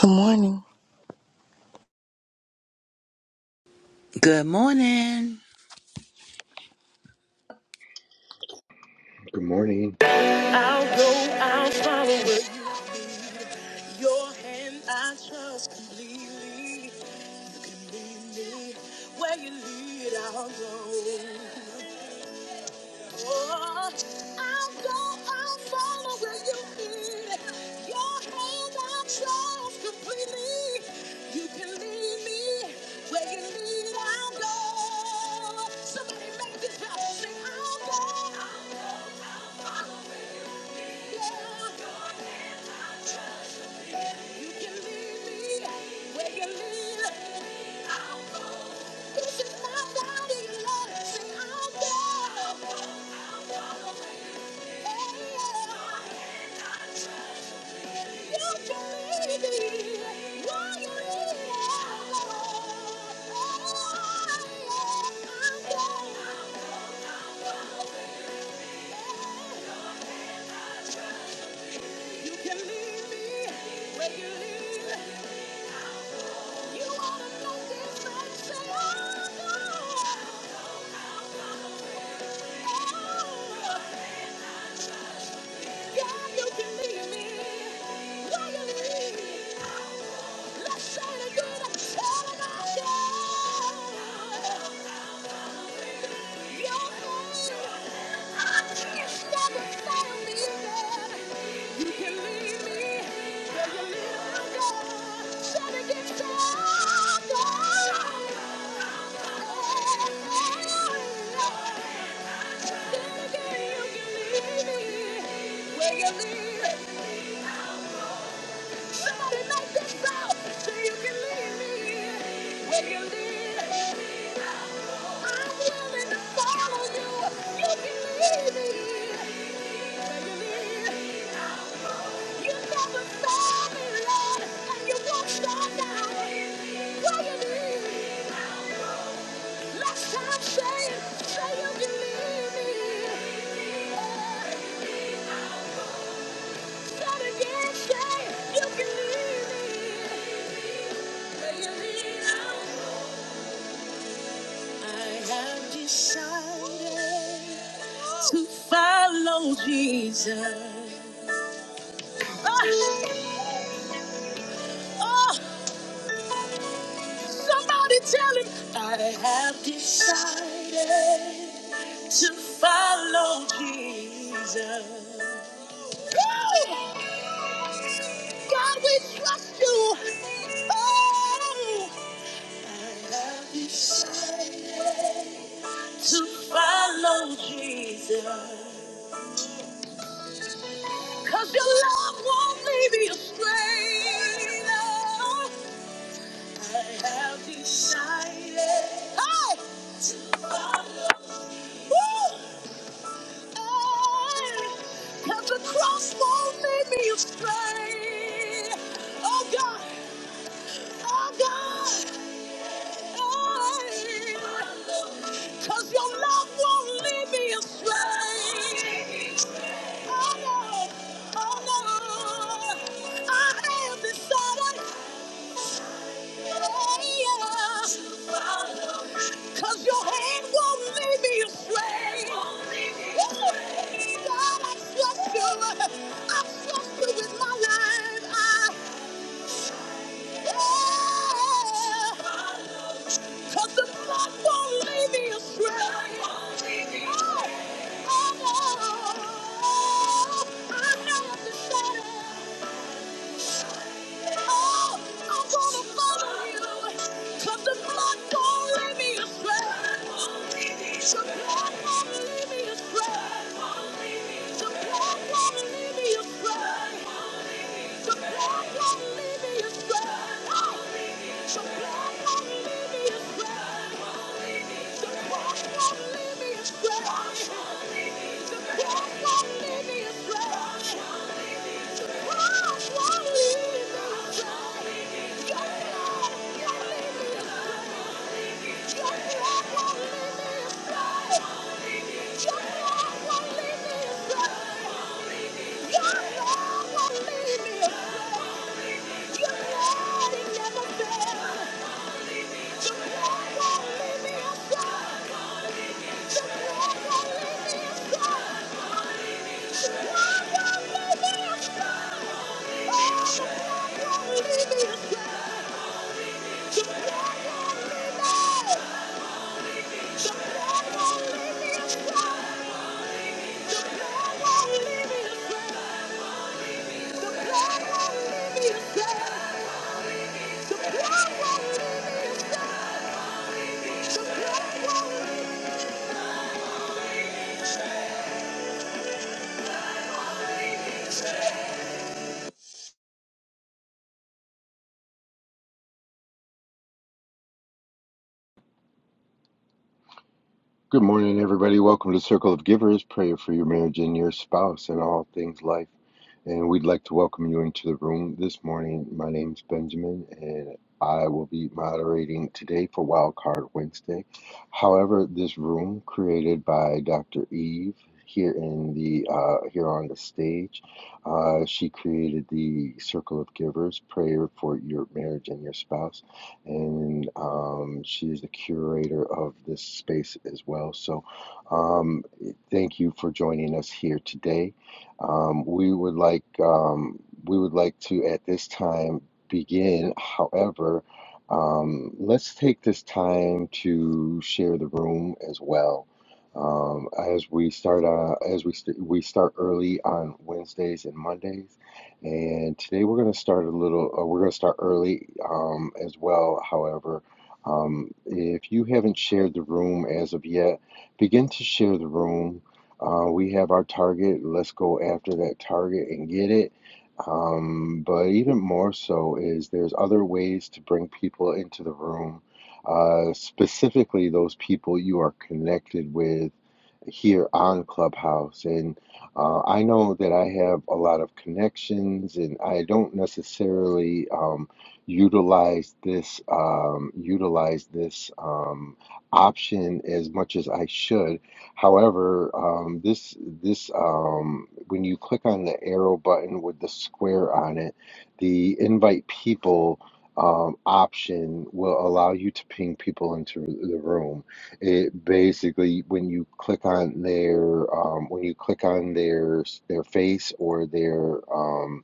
Good morning. Good morning. Good morning. I'll go, I'll follow with your hand. I trust completely. You can lead me where you lead. I'll go. Oh, I'll go, I'll follow where you lead. Your hand I trust completely. You can lead me where you lead. I'll go. Somebody make this happen. Say, I'll go. I'll go. I'll go. You can leave me where you leave. You ought to know this. man. Say, oh, no. Oh, Last time, say it, say you believe me. Oh. I have decided to follow Jesus. Oh, oh, somebody tell him I have decided to follow Jesus. Woo! God, we trust you. Oh, to follow Jesus. Cause your love won't leave me astray. No. I have decided hey! to follow Woo! Hey! Cause the cross won't leave me astray. Oh God, oh God. Cause your love won't leave me astray. Oh no, oh no. I have decided, oh, yeah. Cause your hand won't leave me astray. Oh, God, I trust you. I trust you with my life. I, yeah. Cause the blood won't leave me astray. Oh, I have decided. Oh, I'm gonna follow you. 'Cause the blood won't leave me astray. The blood won't leave me astray. The blood won't leave me astray. The blood won't leave me astray. The blood won't leave me astray. won't me Your love Yeah. Good morning, everybody. Welcome to Circle of Givers, prayer for your marriage and your spouse and all things life. And we'd like to welcome you into the room this morning. My name's Benjamin, and I will be moderating today for Wildcard Wednesday. However, this room created by Dr. Eve here in the uh, here on the stage, uh, she created the Circle of Givers, prayer for your marriage and your spouse and um, she is the curator of this space as well. So, um, thank you for joining us here today. Um, we would like um, we would like to at this time begin. However, um, let's take this time to share the room as well. Um, as we start, uh, as we st- we start early on Wednesdays and Mondays, and today we're going to start a little, uh, we're going to start early um, as well. However, um, if you haven't shared the room as of yet, begin to share the room. Uh, we have our target. Let's go after that target and get it. Um, but even more so is there's other ways to bring people into the room, uh, specifically those people you are connected with here on Clubhouse. And uh, I know that I have a lot of connections, and I don't necessarily um, utilize this um, utilize this um, option as much as I should. However, um, this this um, when you click on the arrow button with the square on it, the invite people. Um, option will allow you to ping people into the room. It basically, when you click on their, um, when you click on their their face or their um,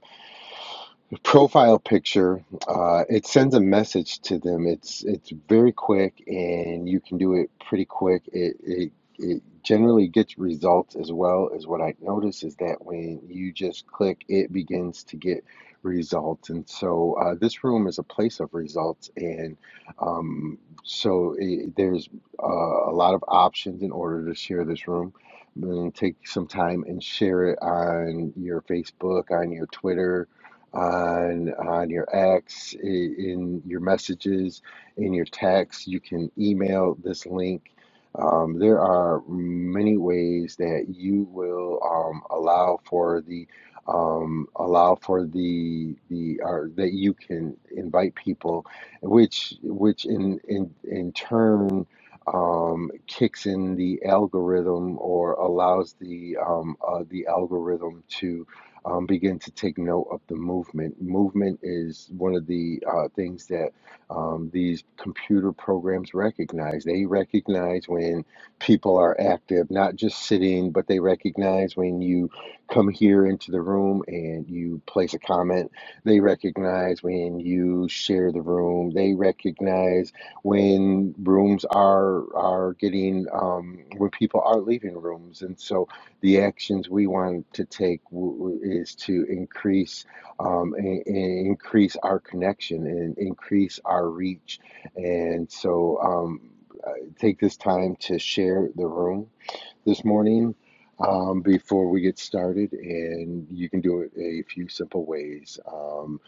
profile picture, uh, it sends a message to them. It's it's very quick, and you can do it pretty quick. It it it generally gets results as well as what I notice is that when you just click, it begins to get results. And so uh, this room is a place of results, and um, so it, there's uh, a lot of options in order to share this room. And take some time and share it on your Facebook, on your Twitter, on on your acts, in your messages, in your text. You can email this link. Um, there are many ways that you will um, allow for the um, allow for the the or that you can invite people, which which in in in turn um, kicks in the algorithm or allows the um, uh, the algorithm um, begin to take note of the movement. Movement is one of the uh, things that um, these computer programs recognize. They recognize when people are active, not just sitting, but they recognize when you come here into the room and you place a comment. They recognize when you share the room. They recognize when rooms are are getting um, when people are leaving rooms, and so the actions we want to take w- is to increase um, and, and increase our connection and increase our reach and so um, take this time to share the room this morning um, before we get started, and you can do it a few simple ways. Um,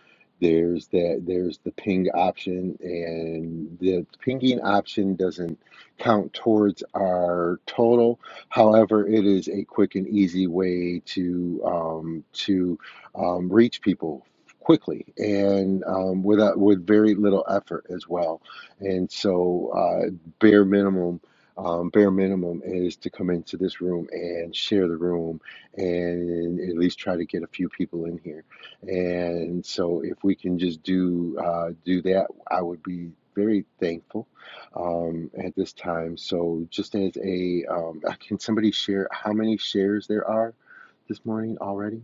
there's that there's the ping option, and the pinging option doesn't count towards our total. However, it is a quick and easy way to um, to um, reach people quickly and um, without with very little effort as well. And so, uh, bare minimum um, bare minimum is to come into this room and share the room and at least try to get a few people in here. And so if we can just do uh, do that, I would be very thankful um, at this time. So just as a, um, can somebody share how many shares there are this morning already?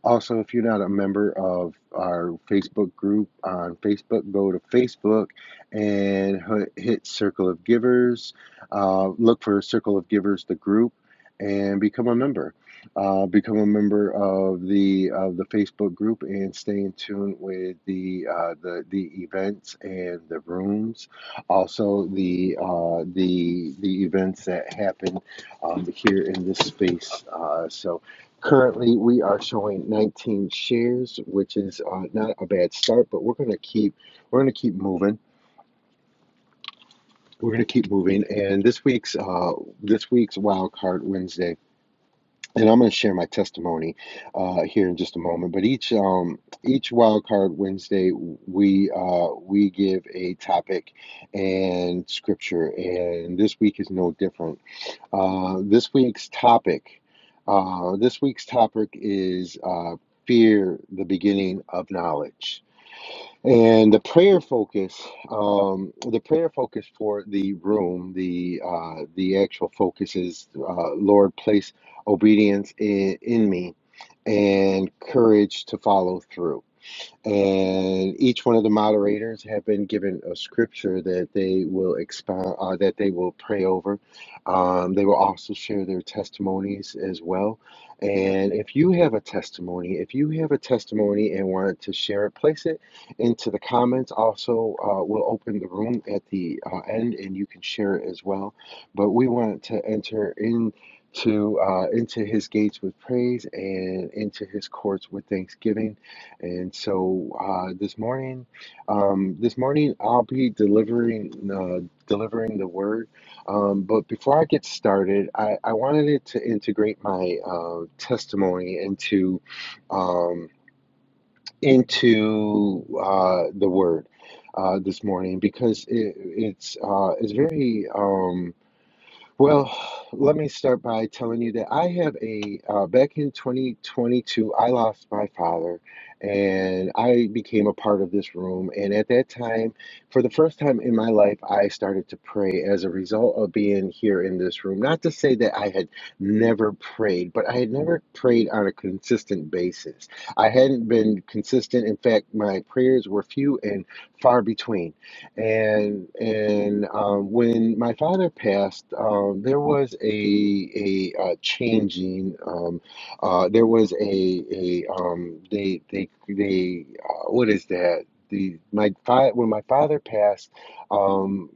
Also, if you're not a member of our Facebook group on Facebook, go to Facebook and hit Circle of Givers. Uh, look for Circle of Givers, the group, and become a member. Uh, become a member of the of the Facebook group and stay in tune with the uh, the the events and the rooms. Also, the uh, the the events that happen um, here in this space. Uh, so Currently, we are showing 19 shares, which is uh, not a bad start, but we're going to keep we're going to keep moving. We're going to keep moving, and this week's uh, this week's wild card Wednesday, and I'm going to share my testimony uh, here in just a moment. But each um, each wild card Wednesday, we uh, we give a topic and scripture, and this week is no different. Uh, this week's topic. Uh, this week's topic is uh, fear, the beginning of knowledge, and the prayer focus. Um, the prayer focus for the room. The uh, the actual focus is uh, Lord, place obedience in, in me and courage to follow through and each one of the moderators have been given a scripture that they will expound, uh, that they will pray over. Um, they will also share their testimonies as well. And if you have a testimony, if you have a testimony and want to share it, place it into the comments. Also, uh, we'll open the room at the uh, end, and you can share it as well. But we want to enter in. To uh, into his gates with praise and into his courts with thanksgiving and so uh, this morning, um, this morning I'll be delivering uh, delivering the word. Um, but before I get started, I, I wanted it to integrate my uh, testimony into um, into uh, the word uh, this morning because it, it's uh, it's very. Um, well, let me start by telling you that I have a, uh, back in 2022, I lost my father and I became a part of this room. And at that time, for the first time in my life, I started to pray as a result of being here in this room. Not to say that I had never prayed, but I had never prayed on a consistent basis. I hadn't been consistent. In fact, my prayers were few and far between and and um, when my father passed, um, there was a a uh, changing. Um, uh, there was a a um, they they they uh, what is that? The my fa- when my father passed. Um,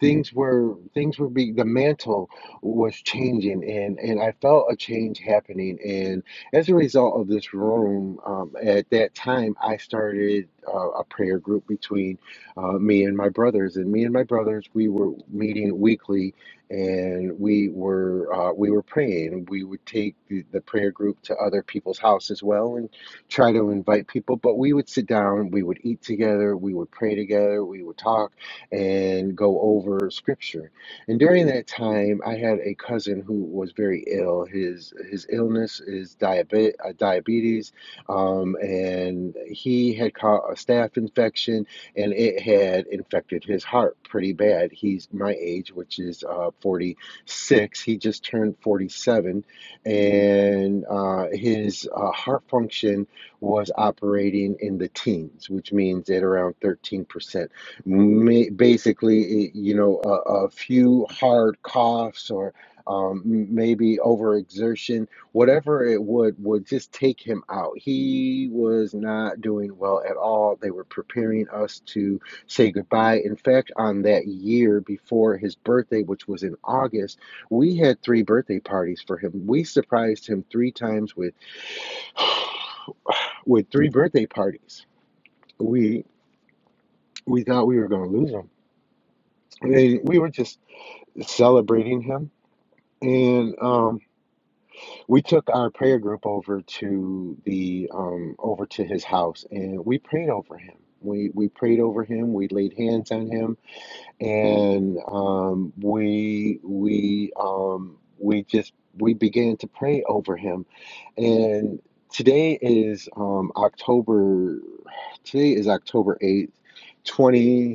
things were things were being the mantle was changing and and i felt a change happening and as a result of this room um, at that time i started uh, a prayer group between uh, me and my brothers and me and my brothers we were meeting weekly and we were uh, we were praying we would take the, the prayer group to other people's house as well and try to invite people but we would sit down we would eat together we would pray together we would talk and go over scripture. And during that time, I had a cousin who was very ill. His his illness is diabe- uh, diabetes, um, and he had caught a staph infection, and it had infected his heart pretty bad. He's my age, which is uh, 46. He just turned 47, and uh, his uh, heart function was operating in the teens, which means at around 13% ma- basically eh, you know a, a few hard coughs or um, m- maybe overexertion whatever it would would just take him out he was not doing well at all they were preparing us to say goodbye in fact on that year before his birthday which was in august we had three birthday parties for him we surprised him three times with with three birthday parties we we thought we were going to lose him and we were just celebrating him. And um, we took our prayer group over to the um, over to his house, and we prayed over him. We we prayed over him. We laid hands on him, and um, we we um, we just we began to pray over him. And today is um, October. Today is October eighth, twenty.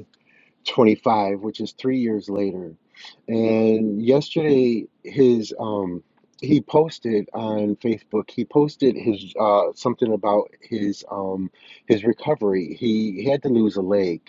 25, which is three years later. And yesterday, his um, he posted on Facebook. He posted his uh, something about his um, his recovery. He, he had to lose a leg,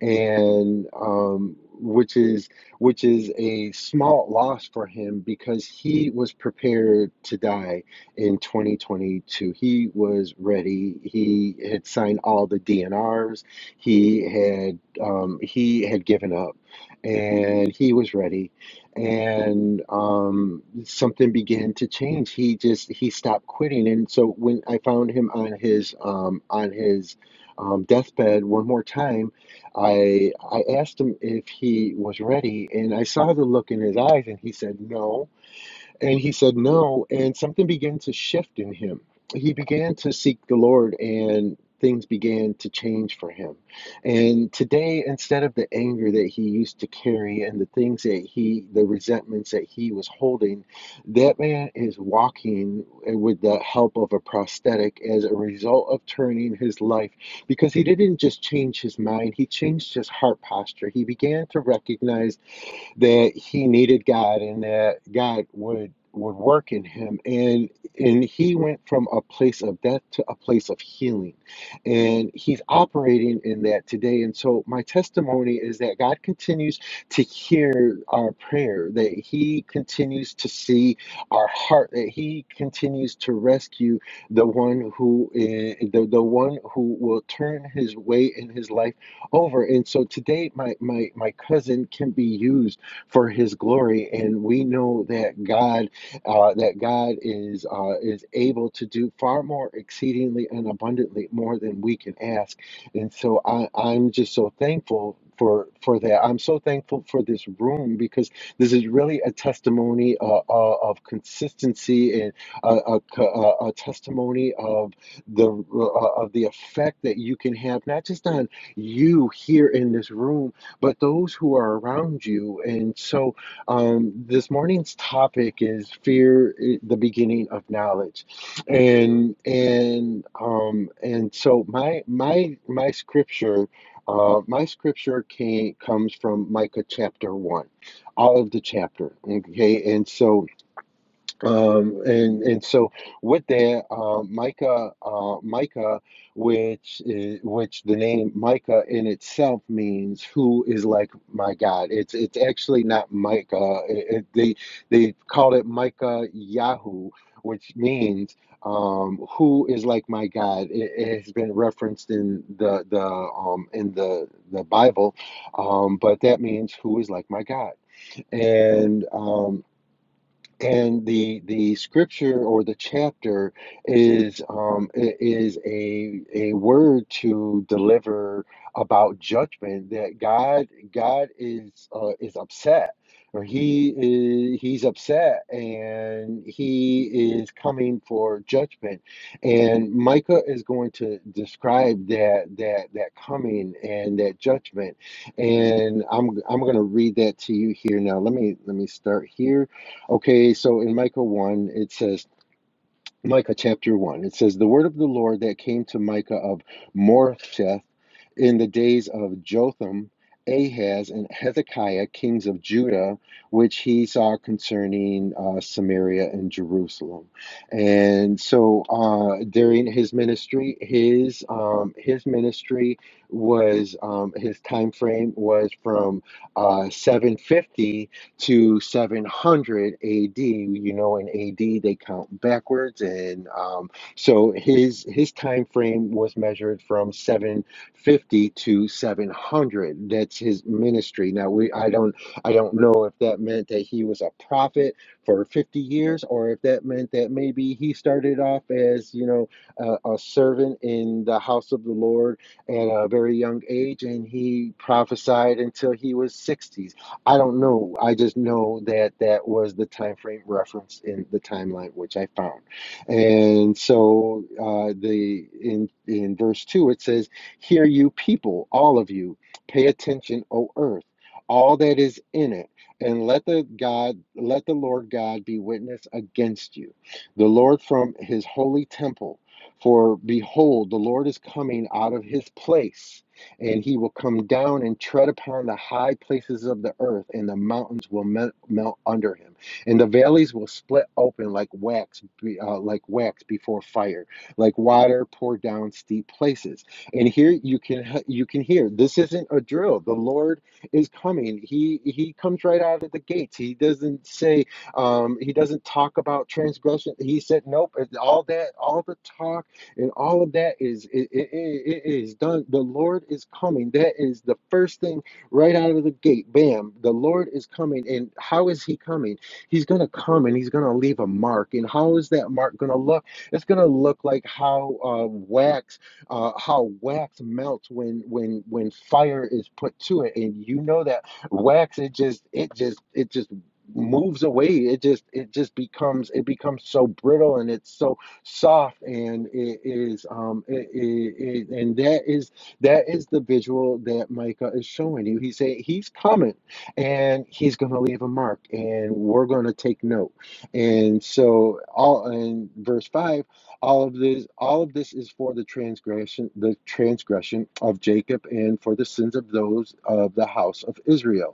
and um, which is which is a small loss for him because he was prepared to die in 2022. He was ready. He had signed all the DNRs. He had um, he had given up and he was ready and um, something began to change he just he stopped quitting and so when i found him on his um, on his um, deathbed one more time i i asked him if he was ready and i saw the look in his eyes and he said no and he said no, and something began to shift in him. He began to seek the Lord, and things began to change for him. And today, instead of the anger that he used to carry and the things that he, the resentments that he was holding, that man is walking with the help of a prosthetic as a result of turning his life because he didn't just change his mind, he changed his heart posture. He began to recognize that he needed God and that God would would work in him and and he went from a place of death to a place of healing and he's operating in that today and so my testimony is that God continues to hear our prayer that he continues to see our heart that he continues to rescue the one who eh, the, the one who will turn his way in his life over and so today my my my cousin can be used for His glory. And we know that God, uh, that God is uh, is able to do far more exceedingly and abundantly more than we can ask. And so I, I'm just so thankful. For, for that, I'm so thankful for this room because this is really a testimony uh, uh, of consistency and a, a, a a testimony of the uh, of the effect that you can have not just on you here in this room but those who are around you. And so um, this morning's topic is fear, eh, the beginning of knowledge. And and um, and so my my my scripture, uh, my scripture came comes from Micah chapter one, all of the chapter. Okay, and so um, and and so with that, uh, Micah, uh, Micah, which is, which the name Micah in itself means who is like my God. It's it's actually not Micah. It, it- they they called it Micah Yahu, which means um, who is like my God. It, it has been referenced in the the um, in the the Bible, um, but that means who is like my God and um, and the the scripture or the chapter is um i- is a a word to deliver about judgment that God God is uh, is upset or he is he's upset and he is coming for judgment and Micah is going to describe that that that coming and that judgment and I'm I'm going to read that to you here now let me let me start here Okay, so in Micah 1, it says, Micah chapter 1, it says, The word of the Lord that came to Micah of Moresheth in the days of Jotham, Ahaz, and Hezekiah, kings of Judah, which he saw concerning uh, Samaria and Jerusalem. And so uh, during his ministry, his um, his ministry was um, his time frame was from uh, 750 to 700 AD. You know, in AD they count backwards, and um, so his his time frame was measured from 750 to 700. That's his ministry. Now we I don't I don't know if that meant that he was a prophet for 50 years, or if that meant that maybe he started off as you know a, a servant in the house of the Lord at a very young age, and he prophesied until he was 60 I don't know. I just know that that was the time frame reference in the timeline which I found. And so uh, the in in verse 2 it says, "Hear you people, all of you, pay attention, O earth, all that is in it, and let the God let the Lord God be witness against you, the Lord from his holy temple. For behold, the Lord is coming out of his place." and he will come down and tread upon the high places of the earth, and the mountains will melt, melt under him, and the valleys will split open like wax, be- uh, like wax before fire, like water poured down steep places. And here you can he- you can hear this isn't a drill. The Lord is coming. He he comes right out of the gates. He doesn't say um, he doesn't talk about transgression. He said nope. All that all the talk and all of that is it, it, it it is done the lord is coming that is the first thing right out of the gate bam the lord is coming and how is he coming he's going to come and he's going to leave a mark and how is that mark going to look it's going to look like how uh, wax uh, how wax melts when when when fire is put to it and you know that wax it just it just it just moves away it just it just becomes it becomes so brittle and it's so soft and it is um it, it, it, and that is that is the visual that micah is showing you he's saying he's coming and he's going to leave a mark and we're going to take note and so all in verse 5 all of this all of this is for the transgression the transgression of jacob and for the sins of those of the house of israel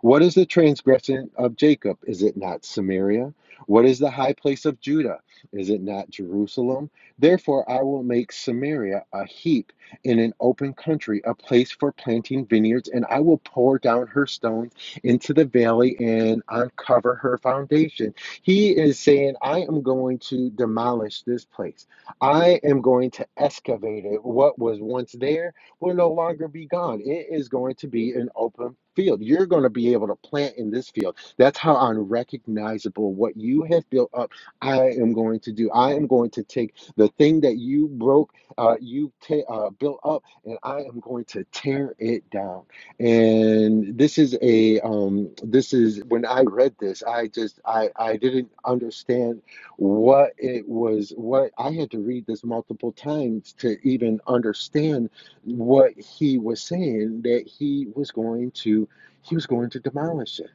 what is the transgression of Jacob? Is it not Samaria? What is the high place of Judah? Is it not Jerusalem? Therefore, I will make Samaria a heap in an open country, a place for planting vineyards, and I will pour down her stones into the valley and uncover her foundation. He is saying, I am going to demolish this place. I am going to excavate it. What was once there, will no longer be gone. It is going to be an open field. You're going to be able to plant in this field. That's how unrecognizable what you have built up. I am going to do. I am going to take the thing that you broke, uh, you ta- uh, built up, and I am going to tear it down. And this is a um, this is when I read this, I just I I didn't understand what it was. What I had to read this multiple times to even understand what he was saying that he was going to he was going to demolish it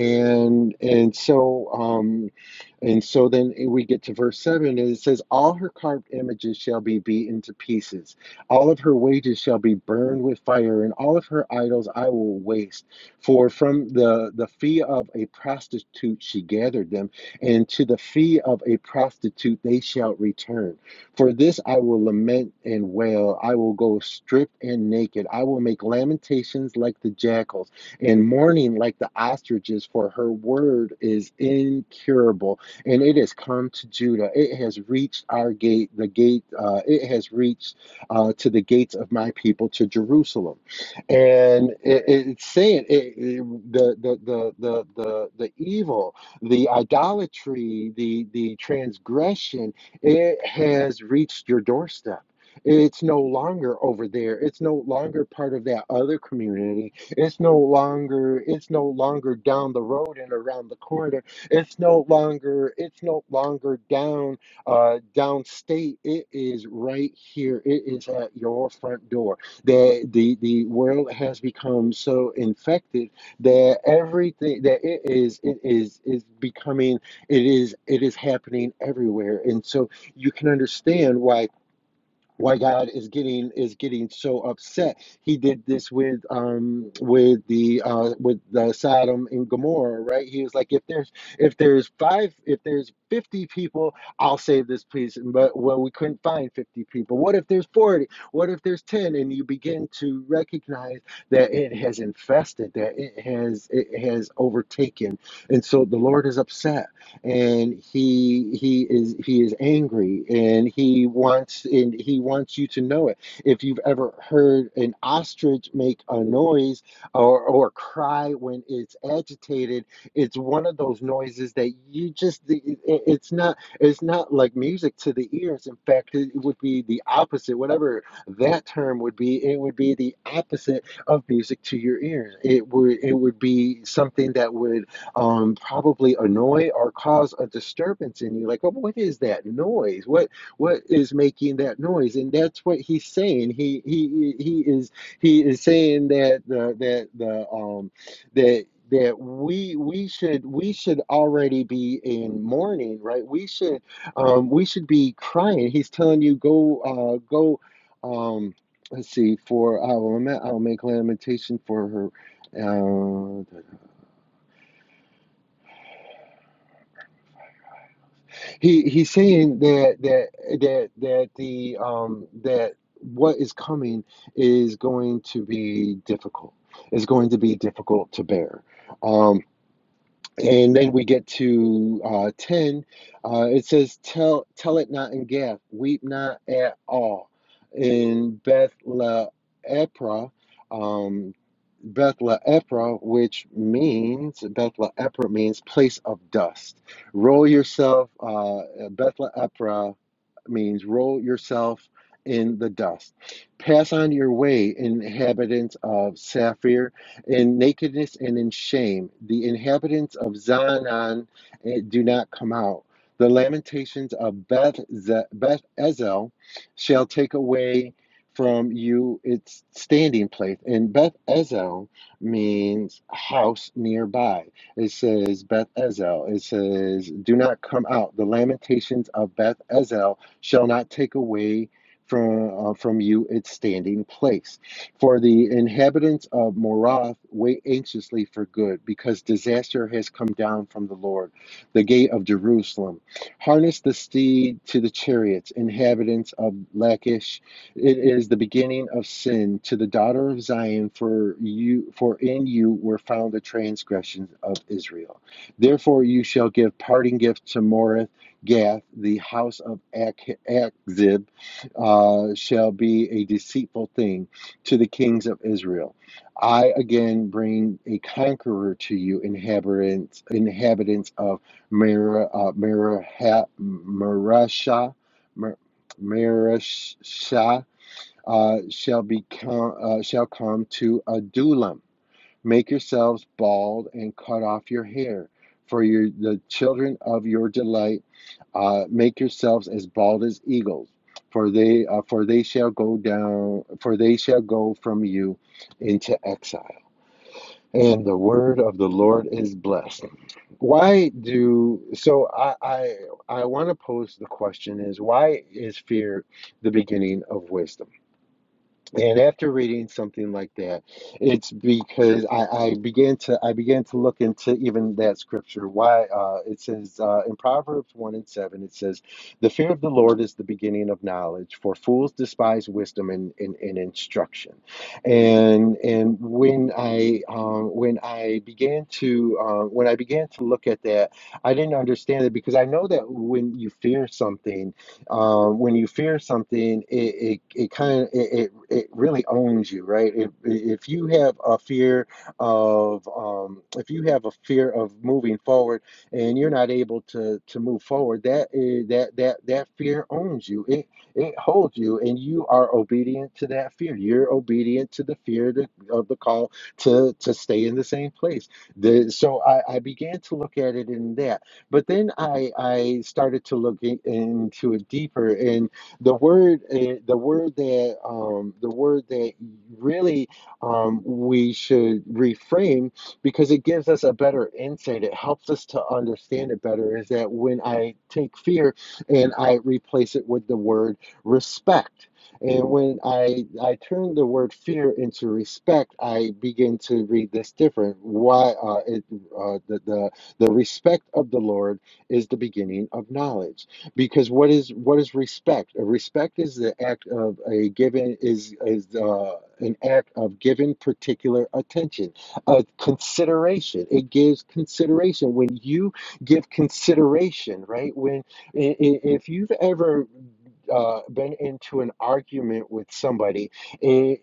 and and so um, and so then we get to verse 7, and it says, All her carved images shall be beaten to pieces. All of her wages shall be burned with fire, and all of her idols I will waste. For from the, the fee of a prostitute she gathered them, and to the fee of a prostitute they shall return. For this I will lament and wail. I will go stripped and naked. I will make lamentations like the jackals, and mourning like the ostriches, for her word is incurable and it has come to Judah. It has reached our gate, the gate. Uh, it has reached uh, to the gates of my people to Jerusalem, and it, it's saying it, it- the, the the the the the evil, the idolatry, the the transgression. It has reached your doorstep. It's no longer over there. It's no longer part of that other community. It's no longer. It's no longer down the road and around the corner it's no longer it's no longer down uh, downstate. It is right here. It is at your front door. The the the world has become so infected that everything that it is it is is becoming it is it is happening everywhere. And so you can understand why why God is getting is getting so upset. He did this with um with the uh with the Sodom and Gomorrah, right? He was like, if there's if there's five if there's fifty people, I'll save this place. But well, we couldn't find fifty people. What if there's forty? What if there's ten? And you begin to recognize that it has infested, that it has it has overtaken, and so the Lord is upset and he he is he is angry and he wants and he wants you to know it if you've ever heard an ostrich make a noise or or cry when it's agitated it's one of those noises that you just it- it's not it's not like music to the ears in fact it would be the opposite whatever that term would be it would be the opposite of music to your ears it would it would be something that would um, probably annoy or cause a disturbance in you. Like, oh, what is that noise? What what is making that noise? And that's what he's saying. He he he is he is saying that the that the um that that we we should we should already be in mourning right we should um we should be crying he's telling you go uh go um let's see for i will lament i'll make lamentation for her Uh, He he's saying that that that that the um that what is coming is going to be difficult. It's going to be difficult to bear. Um, and then we get to uh, 10. Uh, it says, tell, tell it not in Gath, weep not at all. In Beth Ephra, um, Beth Ephra, which means, Beth Ephra means place of dust. Roll yourself, uh, Beth Ephra means roll yourself in the dust. Pass on your way, inhabitants of Sapphire in nakedness and in shame. The inhabitants of Zanan eh, do not come out. The lamentations of Beth, Beth Ezel shall take away from you its standing place. And Beth Ezel means house nearby. It says Beth Ezel. It says, Do not come out. The lamentations of Beth Ezel shall not take away from, uh, from you its standing place for the inhabitants of Morath wait anxiously for good, because disaster has come down from the Lord, the gate of Jerusalem. Harness the steed to the chariots, inhabitants of Lachish. It is the beginning of sin to the daughter of Zion, for you for in you were found the transgressions of Israel. Therefore you shall give parting gift to Morath Gath, the house of Ak- Akzib, uh, shall be a deceitful thing to the kings of Israel. I again bring a conqueror to you, inhabitants inhabitants of Merah, uh, Merah, Merashah, Mer- Merashah uh, shall become uh, shall come to Adullam. Make yourselves bald and cut off your hair, for your the children of your delight uh, make yourselves as bald as eagles for they uh, for they shall go down for they shall go from you into exile and the word of the lord is blessed why do so i i, I want to pose the question is why is fear the beginning of wisdom and after reading something like that, it's because I, I began to I began to look into even that scripture. Why uh, it says uh, in Proverbs one and seven, it says, "The fear of the Lord is the beginning of knowledge, for fools despise wisdom and, and, and instruction." And and when I um, when I began to uh, when I began to look at that, I didn't understand it because I know that when you fear something uh, when you fear something, it it, it kind of it, it it really owns you, right? If if you have a fear of um, if you have a fear of moving forward and you're not able to to move forward, that is, that that that fear owns you. It it holds you, and you are obedient to that fear. You're obedient to the fear to, of the call to to stay in the same place. The, so I, I began to look at it in that. But then I I started to look in, into it deeper, and the word eh, the word that um, the word that really um, we should reframe because it gives us a better insight. It helps us to understand it better. Is that when I take fear and I replace it with the word respect. And when I, I turn the word fear into respect, I begin to read this different. Why uh, it, uh, the, the the respect of the Lord is the beginning of knowledge. Because what is what is respect? A Respect is the act of a given is is uh, an act of giving particular attention, a consideration. It gives consideration when you give consideration, right? When i- i- if you've ever uh, been into an argument with somebody, i-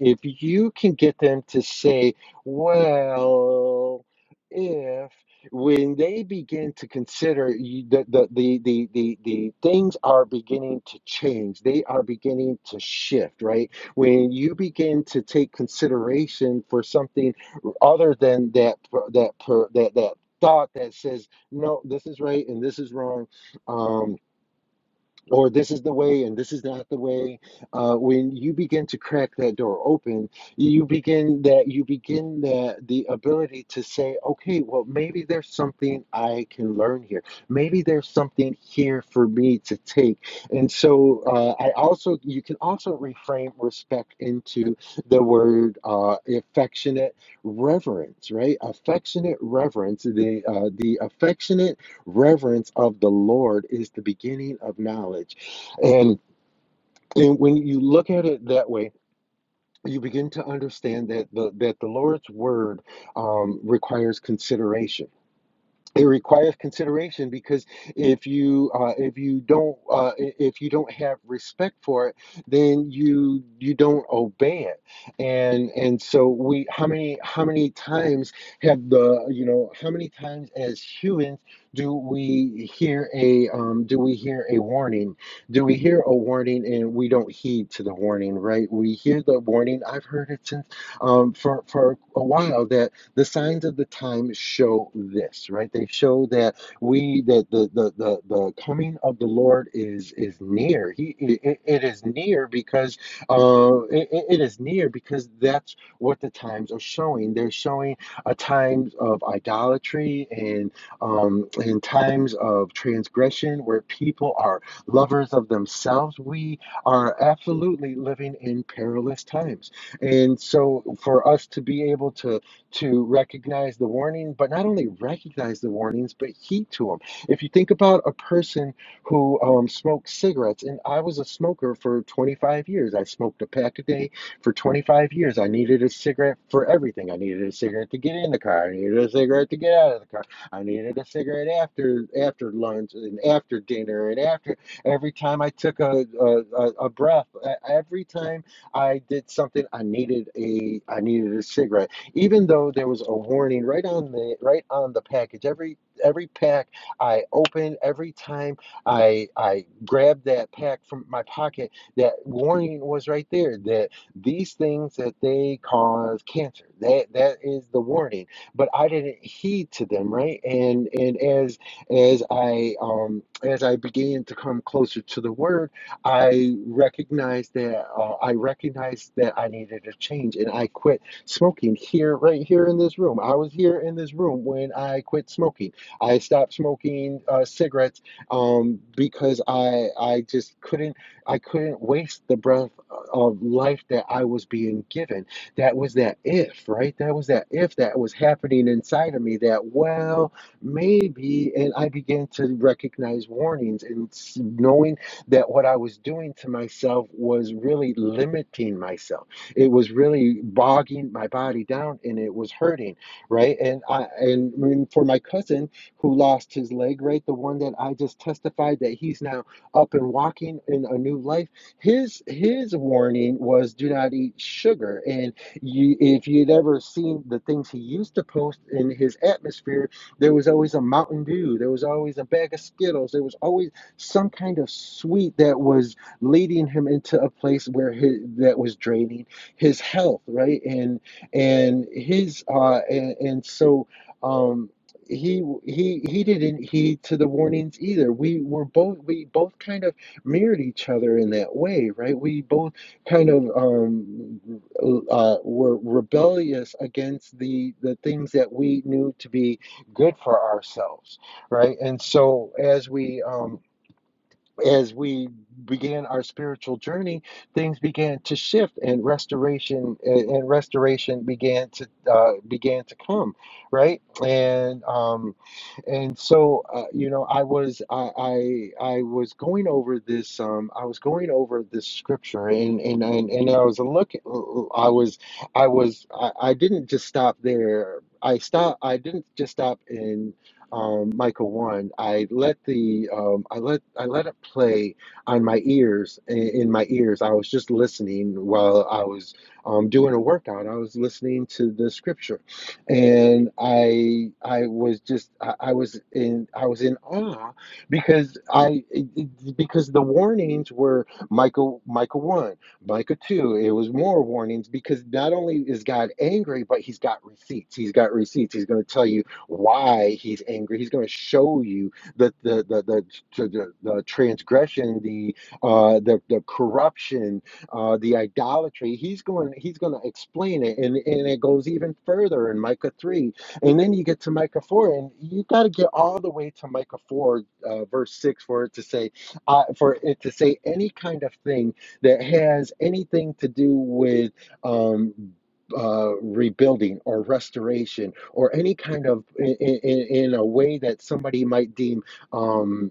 if you can get them to say, well, if when they begin to consider you, the, the, the, the, the, the things are beginning to change, they are beginning to shift, right? When you begin to take consideration for something other than that, that, that, that thought that says, no, this is right and this is wrong um or this is the way and this is not the way uh, when you begin to crack that door open you begin that you begin that the ability to say okay well maybe there's something i can learn here maybe there's something here for me to take and so uh, i also you can also reframe respect into the word uh, affectionate reverence right affectionate reverence the uh, the affectionate reverence of the Lord is the beginning of knowledge. And, and when you look at it that way, you begin to understand that the that the Lord's word um, requires consideration it requires consideration because if you uh, if you don't uh, if you don't have respect for it then you you don't obey it and and so we how many how many times have the you know how many times as humans do we hear a um, do we hear a warning do we hear a warning and we don't heed to the warning right we hear the warning i've heard it since um, for for a while that. The signs of the time show this, right? They show that we that the the the, the coming of the Lord is is near. He it, it is near because uh it, it is near because that's what the times are showing. They're showing a times of idolatry and um, and times of transgression where people are lovers of themselves, we are absolutely living in perilous times. And so, for us to be able to to recognize the warning, but not only recognize the warnings, but heed to them. If you think about a person who um, smokes cigarettes, and I was a smoker for 25 years, I smoked a pack a day for 25 years. I needed a cigarette for everything. I needed a cigarette to get in the car. I needed a cigarette to get out of the car. I needed a cigarette after after lunch and after dinner and after every time I took a a, a, breath. e- Every time I did something, I needed a I needed a cigarette even though there was a warning right on the right on the package every every pack i opened every time i i grabbed that pack from my pocket that warning was right there that these things that they cause cancer that that is the warning but i didn't heed to them right and and as as i um as i began to come closer to the word I recognized that uh, I recognized that I needed a change, and I quit smoking here, right here in this room. I was here in this room when I quit smoking. I stopped smoking uh, cigarettes um, because I I just couldn't I couldn't waste the breath of life that I was being given. That was that if right. That was that if that was happening inside of me. That well maybe, and I began to recognize warnings and knowing that what I was doing to myself was really limiting myself it was really bogging my body down and it was hurting, right? And I and for my cousin who lost his leg, right, the one that I just testified that he's now up and walking in a new life, his his warning was do not eat sugar. And you if you'd ever seen the things he used to post in his atmosphere, there was always a Mountain Dew, there was always a bag of Skittles, there was always some kind of sweet that was leading him into a place where his, that was draining his health, right? And and his uh and, and so um he he he didn't heed to the warnings either. We were both we both kind of mirrored each other in that way, right? We both kind of um uh were rebellious against the the things that we knew to be good for ourselves, right? And so as we um as we began our spiritual journey, things began to shift, and restoration and restoration began to uh, began to come, right? And um, and so uh, you know, I was I, I I was going over this um I was going over this scripture, and and and, and I was looking, uh, uh, I was I was I, I didn't just stop there. I stopped. I didn't just stop and um, Michael One, I let the um, I let I let it play on my ears in, my ears. I was just listening while I was um, doing a workout. I was listening to the scripture, and I I was just I, I was in I was in awe because I because the warnings were Michael Michael One, Michael 2, it was more warnings because not only is God angry, but he's got receipts. He's got receipts. He's going to tell you why he's angry. He's going to show you the the the the, the, the transgression, the uh, the the corruption, uh, the idolatry. He's going he's going to explain it, and and it goes even further in Micah three, and then you get to Micah four, and you got to get all the way to Micah four, uh, verse six, for it to say, uh, for it to say any kind of thing that has anything to do with um uh, rebuilding or restoration or any kind of in, in, in a way that somebody might deem um,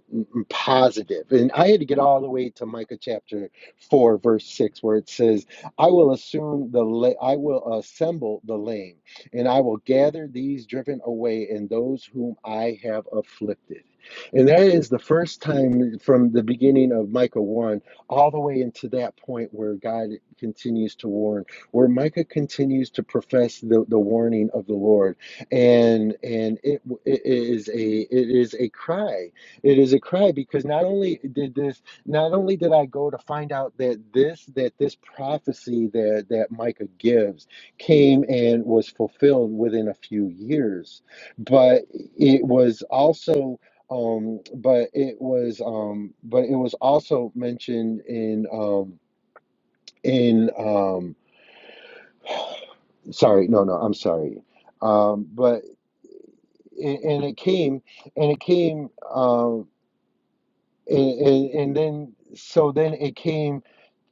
positive. And I had to get all the way to Micah chapter four, verse six, where it says, "I will assume the la- I will assemble the lame, and I will gather these driven away, and those whom I have afflicted." And that is the first time from the beginning of Micah 1 all the way into that point where God continues to warn where Micah continues to profess the, the warning of the Lord, and and it, it is a it is a cry. It is a cry because not only did this, not only did I go to find out that this that this prophecy that that Micah gives came and was fulfilled within a few years, but it was also. Um, but it was um, but it was also mentioned in um, in um, sorry no no i'm sorry um but and, and it came and it came um and, and and then so then it came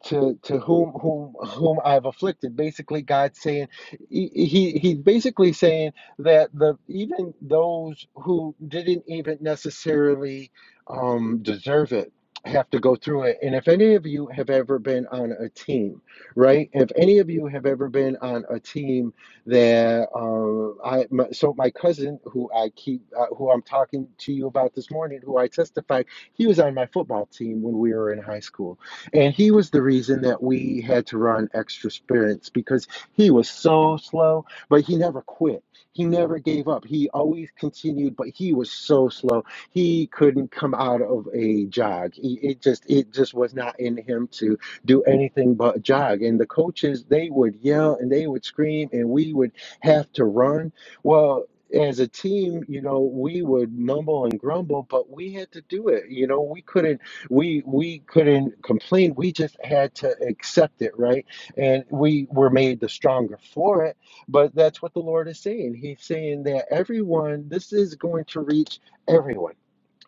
to to whom whom whom I've afflicted. Basically, God's saying he, he he's basically saying that the even those who didn't even necessarily um, deserve it have to go through it. And if any of you have ever been on a team, right? If any of you have ever been on a team that uh, I my, so my cousin who I keep uh, who I'm talking to you about this morning, who I testified, he was on my football team when we were in high school and he was the reason that we had to run extra sprints because he was so slow, but he never quit. He never gave up. He always continued, but he was so slow. He couldn't come out of a jog. He, it just it just was not in him to do anything but jog. And the coaches, they would yell and they would scream and we would have to run. Well, as a team, you know, we would mumble and grumble, but we had to do it. You know, we couldn't we we couldn't complain. We just had to accept it, right? And we were made the stronger for it. But that's what the Lord is saying. He's saying that everyone, this is going to reach everyone.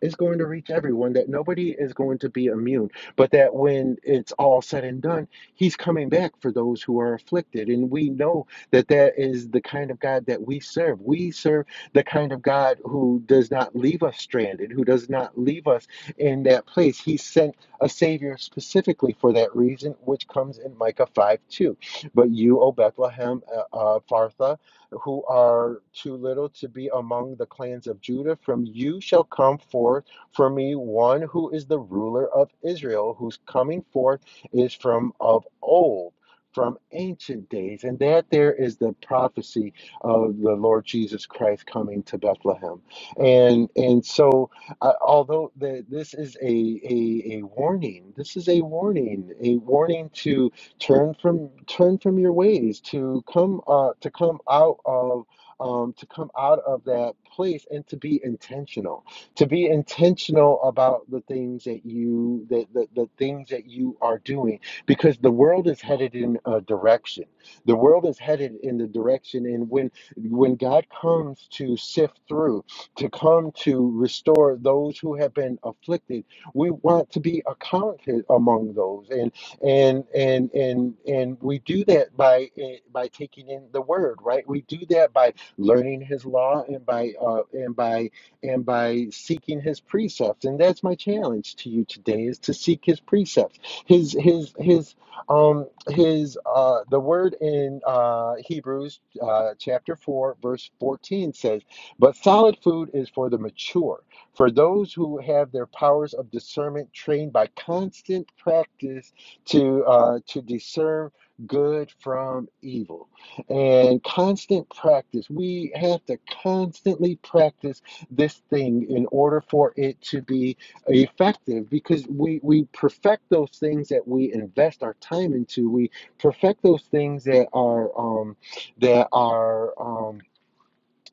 It's going to reach everyone, that nobody is going to be immune, but that when it's all said and done, he's coming back for those who are afflicted. And we know that that is the kind of God that we serve. We serve the kind of God who does not leave us stranded, who does not leave us in that place. He sent a Savior specifically for that reason, which comes in Micah 5 2. But you, O Bethlehem, uh, uh, Ephrathah, who are too little to be among the clans of Judah. From you shall come forth for me one who is the ruler of Israel, whose coming forth is from of old. From ancient days, and that there is the prophecy of the Lord Jesus Christ coming to Bethlehem, and and so uh, although the, this is a, a a warning, this is a warning, a warning to turn from turn from your ways to come uh, to come out of um, to come out of that place and to be intentional to be intentional about the things that you that the, the things that you are doing because the world is headed in a direction the world is headed in the direction and when when god comes to sift through to come to restore those who have been afflicted we want to be accounted among those and and and and and we do that by eh, by taking in the word right we do that by learning his law and by uh, and by and by seeking his precepts and that's my challenge to you today is to seek his precepts his his his um his uh the word in uh hebrews uh chapter 4 verse 14 says but solid food is for the mature for those who have their powers of discernment trained by constant practice to uh, to discern good from evil and constant practice we have to constantly practice this thing in order for it to be effective because we we perfect those things that we invest our time into we perfect those things that are um that are um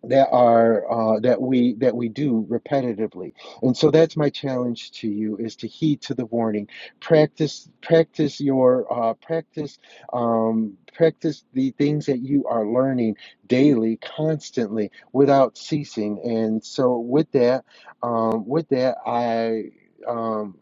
that are uh, that we that we do repetitively and so that's my challenge to you is to heed to the warning practice practice your uh, practice um, practice the things that you are learning daily constantly without ceasing and so with that um, with that i um,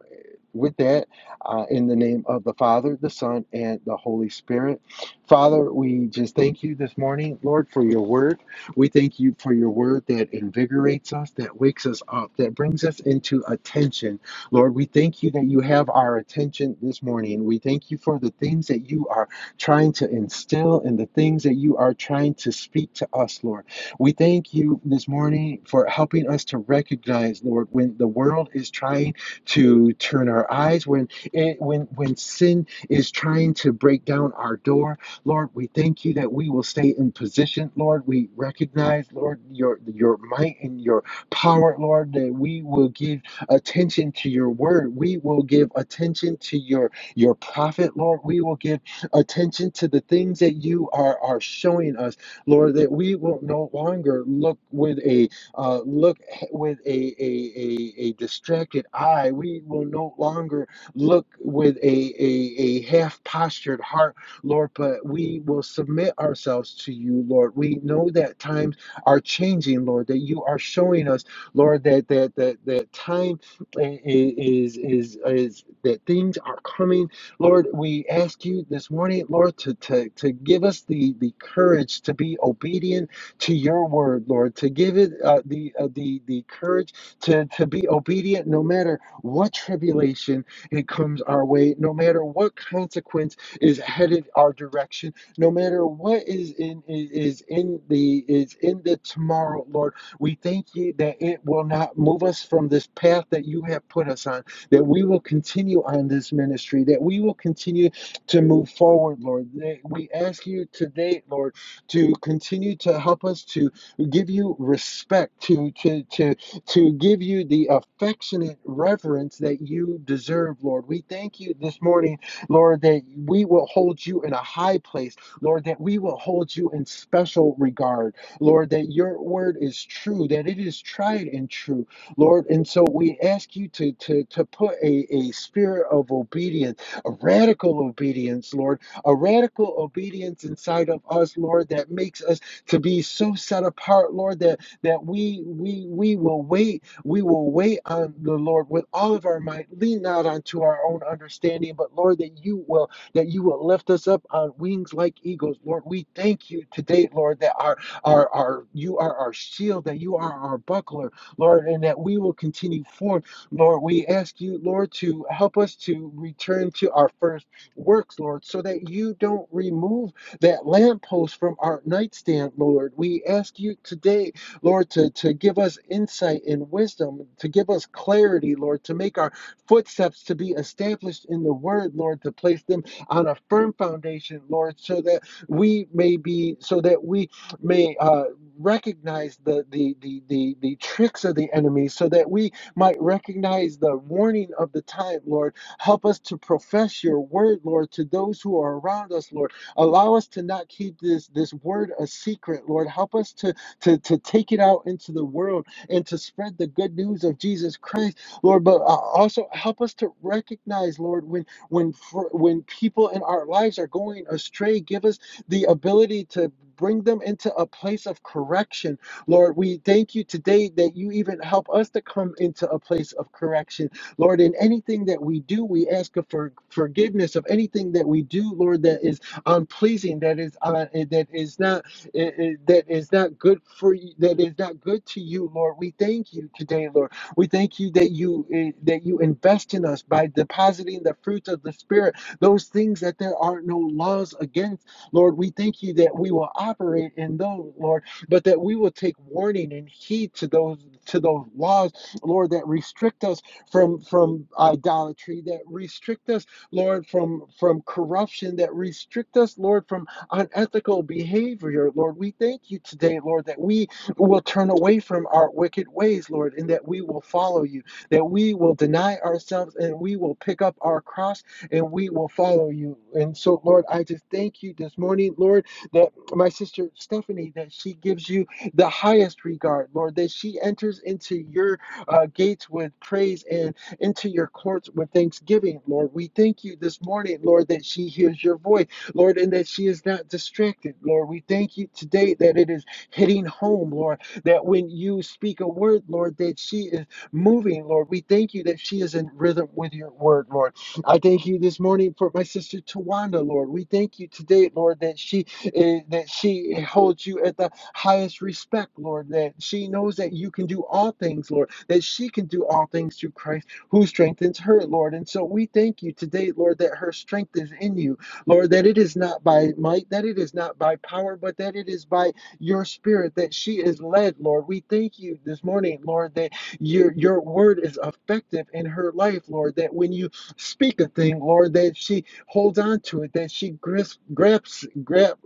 with that, uh, in the name of the Father, the Son, and the Holy Spirit. Father, we just thank you this morning, Lord, for your word. We thank you for your word that invigorates us, that wakes us up, that brings us into attention. Lord, we thank you that you have our attention this morning. We thank you for the things that you are trying to instill and the things that you are trying to speak to us, Lord. We thank you this morning for helping us to recognize, Lord, when the world is trying to turn our eyes when eh, when when sin is trying to break down our door lord we thank you that we will stay in position lord we recognize lord your your might and your power lord that we will give attention to your word we will give attention to your your prophet lord we will give attention to the things that you are are showing us lord that we will no longer look with a uh, look with a, a, a, a distracted eye. We will no longer look with a, a, a half postured heart, Lord, but we will submit ourselves to you, Lord. We know that times are changing, Lord, that you are showing us, Lord, that that that, that time i- i- is, is is that things are coming. Lord, we ask you this morning, Lord, to, to, to give us the, the courage to be obedient to your word, Lord, to give it uh, the uh, the the courage to to be obedient, no matter what tribulation it comes our way, no matter what consequence is headed our direction, no matter what is in is in the is in the tomorrow, Lord. We thank you that it will not move us from this path that you have put us on, that we will continue on this ministry, that we will continue to move forward, Lord. We ask you today, Lord to continue to help us to give you respect, to to to to give you the affectionate reverence that you deserve, Lord. We thank you this morning, Lord, that we will hold you in a high place, Lord, that we will hold you in special regard, Lord, that your word is true, that it is tried and true, Lord. And so we ask you to to to put a, a spirit of obedience, a radical obedience, Lord a radical obedience inside of us, Lord, that makes us to be so set apart, Lord, that that we we we will wait, we will wait on the Lord with all of our might, lean not unto our own understanding, but Lord, that you will that you will lift us up on wings like eagles, Lord. We thank you today, Lord, that our our our you are our shield, that you are our buckler, Lord, and that we will continue forth Lord, we ask you, Lord, to help us to return to our first works, Lord, so that you don't remove that lamppost from our nightstand, Lord. We ask you today, Lord, to, to give us insight and wisdom, to give us clarity, Lord, to make our footsteps to be established in the word, Lord, to place them on a firm foundation, Lord, so that we may be, so that we may uh, recognize the, the, the, the, the tricks of the enemy, so that we might recognize the warning of the time, Lord Help us to profess your word, Lord, to those who are around us, Lord. Allow us to not keep this, this word a secret, Lord. Help us to, to, to take it out into the world and to spread the good news of Jesus Christ, Lord. But uh, also help us to recognize, Lord, when when when people in our lives are going astray, give us the ability to bring them into a place of correction. Lord, we thank you today that you even help us to come into a place of correction Lord, in anything that we do, we ask for forgiveness of anything that we do, Lord, that is unpleasing, that is uh, eh, that is not uh, uh, that is not good for you, that is not good to you, Lord. We thank you today, Lord. We thank you that you uh, that you invest in us by depositing the fruit of the Spirit, those things that there are no laws against, Lord. We thank you that we will operate in those, Lord, but that we will take warning and heed to those to those laws, Lord, that restrict us from from idolatry that restrict us, Lord, from from corruption that restrict us, Lord, from unethical behavior. Lord, we thank you today, Lord, that we will turn away from our wicked ways, Lord, and that we will follow you, that we will deny ourselves and we will pick up our cross and we will follow you. And so, Lord, I just thank you this morning, Lord, that my sister Stephanie, that she gives you the highest regard, Lord, that she enters into your uh, gates with praise and into your courts with thanksgiving, Lord. We thank you this morning, Lord, that she hears your voice, Lord, and that she is not distracted, Lord. We thank you today that it is hitting home, Lord, that when you speak a word, Lord, that she is moving, Lord. We thank you that she is in rhythm with your word, Lord. I thank you this morning for my sister Tawanda, Lord. We thank you today, Lord, that she eh, that she holds you at the highest respect, Lord, that she knows that you can do all things, Lord, that she can do all things through Christ who strengthens her, Lord. And so we thank you today, Lord, that her strength is in you, Lord, that it is not by might, that it is not by power, but that it is by your spirit that she is led, Lord. We thank you this morning, Lord, that your your word is effective in her life, Lord, that when you speak a thing, Lord, that she holds on to it, that she grasps grabs grab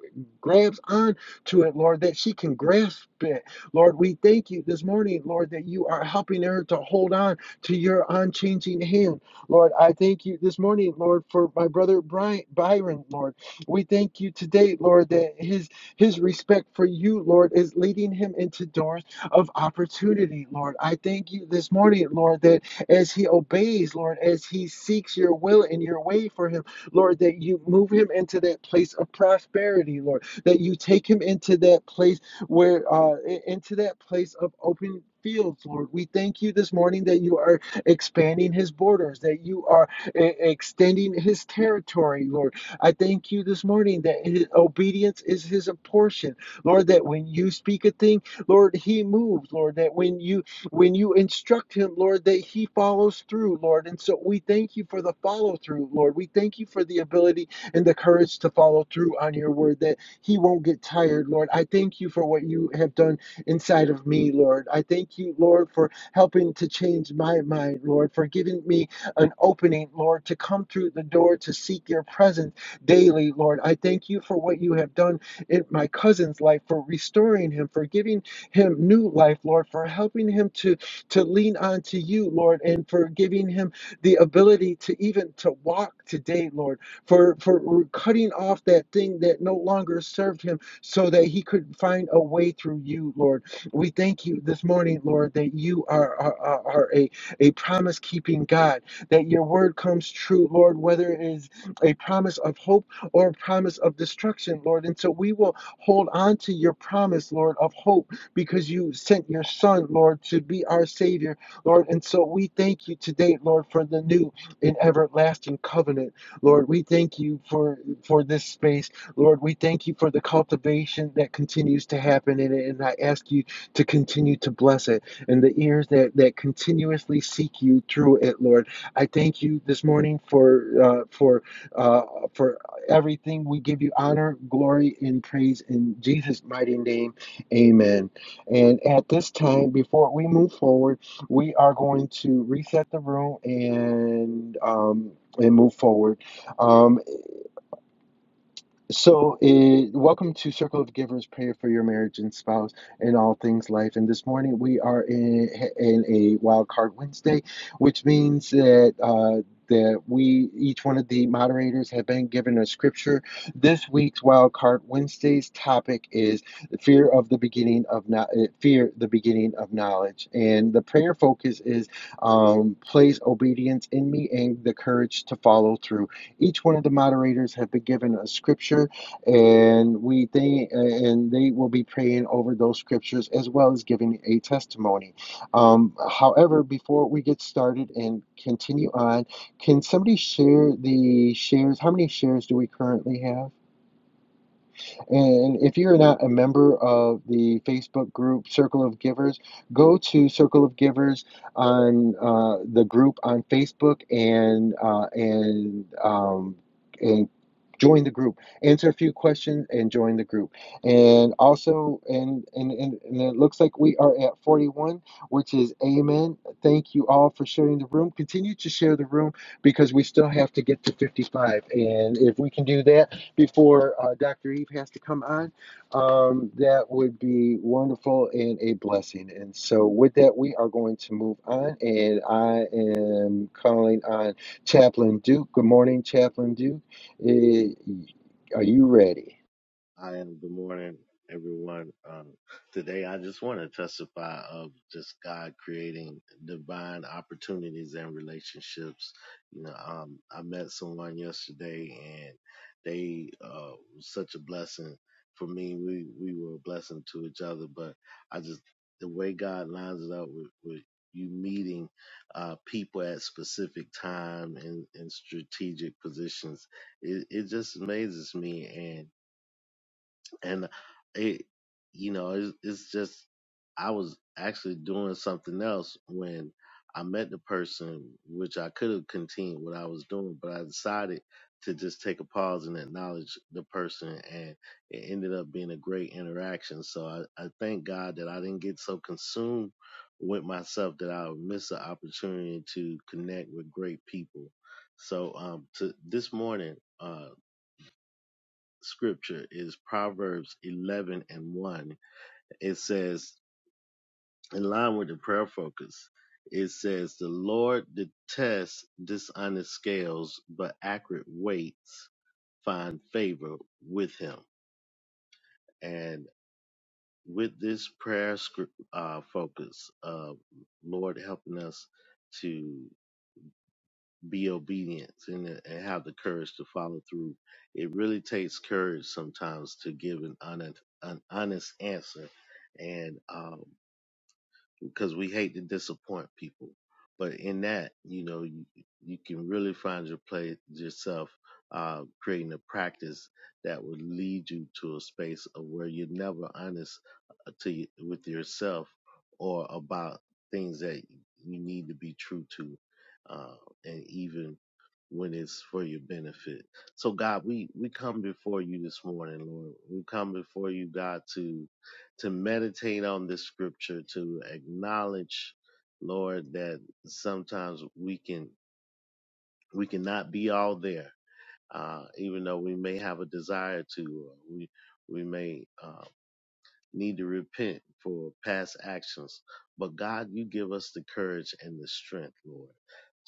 grabs on to it, Lord, that she can grasp it. Lord, we thank you this morning, Lord, that you are helping her to hold on to your unchanging hand. Lord, I thank you this morning, Lord, for my brother Brian, Byron, Lord. We thank you today, Lord, that his his respect for you, Lord, is leading him into doors of opportunity, Lord. I thank you this morning, Lord, that as he obeys, Lord, as he seeks your will and your way for him, Lord, that you move him into that place of prosperity, Lord that you take him into that place where uh into that place of open fields lord we thank you this morning that you are expanding his borders that you are e- extending his territory lord i thank you this morning that his obedience is his portion lord that when you speak a thing lord he moves lord that when you when you instruct him lord that he follows through lord and so we thank you for the follow through lord we thank you for the ability and the courage to follow through on your word that he won't get tired, Lord. I thank you for what you have done inside of me, Lord. I thank you, Lord, for helping to change my mind, Lord, for giving me an opening, Lord, to come through the door to seek your presence daily, Lord. I thank you for what you have done in my cousin's life, for restoring him, for giving him new life, Lord, for helping him to, to lean on to you, Lord, and for giving him the ability to even to walk today, Lord for for cutting off that thing that no longer served him so that he could find a way through you lord we thank you this morning lord that you are are, are are a a promise keeping god that your word comes true lord whether it is a promise of hope or a promise of destruction lord and so we will hold on to your promise lord of hope because you sent your son lord to be our savior lord and so we thank you today lord for the new and everlasting covenant Lord, we thank you for for this space. Lord, we thank you for the cultivation that continues to happen in it, and I ask you to continue to bless it and the ears that that continuously seek you through it, Lord. I thank you this morning for uh, for uh, for everything. We give you honor, glory, and praise in Jesus' mighty name. Amen. And at this time, before we move forward, we are going to reset the room and um, and move forward. Um, so, uh welcome to Circle of Givers, prayer for your marriage and spouse and all things life. And this morning we are in, in a wild card Wednesday, which means that. Uh, that we each one of the moderators have been given a scripture. This week's wild card Wednesday's topic is fear of the beginning of no, uh, fear the beginning of knowledge, and the prayer focus is um, place obedience in me and the courage to follow through. Each one of the moderators have been given a scripture, and we they and they will be praying over those scriptures as well as giving a testimony. Um, however, before we get started and continue on, can somebody share the shares? How many shares do we currently have? And if you're not a member of the Facebook group Circle of Givers, go to Circle of Givers on uh, the group on Facebook and uh, and um, and join the group. Answer a few questions and join the group. And also, and and and, and it looks like we are at 41, which is Amen. Thank you all for sharing the room. Continue to share the room because we still have to get to 55. And if we can do that before uh, Dr. Eve has to come on. Um, that would be wonderful and a blessing. And so, with that, we are going to move on. And I am calling on Chaplain Duke. Good morning, Chaplain Duke. Eh, are you ready? I am. Good morning, everyone. Um, today, I just want to testify of just God creating divine opportunities and relationships. You know, um, I met someone yesterday, and they uh, was such a blessing for me. We we were a blessing to each other, but I just the way God lines it up with. with you meeting uh, people at specific time and in strategic positions, it, it just amazes me. and and it you know it's, it's just i was actually doing something else when i met the person which i could have continued what i was doing but i decided to just take a pause and acknowledge the person and it ended up being a great interaction so i, I thank god that i didn't get so consumed with myself that i would miss the opportunity to connect with great people so um to this morning uh, scripture is Proverbs 11 and 1. It says, in line with the prayer focus, it says, The Lord detests dishonest scales, but accurate weights find favor with him. And with this prayer script, uh, focus, uh, Lord helping us to be obedient and, and have the courage to follow through. It really takes courage sometimes to give an honest, an honest answer. And um, because we hate to disappoint people. But in that, you know, you, you can really find your play yourself uh, creating a practice that would lead you to a space of where you're never honest uh, to with yourself or about things that you need to be true to, uh, and even when it's for your benefit. So God, we we come before you this morning, Lord. We come before you, God, to to meditate on this scripture, to acknowledge, Lord, that sometimes we can we cannot be all there, uh, even though we may have a desire to. Or we we may. uh, need to repent for past actions. But God, you give us the courage and the strength, Lord,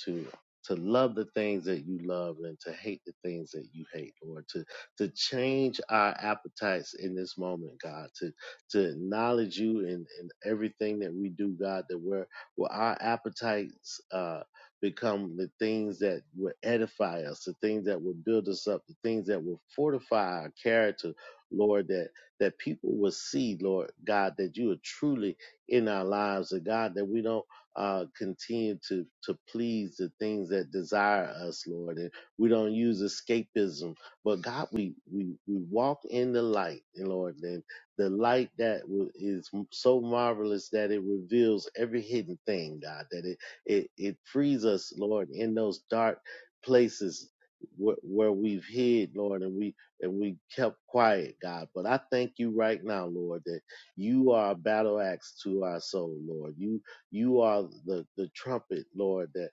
to to love the things that you love and to hate the things that you hate, Lord, to to change our appetites in this moment, God, to to acknowledge you in, in everything that we do, God, that where where our appetites uh become the things that will edify us, the things that will build us up, the things that will fortify our character, Lord, that that people will see, Lord God, that you are truly in our lives, and God, that we don't uh, continue to to please the things that desire us, Lord, and we don't use escapism, but God, we we we walk in the light, and Lord, and the light that w- is so marvelous that it reveals every hidden thing, God, that it it it frees us, Lord, in those dark places where, where we've hid, Lord, and we and we kept quiet, God. But I thank you right now, Lord, that you are a battle axe to our soul, Lord. You you are the, the trumpet, Lord, that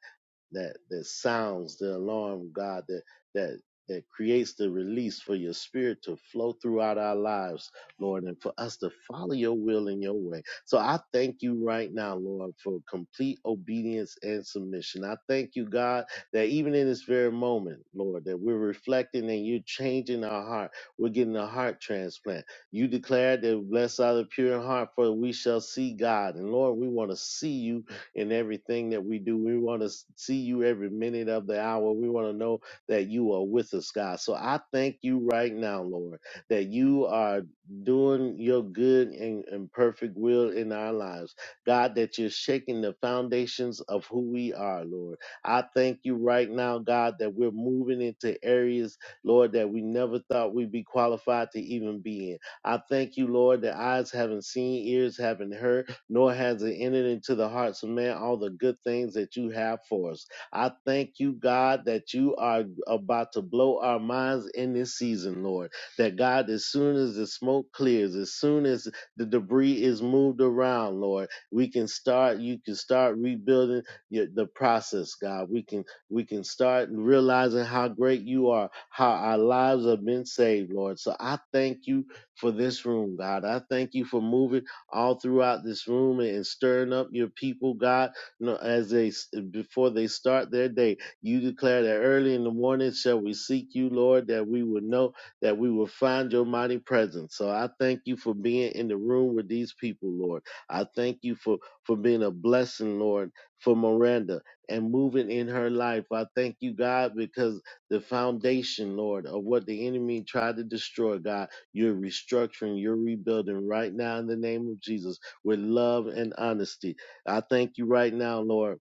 that that sounds the alarm god that that that creates the release for your spirit to flow throughout our lives lord and for us to follow your will in your way so i thank you right now lord for complete obedience and submission i thank you god that even in this very moment lord that we're reflecting and you're changing our heart we're getting a heart transplant you declared that blessed are the pure in heart for we shall see god and lord we want to see you in everything that we do. We want to see you every minute of the hour. We want to know that you are with us, God. So I thank you right now, Lord, that you are doing your good and, and perfect will in our lives. God, that you're shaking the foundations of who we are, Lord. I thank you right now, God, that we're moving into areas, Lord, that we never thought we'd be qualified to even be in. I thank you, Lord, that eyes haven't seen, ears haven't heard nor has it entered into the hearts of man all the good things that you have for us. I thank you, God, that you are about to blow our minds in this season, Lord. That God, as soon as the smoke clears, as soon as the debris is moved around, Lord, we can start, you can start rebuilding your- the process, God. We can we can start realizing how great you are, how our lives have been saved, Lord. So I thank you for this room, God. I thank you for moving all throughout this room and stirring up your people, God, you know, as they before they start their day. You declare that early in the morning shall we seek you, Lord, that we will know that we will find your mighty presence. So I thank you for being in the room with these people, Lord. I thank you for for being a blessing, Lord, for Miranda and moving in her life. I thank you, God, because the foundation, Lord, of what the enemy tried to destroy, God. You're restructuring, you're rebuilding right now in the name of Jesus with love and honesty. I thank you right now, Lord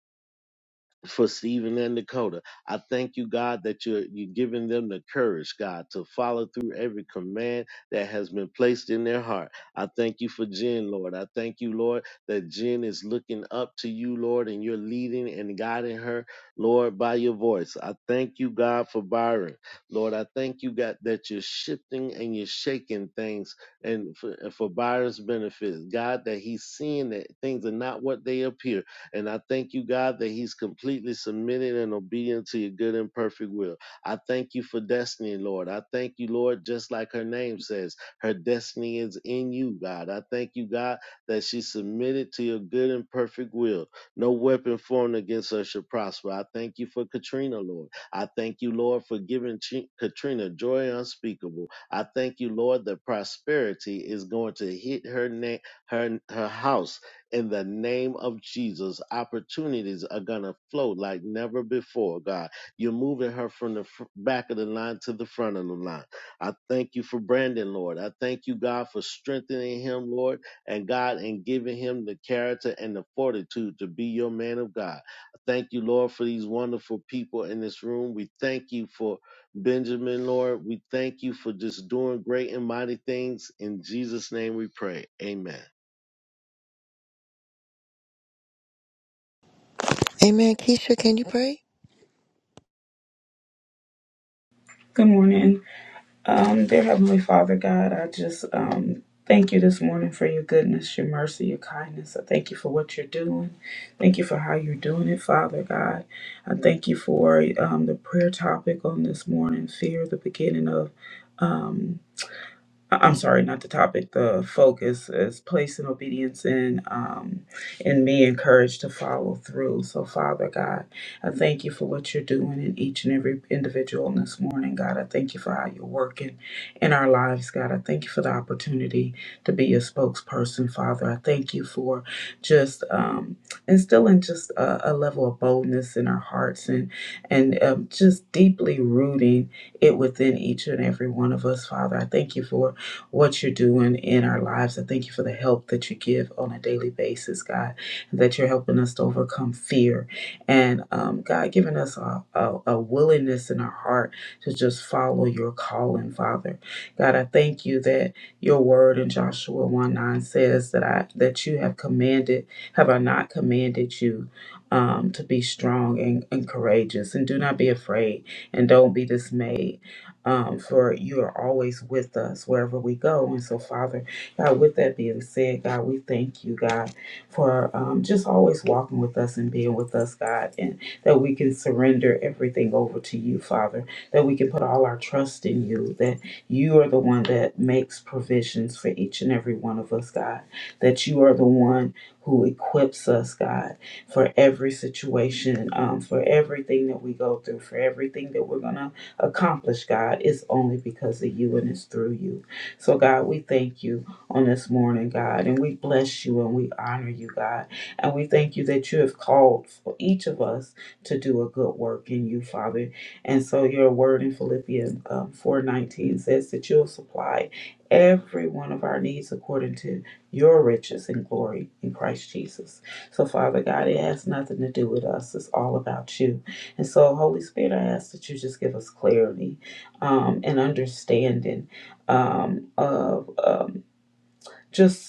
for Stephen and Dakota. I thank you, God, that you're you're giving them the courage, God, to follow through every command that has been placed in their heart. I thank you for Jen, Lord. I thank you, Lord, that Jen is looking up to you, Lord, and you're leading and guiding her, Lord, by your voice. I thank you, God, for Byron. Lord, I thank you, God, that you're shifting and you're shaking things and for, for Byron's benefit. God, that he's seeing that things are not what they appear. And I thank you, God, that he's completely submitted and obedient to your good and perfect will. I thank you for destiny, Lord. I thank you, Lord, just like her name says, her destiny is in you, God. I thank you, God, that she submitted to your good and perfect will. No weapon formed against her shall prosper. I thank you for Katrina, Lord. I thank you, Lord, for giving Chi- Katrina joy unspeakable. I thank you, Lord, that prosperity is going to hit her neck, her her house in the name of Jesus. Opportunities are going to flow like never before, God. You're moving her from the fr- back of the line to the front of the line. I thank you for Brandon, Lord. I thank you, God, for strengthening him, Lord, and God, and giving him the character and the fortitude to be your man of God. I thank you, Lord, for these wonderful people in this room. We thank you for Benjamin, Lord. We thank you for just doing great and mighty things. In Jesus' name we pray. Amen. Amen. Keisha, can you pray? Good morning. Um, dear Heavenly Father God, I just um, thank you this morning for your goodness, your mercy, your kindness. I thank you for what you're doing. Thank you for how you're doing it, Father God. I thank you for um, the prayer topic on this morning fear, the beginning of. um, I- I'm sorry, not the topic. The focus is placing obedience in um, in me encouraged to follow through. So, Father God, I thank you for what you're doing in each and every individual this morning, God. I thank you for how you're working in our lives, God. I thank you for the opportunity to be a spokesperson, Father. I thank you for just um, instilling just a, a level of boldness in our hearts and and um, just deeply rooting it within each and every one of us, Father. I thank you for what you're doing in our lives. I thank you for the help that you give on a daily basis, God, and that you're helping us to overcome fear. And um, God, giving us a, a, a willingness in our heart to just follow your calling, Father. God, I thank you that your word in Joshua 1 9 says that I that you have commanded, have I not commanded you um, to be strong and, and courageous and do not be afraid and don't be dismayed um, for you are always with us wherever we go. And so, Father, God, with that being said, God, we thank you, God, for um, just always walking with us and being with us, God, and that we can surrender everything over to you, Father, that we can put all our trust in you, that you are the one that makes provisions for each and every one of us, God, that you are the one who equips us, God, for every situation, um, for everything that we go through, for everything that we're going to accomplish, God, It's only because of you and it's through you. So, God, we thank you on this morning, God, and we bless you and we honor you, God. And we thank you that you have called for each of us to do a good work in you, Father. And so, your word in Philippians um, 4 nineteen says that you'll supply every one of our needs according to your riches and glory in Christ Jesus. So, Father God, it has nothing to do with us, it's all about you. And so, Holy Spirit, I ask that you just give us clarity um, and understanding um, of um, just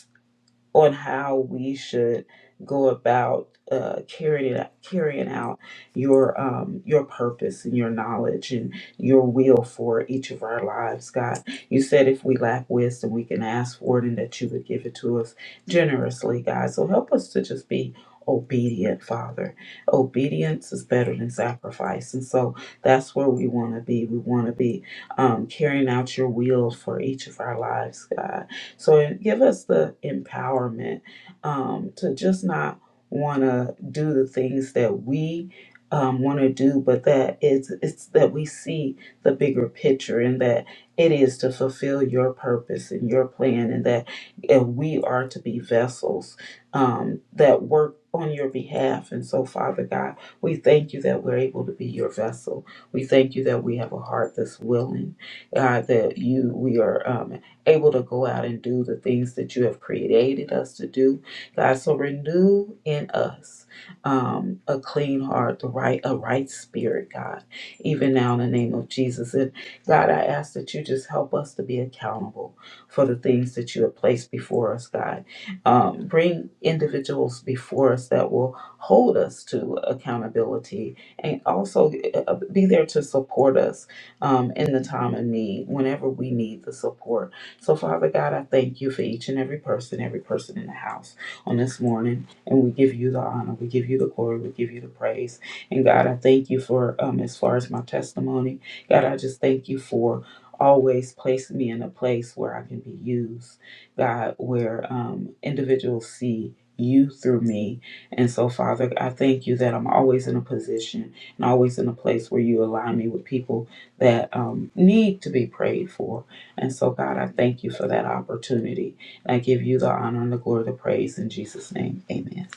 on how we should go about uh, carrying it, carrying out your um, your purpose and your knowledge and your will for each of our lives, God. You said if we lack wisdom, we can ask for it, and that you would give it to us generously, God. So help us to just be obedient, Father. Obedience is better than sacrifice, and so that's where we want to be. We want to be um, carrying out your will for each of our lives, God so give us the empowerment um, to just not want to do the things that we um, want to do, but that it's, it's that we see the bigger picture and that it is to fulfill your purpose and your plan, and that uh, we are to be vessels um, that work on your behalf. And so, Father God, we thank you that we're able to be your vessel. We thank you that we have a heart that's willing, God, that you we are. um, able to go out and do the things that you have created us to do. God, so renew in us um, a clean heart, the right, a right spirit, God, even now in the name of Jesus. And God, I ask that you just help us to be accountable for the things that you have placed before us, God. Um, bring individuals before us that will hold us to accountability and also uh, be there to support us um, in the time of need, whenever we need the support. So, Father God, I thank you for each and every person, every person in the house on this morning. And we give you the honor, we give you the glory, we give you the praise. And God, I thank you for, um, as far as my testimony, God, I just thank you for always placing me in a place where I can be used, God, where um, individuals see you through me. And so, Father, I thank you that I'm always in a position and always in a place where you align me with people that um, need to be prayed for. And so, God, I thank you for that opportunity. And I give you the honor and the glory, the praise in Jesus' name. Amen.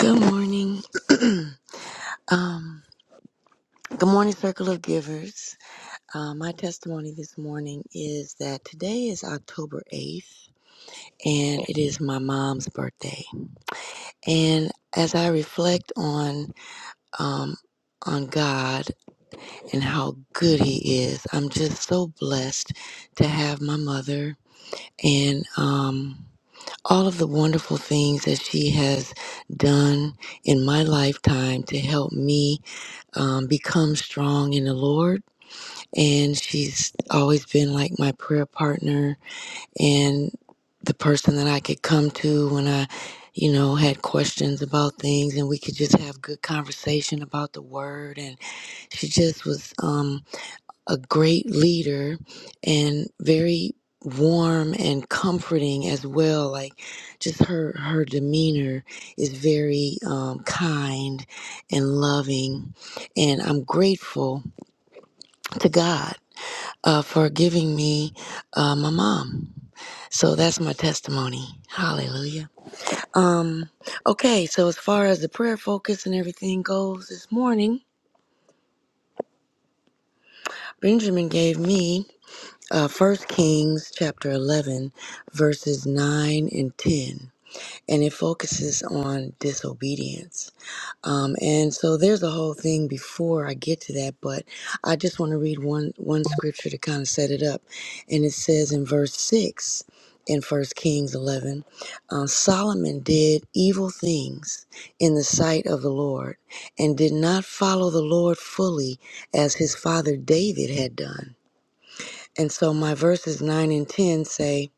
Good morning. um, good morning, Circle of Givers. Uh, my testimony this morning is that today is October 8th and it is my mom's birthday. And as I reflect on um, on God and how good He is, I'm just so blessed to have my mother and um, all of the wonderful things that she has done in my lifetime to help me um, become strong in the Lord. And she's always been like my prayer partner and the person that I could come to when I, you know, had questions about things and we could just have good conversation about the word. And she just was. Um, a great leader and very warm and comforting as well like just her her demeanor is very um, kind and loving and i'm grateful to god uh, for giving me uh, my mom so that's my testimony hallelujah um okay so as far as the prayer focus and everything goes this morning benjamin gave me uh, 1 Kings chapter 11, verses 9 and 10. And it focuses on disobedience. Um, and so there's a whole thing before I get to that, but I just want to read one, one scripture to kind of set it up. And it says in verse 6 in First Kings 11 uh, Solomon did evil things in the sight of the Lord and did not follow the Lord fully as his father David had done. And so my verses 9 and 10 say,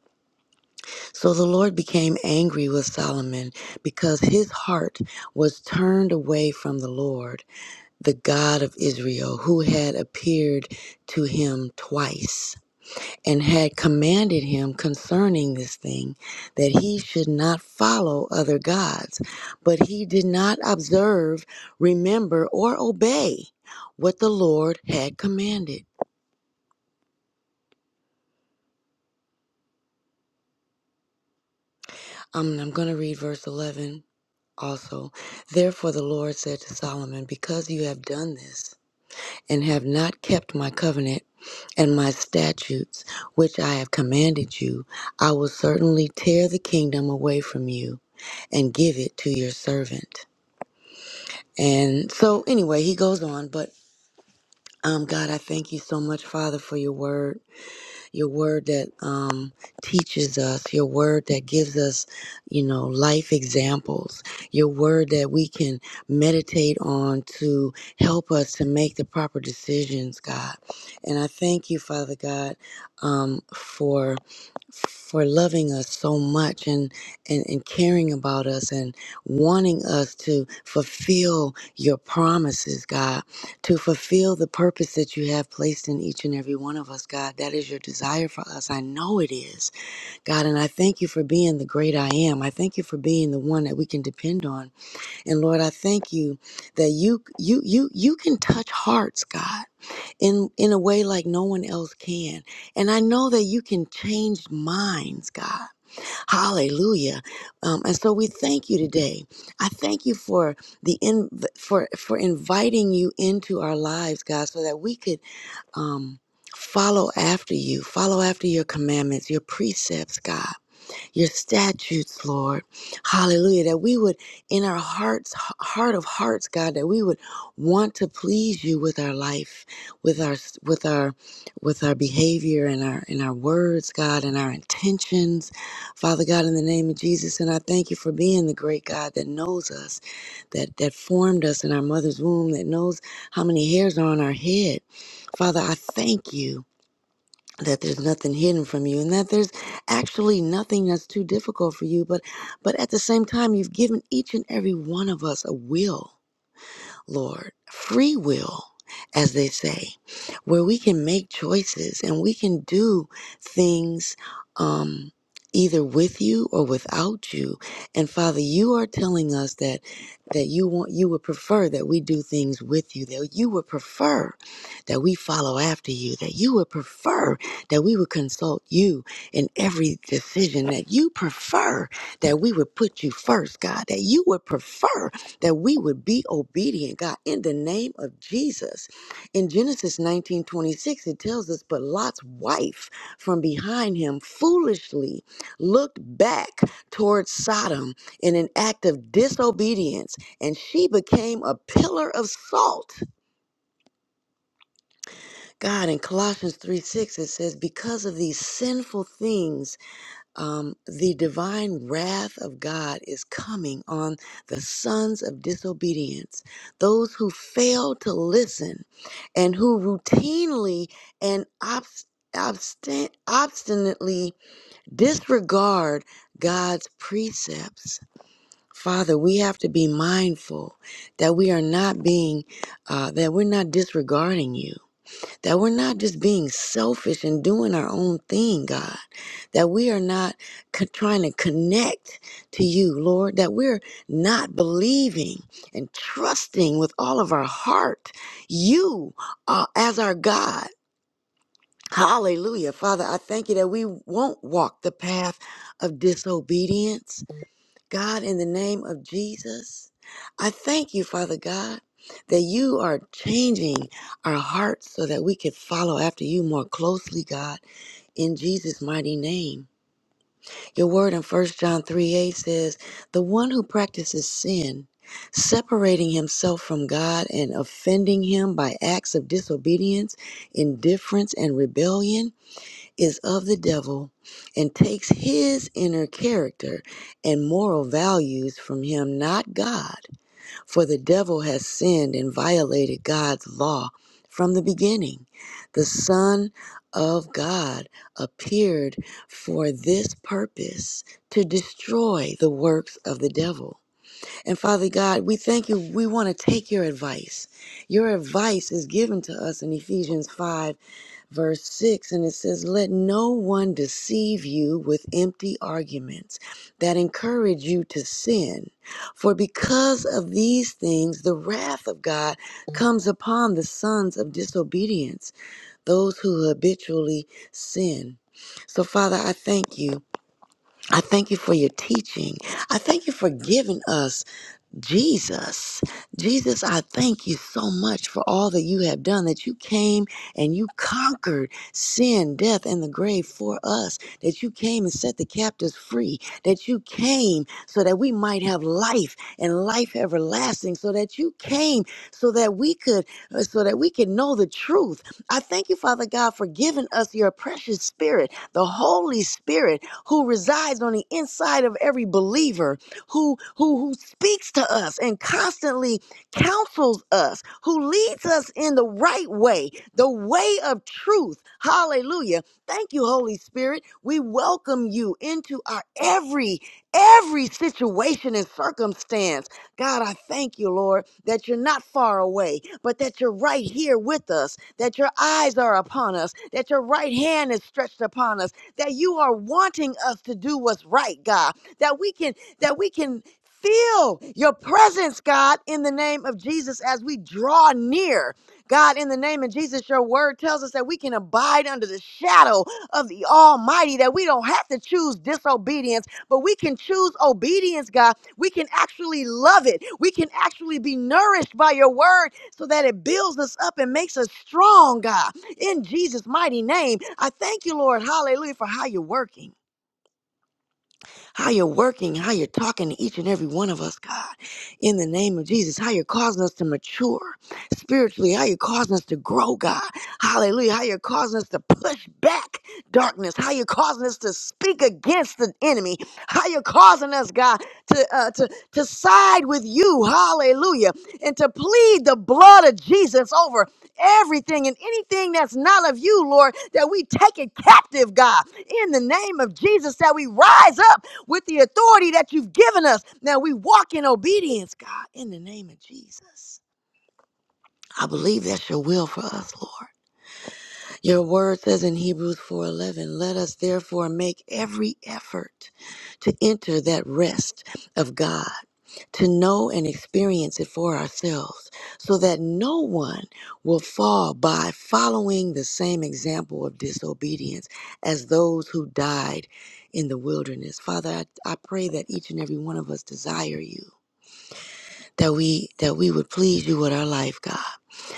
So the Lord became angry with Solomon because his heart was turned away from the Lord, the God of Israel, who had appeared to him twice and had commanded him concerning this thing that he should not follow other gods. But he did not observe, remember, or obey what the Lord had commanded. Um, I'm going to read verse 11. also. Therefore, the Lord said to Solomon, Because you have done this and have not kept my covenant and my statutes, which I have commanded you, I will certainly tear the kingdom away from you and give it to your servant. And so, anyway, he goes on, but um, God, I thank you so much, Father, for your word. your word that um, teaches us, your word that gives us, you know, life examples, your word that we can meditate on to help us to make the proper decisions, God. And I thank you, Father God, um, for for loving us so much and, and and caring about us and wanting us to fulfill your promises god to fulfill the purpose that you have placed in each and every one of us, God. That is your desire for us. I know it is, God. And I thank you for being the great I am. I thank you for being the one that we can depend on. And Lord, I thank you that you you you you can touch hearts, God, in in a way like no one else can. And I know that you can change minds, God. Hallelujah. Um, and so we thank you today. I thank you for the in, for for inviting you into our lives, God, so that we could um, follow after you, follow after your commandments, your precepts, God your statutes, Lord. Hallelujah. That we would, in our hearts, heart of hearts, God, that we would want to please you with our life, with our with our with our behavior and our and our words, God, and our intentions. Father God, in the name of Jesus, and I thank you for being the great God that knows us, that that formed us in our mother's womb, that knows how many hairs are on our head. Father, I thank you that there's nothing hidden from you and that there's actually nothing that's too difficult for you but but at the same time you've given each and every one of us a will Lord, free will, as they say, where we can make choices and we can do things um, either with you or without you. And Father, you are telling us that that you want you would prefer that we do things with you, that you would prefer that we follow after you, that you would prefer that we would consult you in every decision, that you prefer that we would put you first, God, that you would prefer that we would be obedient, God, in the name of Jesus. In Genesis 19 26, it tells us, but Lot's wife from behind him foolishly looked back towards Sodom in an act of disobedience, and she became a pillar of salt. God, in Colossians 3 6, it says, because of these sinful things, um, the divine wrath of God is coming on the sons of disobedience, those who fail to listen and who routinely and obst- obstin- obstinately disregard God's precepts. Father, we have to be mindful that we are not being, uh, that we're not disregarding you that we're not just being selfish and doing our own thing, God, that we are not co- trying to connect to you, Lord, that we're not believing and trusting with all of our heart you uh, as our God. Hallelujah. Father, I thank you that we won't walk the path of disobedience God, in the name of Jesus, I thank you, Father God, that you are changing our hearts so that we can follow after you more closely, God, in Jesus' mighty name. Your word in First John 3 8 says, The one who practices sin, separating himself from God and offending him by acts of disobedience, indifference, and rebellion, is of the devil and takes his inner character and moral values from him, not God. For the devil has sinned and violated God's law from the beginning. The Son of God appeared for this purpose to destroy the works of the devil. And Father God, we thank you. We want to take your advice. Your advice is given to us in Ephesians 5 verse 6 and it says let no one deceive you with empty arguments that encourage you to sin for because of these things the wrath of god comes upon the sons of disobedience those who habitually sin so father i thank you i thank you for your teaching i thank you for giving us Jesus, Jesus, I thank you so much for all that you have done, that you came and you conquered sin, death, and the grave for us, that you came and set the captives free, that you came so that we might have life and life everlasting, so that you came so that we could, uh, so that we could know the truth. I thank you, Father God, for giving us your precious spirit, the Holy Spirit who resides on the inside of every believer who who who speaks to us and constantly counsels us, who leads us in the right way, the way of truth. Hallelujah. Thank you, Holy Spirit. We welcome you into our every every situation and circumstance. God, I thank you, Lord, that you're not far away, but that you're right here with us, that your eyes are upon us, that your right hand is stretched upon us, that you are wanting us to do what's right, God, that we can that we can feel your presence, God, in the name of Jesus as we draw near. God, in the name of Jesus, your word tells us that we can abide under the shadow of the Almighty, that we don't have to choose disobedience, but we can choose obedience, God. We can actually love it. We can actually be nourished by your word so that it builds us up and makes us strong, God. In Jesus' mighty name, I thank you, Lord. Hallelujah, for how you're working how you're working, how you're talking to each and every one of us, God, in the name of Jesus, how you're causing us to mature spiritually, how you're causing us to grow, God, hallelujah, how you're causing us to push back darkness, how you're causing us to speak against the enemy, how you're causing us, God, to, uh, to, to side with you, hallelujah, and to plead the blood of Jesus over everything and anything that's not of you, Lord, that we take it captive, God, in the name of Jesus, that we rise up with the authority that you've given us. Now we walk in obedience, God, in the name of Jesus. I believe that's your will for us, Lord. Your word says in Hebrews 4:11, "Let us therefore make every effort to enter that rest of God to know and experience it for ourselves so that no one will fall by following the same example of disobedience as those who died in the wilderness. Father, I, I pray that each and every one of us desire you that we that we would please you with our life, God.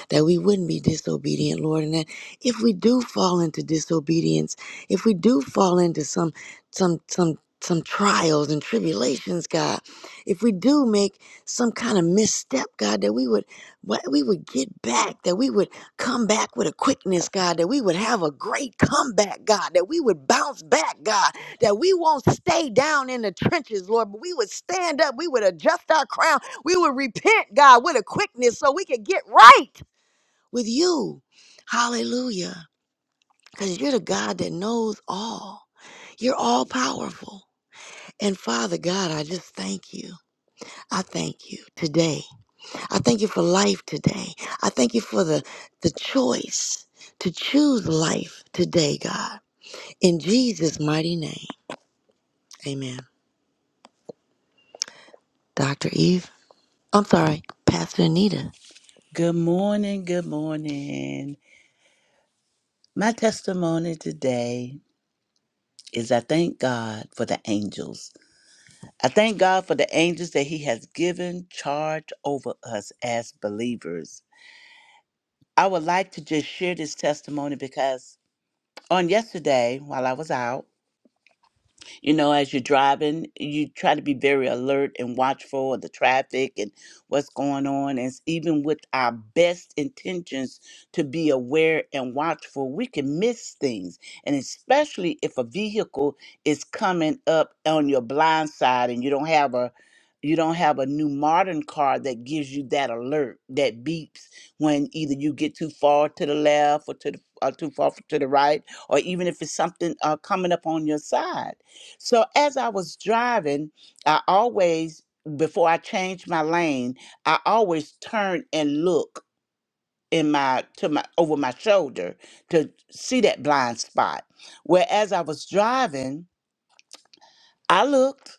That we wouldn't be disobedient, Lord, and that if we do fall into disobedience, if we do fall into some some some some trials and tribulations, God, if we do make some kind of misstep, God, that we would what we would get back, that we would come back with a quickness, God, that we would have a great comeback, God, that we would bounce back, God, that we won't stay down in the trenches, Lord, but we would stand up, we would adjust our crown, we will repent, God, with a quickness so we can get right with you. Hallelujah. Because you're the God that knows all, you're all powerful. And Father God, I just thank you. I thank you today. I thank you for life today. I thank you for the, the choice to choose life today, God. In Jesus' mighty name. Amen. Dr. Eve, I'm sorry, Pastor Anita. Good morning, good morning. My testimony today is I thank God for the angels I thank God for the angels that He has given charge over us as believers. I would like to just share this testimony because on yesterday, while I was out, you know, as you're driving, you try to be very alert and watchful of the traffic and what's going on. And s- even with our best intentions to be aware and watchful, we can miss things. And especially if a vehicle is coming up on your blind side and you don't have a you don't have a new modern car that gives you that alert that beeps when either you get too far to the left or to the or too far to the right, or even if it's something uh, coming up on your side. So as I was driving, I always, before I changed my lane, I always turn and look in my to my over my shoulder to see that blind spot. Whereas I was driving, I looked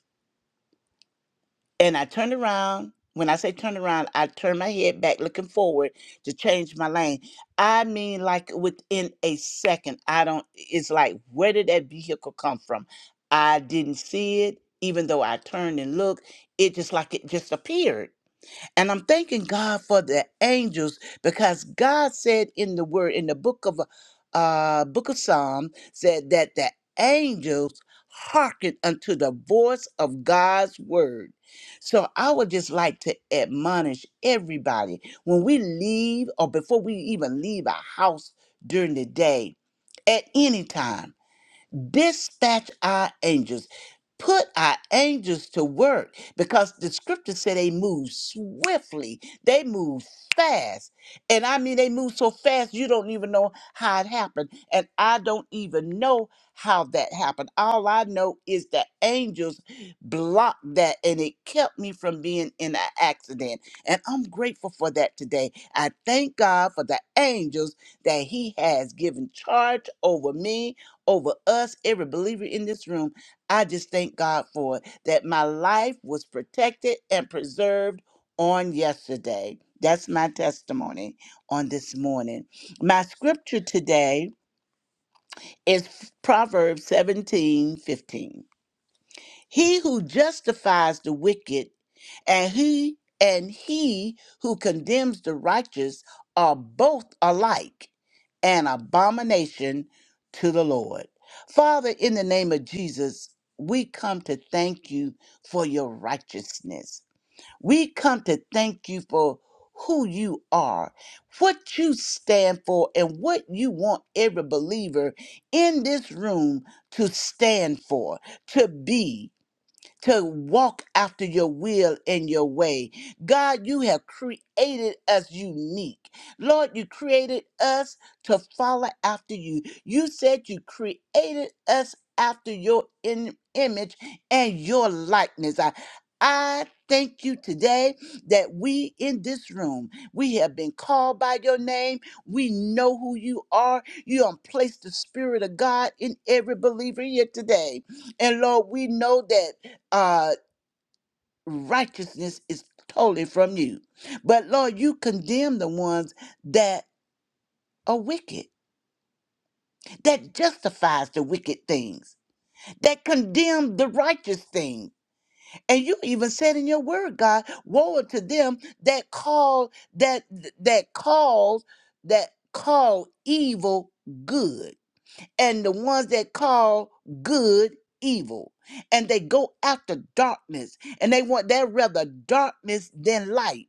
And I turned around. When I say turn around, I turned my head back looking forward to change my lane. I mean, like within a second, I don't, it's like, where did that vehicle come from? I didn't see it, even though I turned and looked. It just like it just appeared. And I'm thanking God for the angels because God said in the word in the book of uh book of Psalm said that the angels hearken unto the voice of God's word. So I would just like to admonish everybody when we leave or before we even leave our house during the day at any time dispatch our angels put our angels to work because the scripture said they move swiftly they move fast and i mean they move so fast you don't even know how it happened and i don't even know how that happened all i know is that angels blocked that and it kept me from being in an accident and i'm grateful for that today i thank god for the angels that he has given charge over me over us, every believer in this room. I just thank God for it, that my life was protected and preserved on yesterday. That's my testimony on this morning. My scripture today is Proverbs 17 15. He who justifies the wicked and he and he who condemns the righteous are both alike an abomination to the Lord. Father, in the name of Jesus, we come to thank you for your righteousness. We come to thank you for who you are, what you stand for, and what you want every believer in this room to stand for, to be to walk after your will and your way. God, you have created us unique. Lord, you created us to follow after you. You said you created us after your in- image and your likeness. I, I thank you today that we in this room, we have been called by your name. We know who you are. You have placed the Spirit of God in every believer here today. And Lord, we know that uh, righteousness is totally from you. But Lord, you condemn the ones that are wicked, that justifies the wicked things, that condemn the righteous thing. And you even said in your word, God, woe to them that call that that calls that call evil good. and the ones that call good evil and they go after darkness and they want that rather darkness than light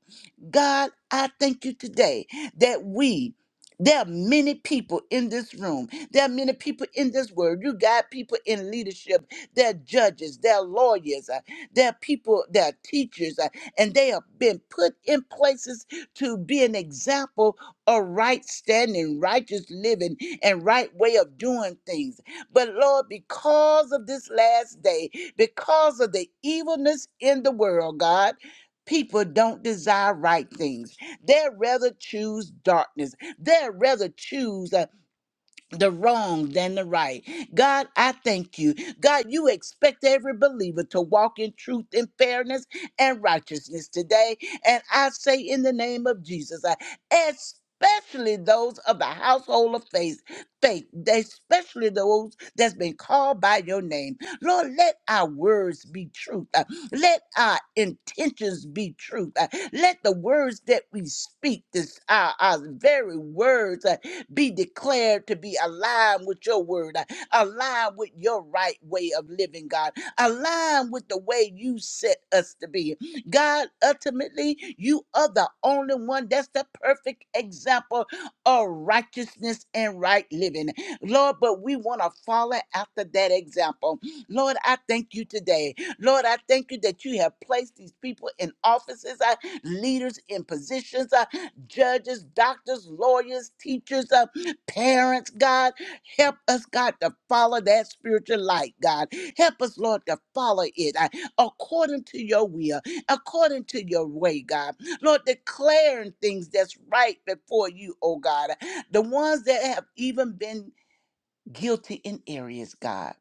god i thank you today that we there are many people in this room. There are many people in this world. You got people in leadership. There are judges. There are lawyers. uh, There are people. There are teachers. uh, And they have been put in places to be an example a right standing, righteous living, and right way of doing things. But Lord, because of this last day, because of the evilness in the world, God, people don't desire right things. They'd rather choose darkness. They'd rather choose. uh, the wrong than the right. God, I thank you. God, you expect every believer to walk in truth and fairness and righteousness today. And I say in the name of Jesus, I especially those of the household of faith, faith, especially those that's been called by your name. Lord, let our words be truth. Uh, Let our intentions be truth. Uh, Let the words that we speak, this our, our very words. uh, be declared to be aligned with your word, uh, aligned with your right way of living, God, aligned with the way you set us to be. God, ultimately, you are the only one that's the perfect example of righteousness and right living. Lord, but we want to follow after that example. Lord, I thank you today. Lord, I thank you that you have placed these people in offices, uh, leaders in positions. uh, judges, doctors, lawyers, teachers, uh, parents, God. Help us, God, to follow that spiritual light, God. Help us, Lord, to follow it uh, according to your will, according to your way, God. Lord, declaring things that's right before you, oh God. The ones that have even been guilty in areas, God.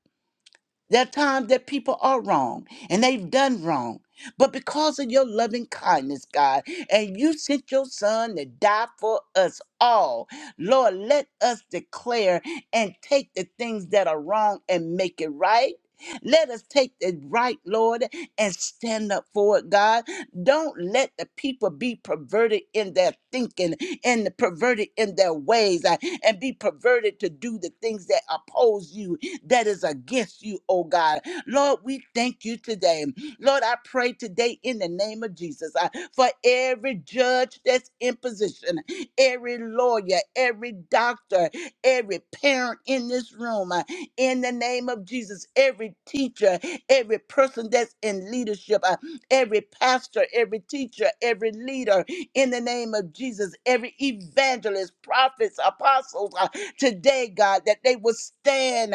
There are times that people are wrong and they've done wrong. But because of your loving kindness, God, and you sent your son to die for us all, Lord, let us declare and take the things that are wrong and make it right. Let us take the right, Lord, and stand up for it, God. Don't let the people be perverted in their thinking and perverted in their ways uh, and be perverted to do the things that oppose you that is against you, oh God. Lord, we thank you today. Lord, I pray today in the name of Jesus uh, for every judge that's in position, every lawyer, every doctor, every parent in this room, uh, in the name of Jesus, every teacher, every person that's in leadership, uh, every pastor, every teacher, every leader, in the name of Jesus, every evangelist, prophets, apostles, uh, today, God, that they will stand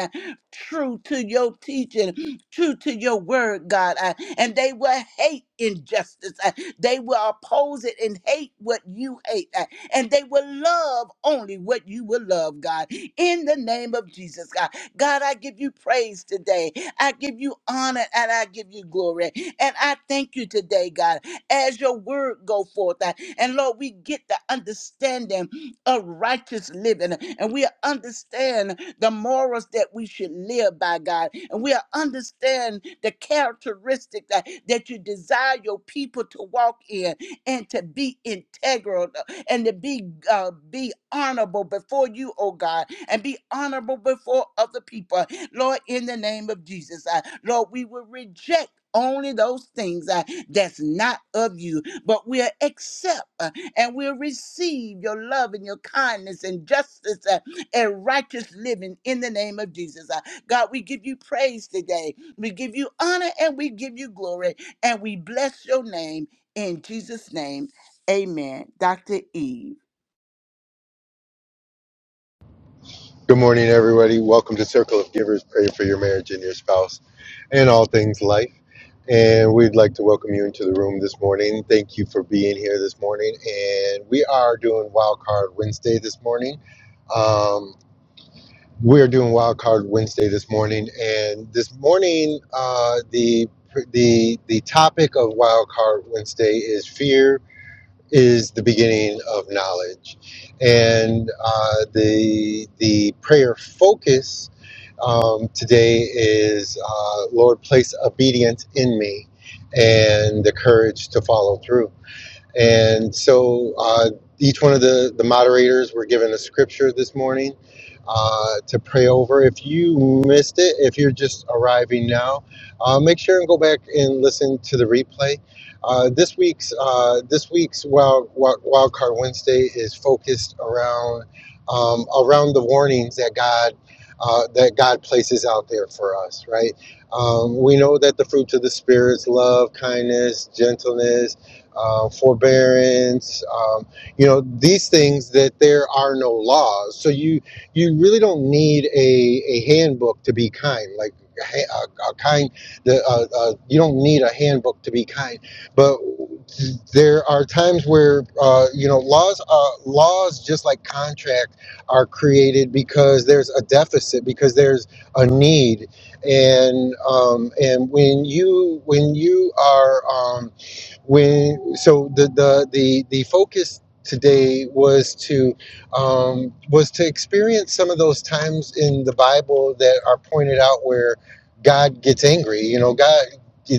true to your teaching, true to your word, God. uh, And they will hate injustice. uh, They will oppose it and hate what you hate. uh, And they will love only what you will love, God. In the name of Jesus, God. God, I give you praise today. I give you honor and I give you glory. And I thank you today, God, as your word go forth. uh, And Lord, we get the understanding of righteous living and we understand the morals that we should live by, God. And we will understand the characteristic that, that you desire your people to walk in and to be integral and to be uh, be honorable before you, oh God, and be honorable before other people. Lord, in the name of Jesus, uh, Lord, we will reject only those things uh, that's not of you, but we'll accept uh, and we'll receive your love and your kindness and justice uh, and righteous living in the name of Jesus. Uh, God, we give you praise today. We give you honor and we give you glory and we bless your name in Jesus' name. Amen. Dr. Eve. Good morning, marriage and your spouse, and all things life. And we'd like to welcome you into the room this morning. Thank you for being here this morning. And we are doing Wild Card Wednesday this morning. Um, We're doing Wildcard Wednesday this morning, and this morning, uh, the the the topic of Wildcard Wednesday is fear is the beginning of knowledge, and uh, the the prayer focus um, today is uh, Lord, place obedience in me, and the courage to follow through. And so uh, each one of the, the moderators were given a scripture this morning uh, to pray over. If you missed it, if you're just arriving now, uh, make sure and go back and listen to the replay. Uh, this week's uh, this week's wild, wild Wild Card Wednesday is focused around um, around the warnings that God uh, that God places out there for us, right? Um, we know that the fruits of the spirit is love, kindness, gentleness, uh, forbearance, um, you know, these things that there are no laws. So you you really don't need a, a handbook to be kind. Like a, a kind, the, uh, uh, you don't need a handbook to be kind. But there are times where uh, you know laws uh, laws just like contract are created because there's a deficit because there's a need and um, and when you when you are um when so the the the, the focus today was to um, was to experience some of those times in the Bible that are pointed out where God gets angry. You know, God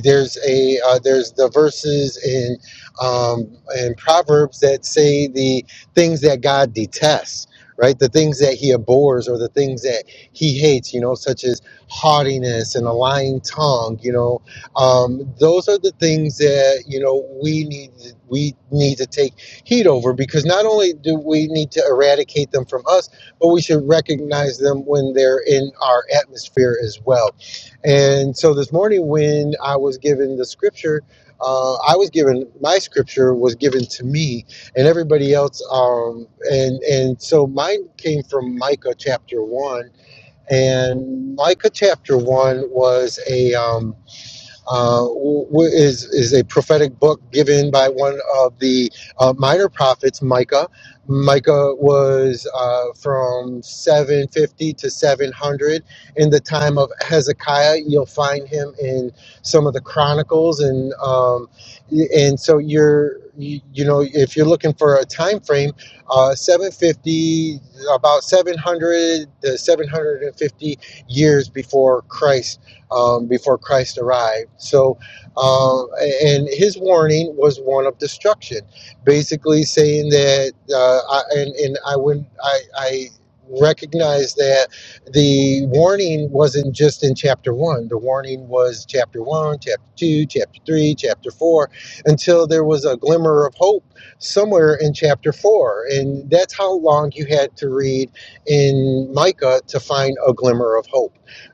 there's a uh, there's the verses in um, in Proverbs that say the things that God detests. Right, the things that he abhors or the things that he hates, you know, such as haughtiness and a lying tongue, you know, um, those are the things that you know we need we need to take heed over because not only do we need to eradicate them from us but we should recognize them when they're in our atmosphere as well and so this morning when i was given the scripture uh, i was given my scripture was given to me and everybody else um, and and so mine came from micah chapter 1 and micah chapter 1 was a um, uh, is is a prophetic book given by one of the uh, minor prophets, Micah. Micah was uh, from 750 to 700 in the time of Hezekiah. You'll find him in some of the chronicles, and um, and so you're you, you know if you're looking for a time frame, uh, 750 about 700 to 750 years before Christ um, before Christ arrived. So, um, and his warning was one of destruction, basically saying that, uh, I, and, and I wouldn't, I, I recognize that the warning wasn't just in chapter one. The warning was chapter one, chapter two, chapter three, chapter four, until there was a glimmer of hope somewhere in chapter four. And that's how long you had to read in Micah to find a glimmer of hope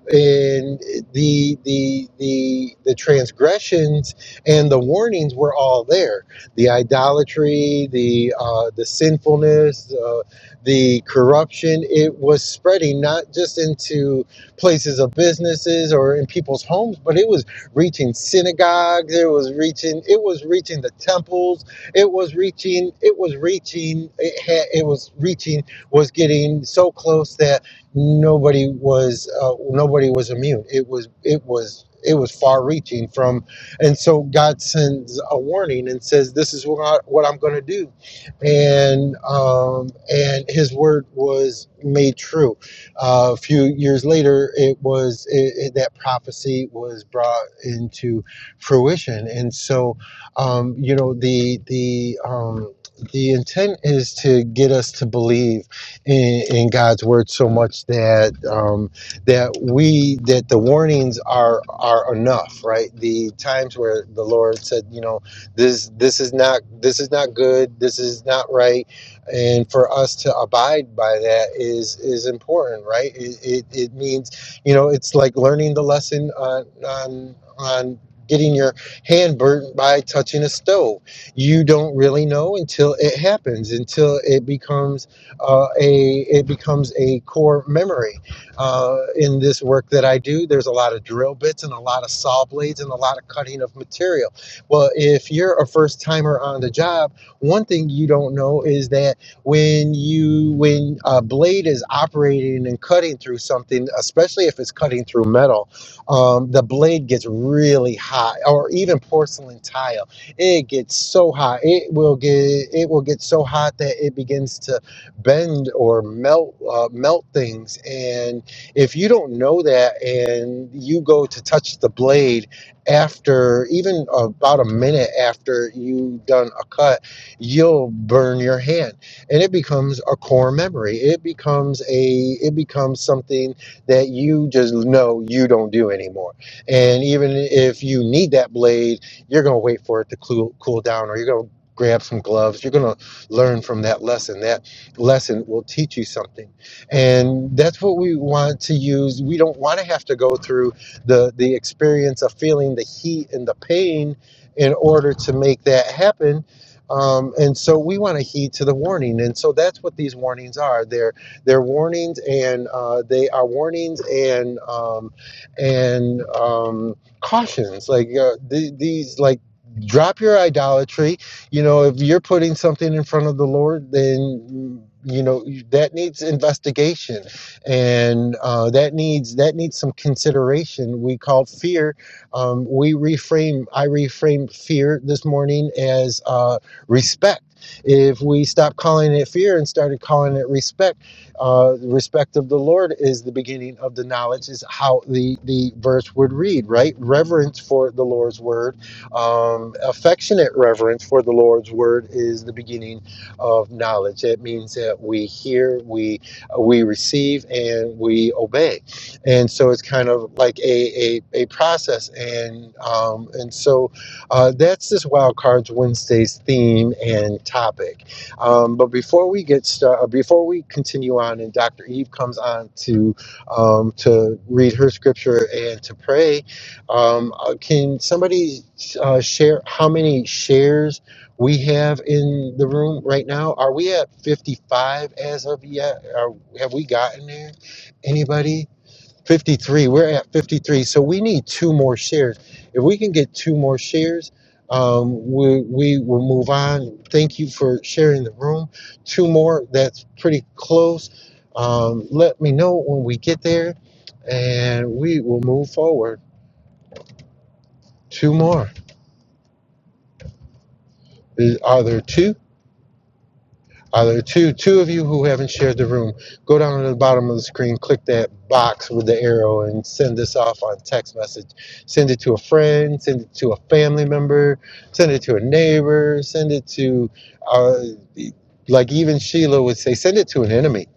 and the the the the transgressions and the warnings were all there the idolatry the uh, the sinfulness uh, the corruption it was spreading not just into places of businesses or in people's homes but it was reaching synagogues it was reaching it was reaching the temples it was reaching it was reaching it, had, it was reaching was getting so close that nobody was uh, nobody was immune. It was it was it was far reaching from, and so God sends a warning and says, "This is what I, what I'm going to do," and um, and His word was made true. Uh, a few years later, it was it, it, that prophecy was brought into fruition, and so um, you know the the um, the intent is to get us to believe in, in God's word so much that um, that we that the warnings are are enough, right? The times where the Lord said, you know, this this is not this is not good, this is not right, and for us to abide by that is is important, right? It, it, it means you know it's like learning the lesson on on on getting your hand burnt by touching a stove you don't really know until it happens until it becomes uh, a it becomes a core memory. Uh, in this work that I do, there's a lot of drill bits and a lot of saw blades and a lot of cutting of material. Well, if you're a first timer on the job, one thing you don't know is that when you when a blade is operating and cutting through something, especially if it's cutting through metal, um, the blade gets really hot, or even porcelain tile it gets so hot it will get it will get so hot that it begins to bend or melt uh, melt things. And if you don't know that, and you go to touch the blade after even about a minute after you done a cut, you'll burn your hand, and it becomes a core memory. It becomes a it becomes something that you just know you don't do anymore. And even if you need that blade, you're gonna wait for it to cool cool down, or you're gonna grab some gloves. You're gonna learn from that lesson lesson will teach you something and that's what we want to use we don't want to have to go through the the experience of feeling the heat and the pain in order to make that happen um, and so we want to heed to the warning and so that's what these warnings are they're they're warnings and uh, they are warnings and um, and um, cautions like uh, the these like drop your idolatry you know, if you're putting something in front of the Lord, then you know that needs investigation, and uh, that needs that needs some consideration. We call fear. Um, we reframe. I reframe fear this morning as uh, respect. If we stop calling it fear and started calling it respect, uh, respect of the Lord is the beginning of the knowledge. Is how the the verse would read, right? Reverence for the Lord's word um, affectionate reverence for the Lord's word is the beginning of knowledge. It means that we hear, we uh, we receive, and we obey. And so it's kind of like a a, a process. And um, and so uh, that's this Wild Cards Wednesday's theme and topic. Um, but before we get started, before we continue on, and Dr. Eve comes on to um, to read her scripture and to pray, um, uh, can somebody uh, share how many shares we have in the room right now? Are we at 55 as of yet? Are, have we gotten there? Anybody? 53. We're at 53. So we need two more shares. If we can get two more shares, um, we, we will move on. Thank you for sharing the room. Two more, that's pretty close. Um, let me know when we get there and we will move forward. Two more. Are there two? Are there are two two of you who haven't shared the room? Go down to the bottom of the screen, click that box with the arrow, and send this off on text message. Send it to a friend, send it to a family member, send it to a neighbor, send it to, uh, like even Sheila would say, send it to an enemy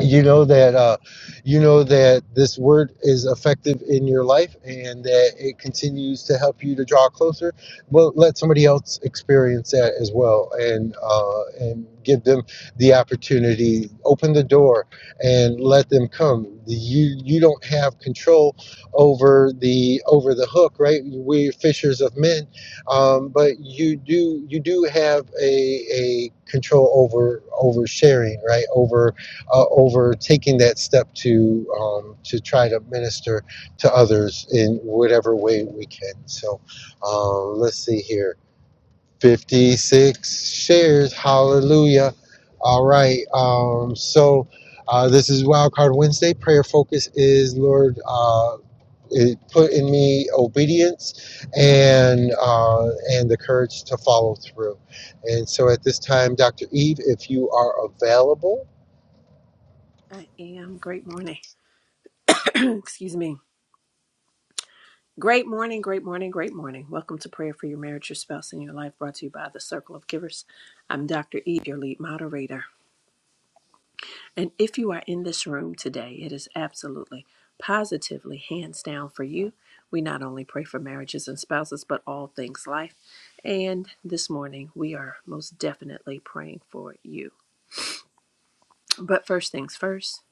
you know that uh, you know that this word is effective in your life and that it continues to help you to draw closer well let somebody else experience that as well and uh, and give them the opportunity open the door and let them come you you don't have control over the over the hook right we're fishers of men um, but you do you do have a, a control over over sharing right over uh, over taking that step to um, to try to minister to others in whatever way we can. So um, let's see here, 56 shares, hallelujah. All right, um, so uh, this is Wildcard Wednesday. Prayer focus is Lord. Uh, it put in me obedience and uh, and the courage to follow through. And so at this time, Dr. Eve, if you are available, I am. Great morning. Excuse me. Great morning, great morning, great morning. Welcome to Prayer for Your Marriage, Your Spouse, and Your Life, brought to you by the Circle of Givers. I'm Dr. Eve, your lead moderator. And if you are in this room today, it is absolutely, positively, hands down for you. We not only pray for marriages and spouses, but all things life. And this morning, we are most definitely praying for you. But first things first,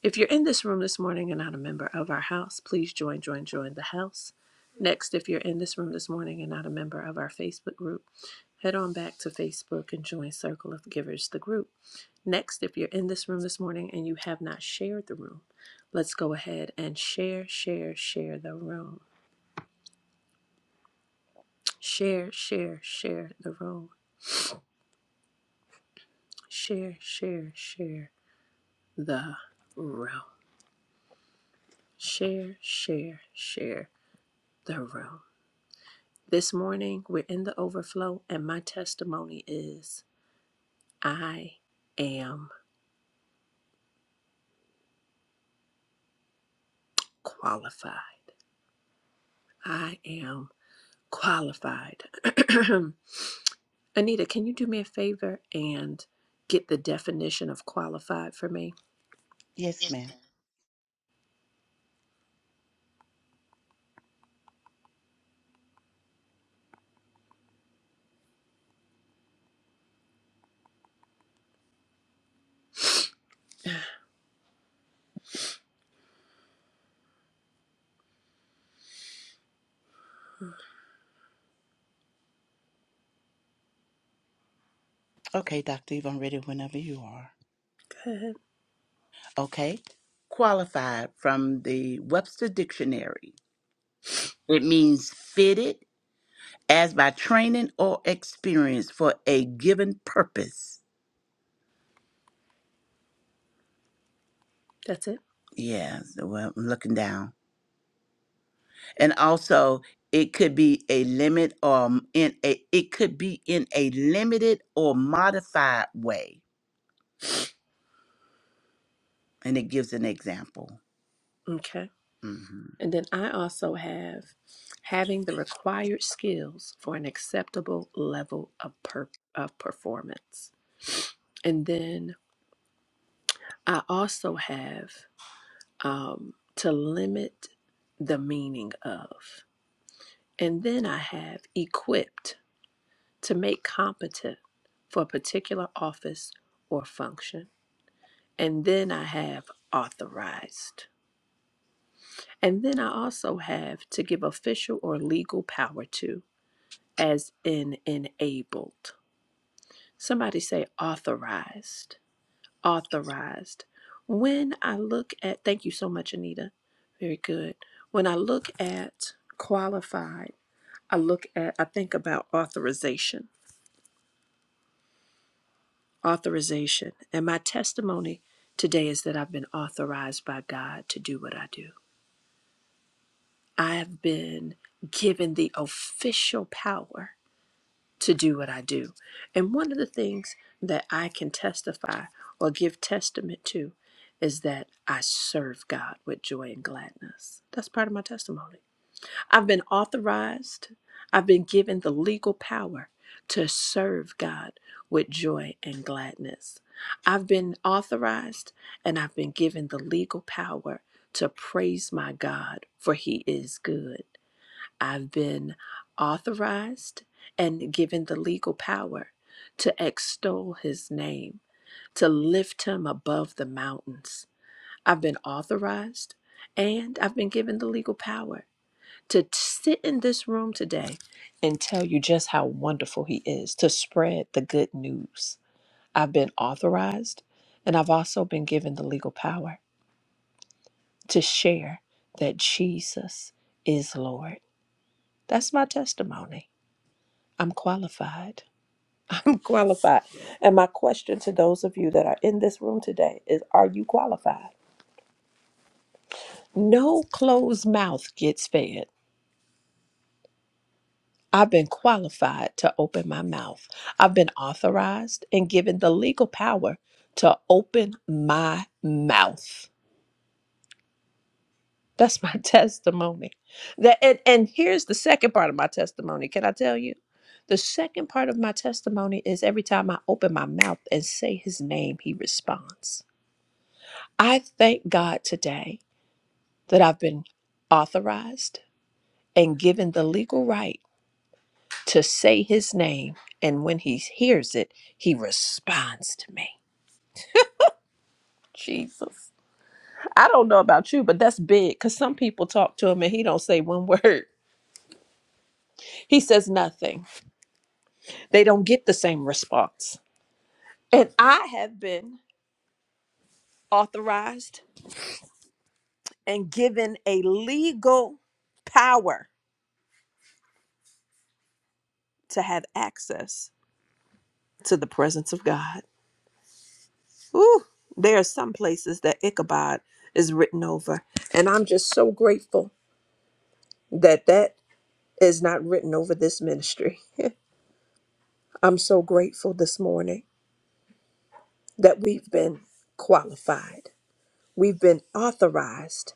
If you're in this room this morning and not a member of our house, please join, join, join the house. Next, if you're in this room this morning and not a member of our Facebook group, head on back to Facebook and join Circle of Givers, the group. Next, if you're in this room this morning and you have not shared the room, let's go ahead and share, share, share the room. Share, share, share the room. Share, share, share the room. Share, share, share the room. This morning, we're in the overflow, and my testimony is I am qualified. I am qualified. Anita, can you do me a favor and get the definition of qualified for me? Yes, ma'am. Okay, Dr. Eve, I'm ready whenever you are. Go ahead. Okay. Qualified from the Webster Dictionary. It means fitted as by training or experience for a given purpose. That's it. Yeah, so, well, I'm looking down. and also it could be a limit or m- in a it could be in a limited or modified way and it gives an example Okay. hmm And then I also have having the required skills for an acceptable level of, per- of performance. And then I also have um, to limit the meaning of. And then I have equipped to make competent for a particular office or function. And then I have authorized. And then I also have to give official or legal power to, as in enabled. Somebody say authorized authorized. When I look at, thank you so much, Anita. Very good. When I look at qualified, I look at, I think about authorization, authorization. And my testimony today is that I've been authorized by God to do what I do. I have been given the official power to do what I do. And one of the things that I can testify or give testament to is that I serve God with joy and gladness. That's part of my testimony. I've been authorized, I've been given the legal power to serve God with joy and gladness. I've been authorized and I've been given the legal power to praise my God, for he is good. I've been authorized and given the legal power to extol his name, to lift him above the mountains. I've been authorized and I've been given the legal power to t- sit in this room today and tell you just how wonderful he is, to spread the good news. I've been authorized and I've also been given the legal power to share that Jesus is Lord. That's my testimony. I'm qualified. I'm qualified. And my question to those of you that are in this room today is Are you qualified? No closed mouth gets fed. I've been qualified to open my mouth. I've been authorized and given the legal power to open my mouth. That's my testimony. That, and, and here's the second part of my testimony. Can I tell you? The second part of my testimony is every time I open my mouth and say his name, he responds. I thank God today that I've been authorized and given the legal right to say his name. And when he hears it, he responds to me. Jesus. I don't know about you, but that's big because some people talk to him and he don't say one word. He says nothing. They don't get the same response. And I have been authorized and given a legal power to have access to the presence of God. Ooh, there are some places that Ichabod is written over. And I'm just so grateful that that is not written over this ministry. I'm so grateful this morning that we've been qualified, we've been authorized,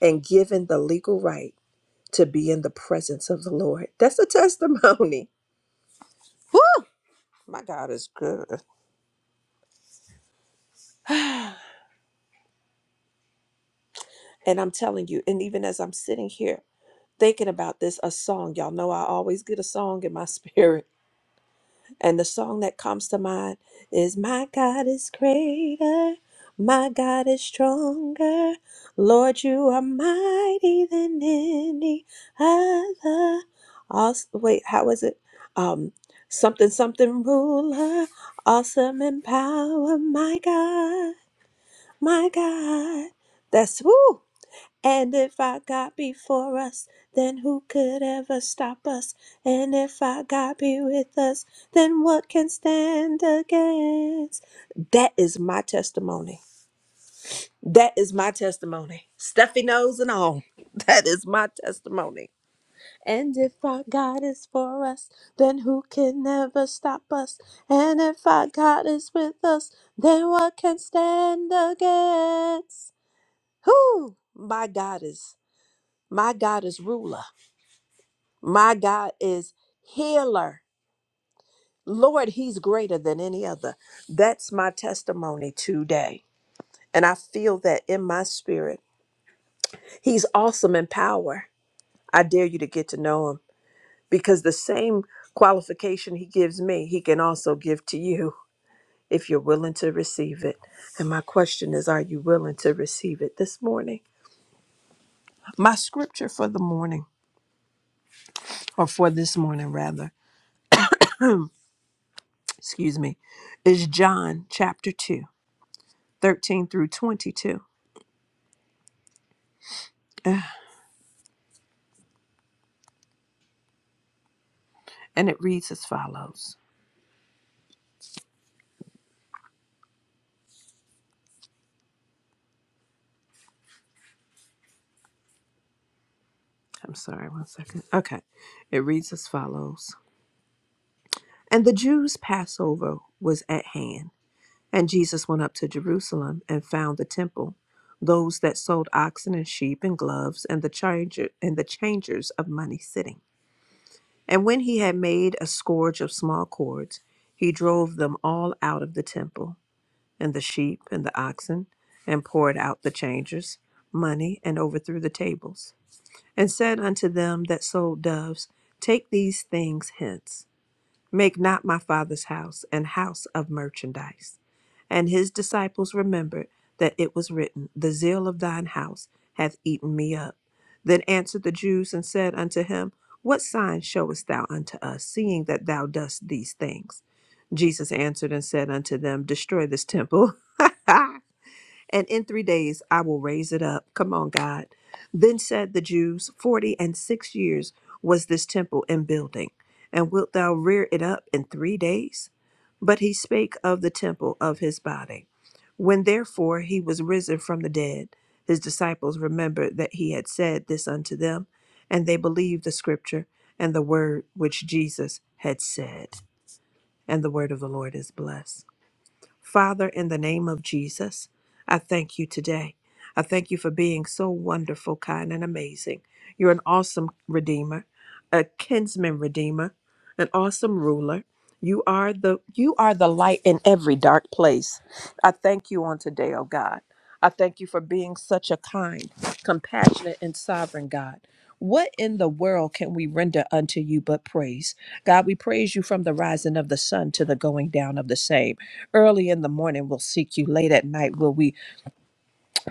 and given the legal right to be in the presence of the Lord. That's a testimony. Woo! My God is good. and I'm telling you, and even as I'm sitting here thinking about this, a song, y'all know I always get a song in my spirit And the song that comes to mind is My God is greater, my God is stronger. Lord, you are mighty than any other. Also, wait, how is it? Um, something, something ruler, awesome in power, my God, my God. That's woo. And if our God be for us, then who could ever stop us? And if our God be with us, then what can stand against? That is my testimony. That is my testimony. Stuffy nose and all. That is my testimony. And if our God is for us, then who can ever stop us? And if our God is with us, then what can stand against? Who? My God is. My God is ruler. My God is healer. Lord, He's greater than any other. That's my testimony today. And I feel that in my spirit. He's awesome in power. I dare you to get to know Him because the same qualification He gives me, He can also give to you if you're willing to receive it. And my question is are you willing to receive it this morning? My scripture for the morning, or for this morning rather. excuse me, is John chapter 2 13 through 22. Ugh, And it reads as follows. I'm sorry, one second. Okay. It reads as follows And the Jews' Passover was at hand. And Jesus went up to Jerusalem and found the temple, those that sold oxen and sheep and gloves, and the changer and the changers of money sitting. And when he had made a scourge of small cords, he drove them all out of the temple and the sheep and the oxen, and poured out the changers, money, and overthrew the tables, and said unto them that sold doves, Take these things hence. Make not my father's house an house of merchandise. And his disciples remembered that it was written, The zeal of thine house hath eaten me up. Then answered the Jews and said unto him, What sign showest thou unto us, seeing that thou doest these things? Jesus answered and said unto them, Destroy this temple. and in three days I will raise it up. Come on, God. Then said the Jews, Forty and six years was this temple in building, and wilt thou rear it up in three days? But he spake of the temple of his body. When therefore he was risen from the dead, his disciples remembered that he had said this unto them, and they believed the scripture and the word which Jesus had said. And the word of the Lord is blessed. Father, in the name of Jesus, I thank you today. I thank you for being so wonderful, kind, and amazing. You're an awesome redeemer, a kinsman redeemer, an awesome ruler. You are the you are the light in every dark place. I thank you on today, oh God. I thank you for being such a kind, compassionate, and sovereign God. What in the world can we render unto you but praise? God, we praise you from the rising of the sun to the going down of the same early in the morning we will seek you late at night will we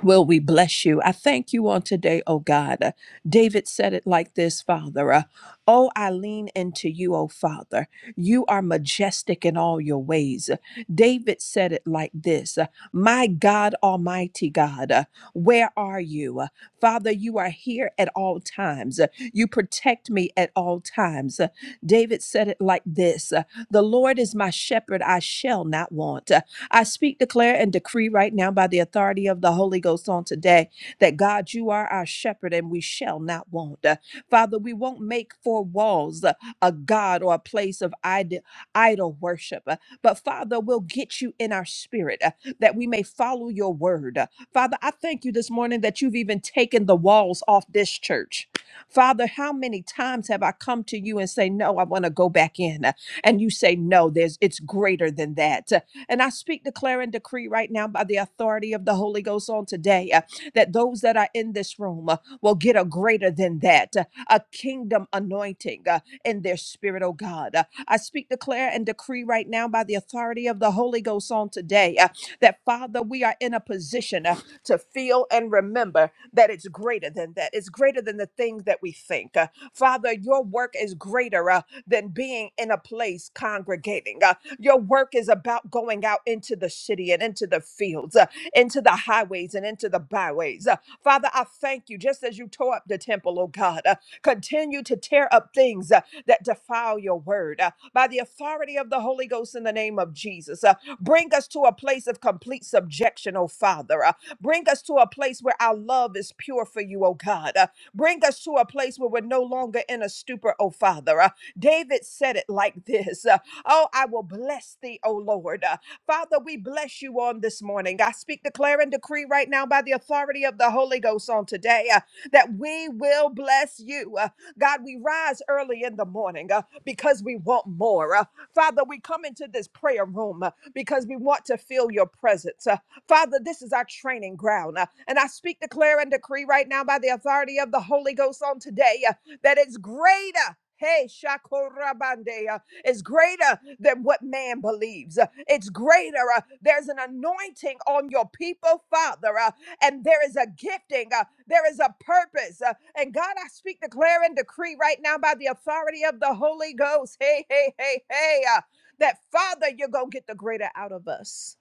will we bless you i thank you on today oh god Uh, david said it like this father uh, oh i lean into you oh father you are majestic in all your ways Uh, david said it like this uh, my god almighty god uh, where are you Uh, father you are here at all times Uh, you protect me at all times Uh, david said it like this uh, the lord is my shepherd i shall not want I speak, declare, and decree right now by the authority of the Holy Ghost on today that God, you are our shepherd and we shall not want. Uh, Father, we won't make four walls uh, a God or a place of ide- idol worship, Uh, but Father, we'll get you in our spirit uh, that we may follow your word. Uh, Father, I thank you this morning that you've even taken the walls off this church. Father, how many times have I come to you and say, No, I want to go back in? Uh, And you say, No, there's it's greater than that. And I speak, declare, and decree right now by the authority of the Holy Ghost on today uh, that those that are in this room uh, will get a greater than that, uh, a kingdom anointing uh, in their spirit, oh God. Uh, I speak, declare, and decree right now by the authority of the Holy Ghost on today uh, that, Father, we are in a position uh, to feel and remember that it's greater than that. It's greater than the things that we think. Uh, Father, your work is greater uh, than being in a place congregating. uh, your work is about going out into the city and into the fields, uh, into the highways and into the byways. Uh, Father, I thank you just as you tore up the temple, oh God. uh, continue to tear up things uh, that defile your word uh, by the authority of the Holy Ghost in the name of Jesus. uh, bring us to a place of complete subjection, oh Father. uh, bring us to a place where our love is pure for you, oh God. uh, bring us to a place where we're no longer in a stupor, oh Father. uh, David said it like this. Uh, Oh, I will bless thee, O Lord. Uh, Father, we bless you on this morning. I speak, declare, and decree right now by the authority of the Holy Ghost on today uh, that we will bless you. Uh, God, we rise early in the morning uh, because we want more. Uh, Father, we come into this prayer room uh, because we want to feel your presence. Uh, Father, this is our training ground. uh, and I speak, declare, and decree right now by the authority of the Holy Ghost on today uh, that it's greater. Hey, Shakorabande. uh, is greater than what man believes. Uh, It's greater. uh, There's an anointing on your people, Father, uh, and there is a gifting. uh, There is a purpose. uh, And God, I speak, declare, and decree right now by the authority of the Holy Ghost. Hey, hey, hey, hey. uh, That Father, you're going to get the greater out of us.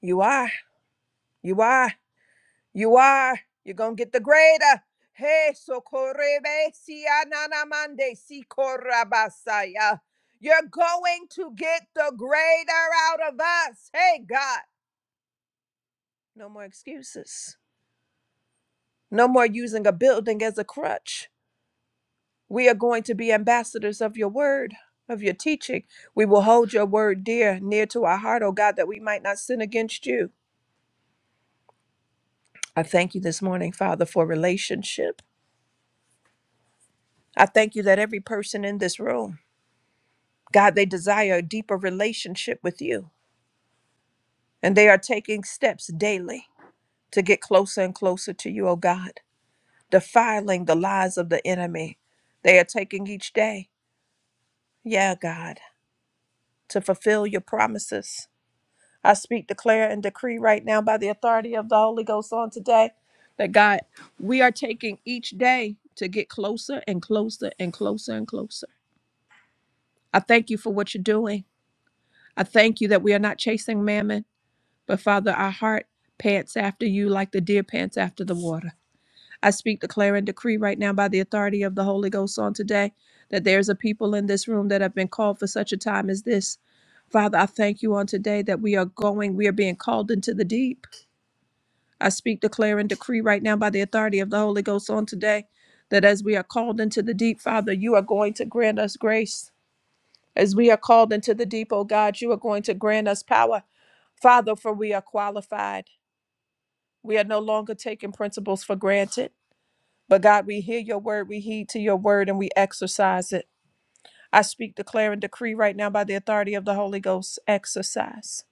You are. You are. You are. You're gonna get the greater. Hey, socorrebe si ananamande si corabasaya. You're going to get the greater out of us. Hey, God. No more excuses. No more using a building as a crutch. We are going to be ambassadors of your word, of your teaching. We will hold your word dear, near to our heart, oh God, that we might not sin against you. I thank you this morning, Father, for relationship. I thank you that every person in this room God, they desire a deeper relationship with you, and they are taking steps daily to get closer and closer to you, oh God, defiling the lies of the enemy. They are taking each day, yeah, God, to fulfill your promises. I speak, declare, and decree right now by the authority of the Holy Ghost on today that God, we are taking each day to get closer and closer and closer and closer. I thank you for what you're doing. I thank you that we are not chasing mammon. But Father, our heart pants after you like the deer pants after the water. I speak, declare, and decree right now by the authority of the Holy Ghost on today that there's a people in this room that have been called for such a time as this. Father, I thank you on today that we are going, we are being called into the deep. I speak, declare, and decree right now by the authority of the Holy Ghost on today that as we are called into the deep, Father, you are going to grant us grace. As we are called into the deep, oh God, you are going to grant us power, Father, for we are qualified. We are no longer taking principles for granted. But God, we hear your word, we heed to your word, and we exercise it. I speak, declare, and decree right now by the authority of the Holy Ghost exercise.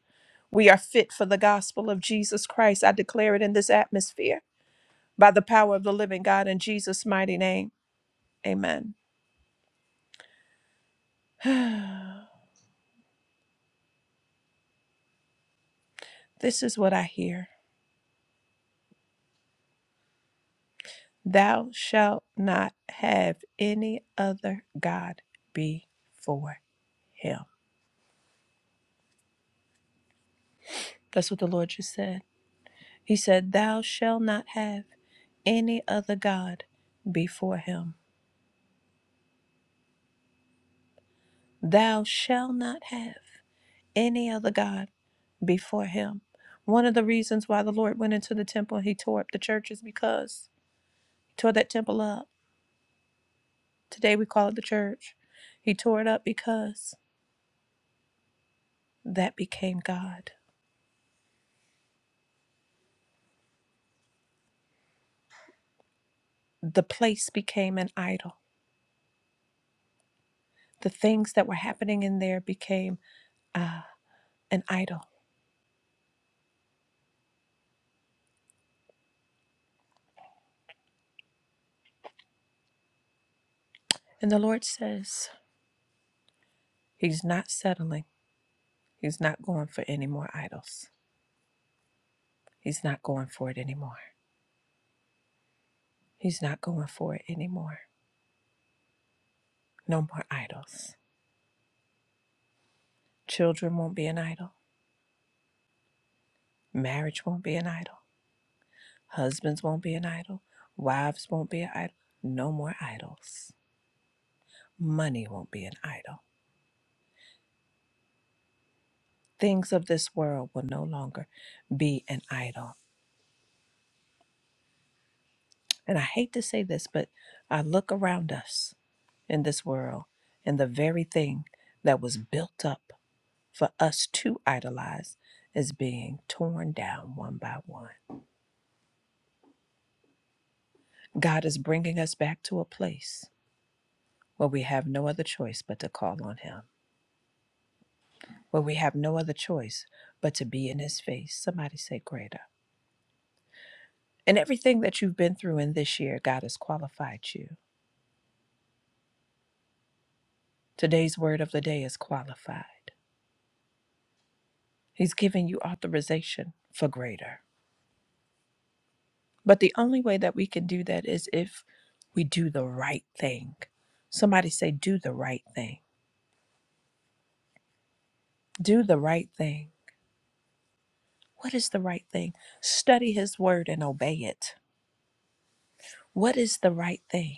We are fit for the gospel of Jesus Christ. I declare it in this atmosphere by the power of the living God in Jesus' mighty name. Amen. this is what I hear Thou shalt not have any other God before him. That's what the Lord just said. He said, Thou shalt not have any other God before him. Thou shalt not have any other God before him. One of the reasons why the Lord went into the temple and he tore up the church is because he tore that temple up. Today we call it the church. He tore it up because that became God. The place became an idol. The things that were happening in there became uh, an idol. And the Lord says, He's not settling. He's not going for any more idols. He's not going for it anymore. He's not going for it anymore. No more idols. Children won't be an idol. Marriage won't be an idol. Husbands won't be an idol. Wives won't be an idol. No more idols. Money won't be an idol. Things of this world will no longer be an idol. And I hate to say this, but I look around us in this world, and the very thing that was built up for us to idolize is being torn down one by one. God is bringing us back to a place where we have no other choice but to call on Him, where we have no other choice but to be in His face. Somebody say, Greater. And everything that you've been through in this year, God has qualified you. Today's word of the day is qualified. He's giving you authorization for greater. But the only way that we can do that is if we do the right thing. Somebody say, Do the right thing Do the right thing. What is the right thing? Study His Word and obey it. What is the right thing?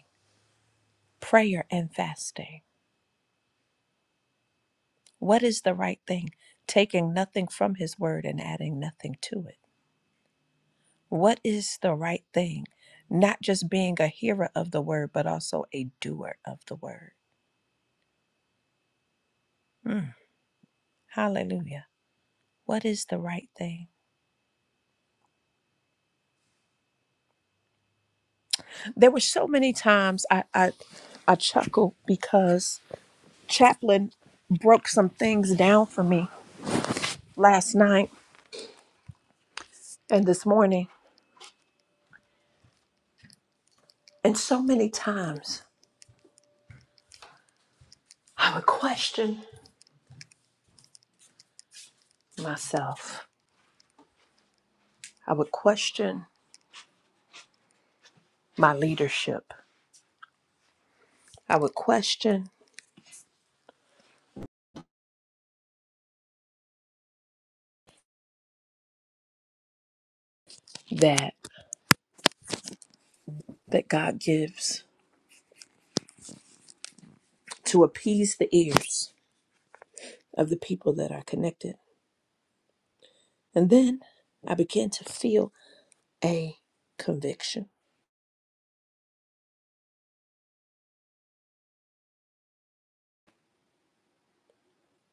Prayer and fasting. What is the right thing? Taking nothing from His Word and adding nothing to it. What is the right thing? Not just being a hearer of the Word, but also a doer of the Word. Hallelujah. What is the right thing? There were so many times I, I, I chuckled because Chaplain broke some things down for me last night and this morning. And so many times I would question myself. I would question my leadership. I would question that that God gives to appease the ears of the people that are connected. And then I began to feel a conviction.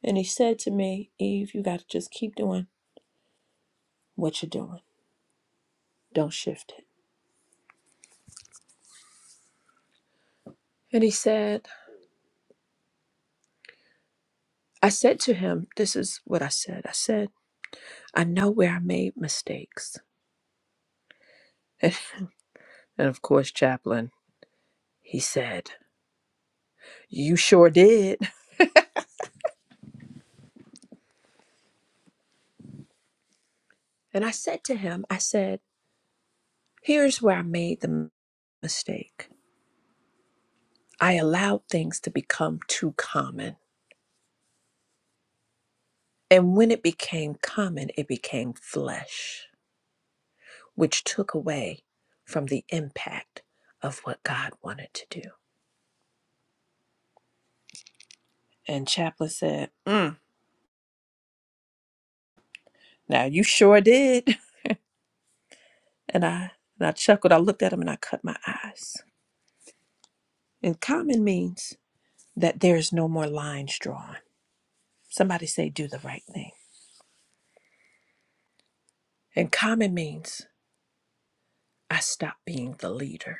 And he said to me, Eve, you got to just keep doing what you're doing. Don't shift it. And he said, I said to him, This is what I said. I said, I know where I made mistakes. And, of course, Chaplain, he said, You sure did. And I said to him, I said, Here's where I made the mistake. I allowed things to become too common. And when it became common, it became flesh, which took away from the impact of what God wanted to do. And Chaplain said, mm, Now you sure did. And I, and I chuckled. I looked at him and I cut my eyes. And common means that there is no more lines drawn. Somebody say, do the right thing. And common means I stopped being the leader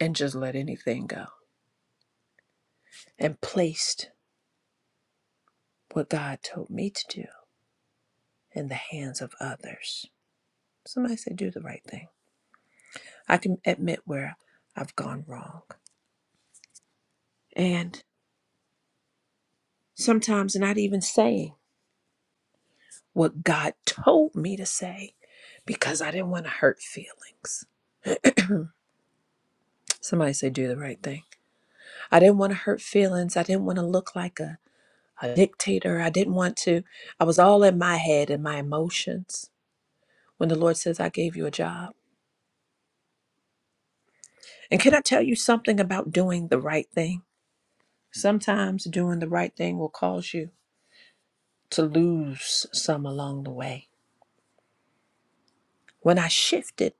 and just let anything go and placed what God told me to do in the hands of others. Somebody say, do the right thing. I can admit where I've gone wrong. And sometimes not even saying what God told me to say because I didn't want to hurt feelings. Somebody say, do the right thing. I didn't want to hurt feelings. I didn't want to look like a a dictator. I didn't want to. I was all in my head and my emotions when the Lord says, I gave you a job. And can I tell you something about doing the right thing? Sometimes doing the right thing will cause you to lose some along the way. When I shifted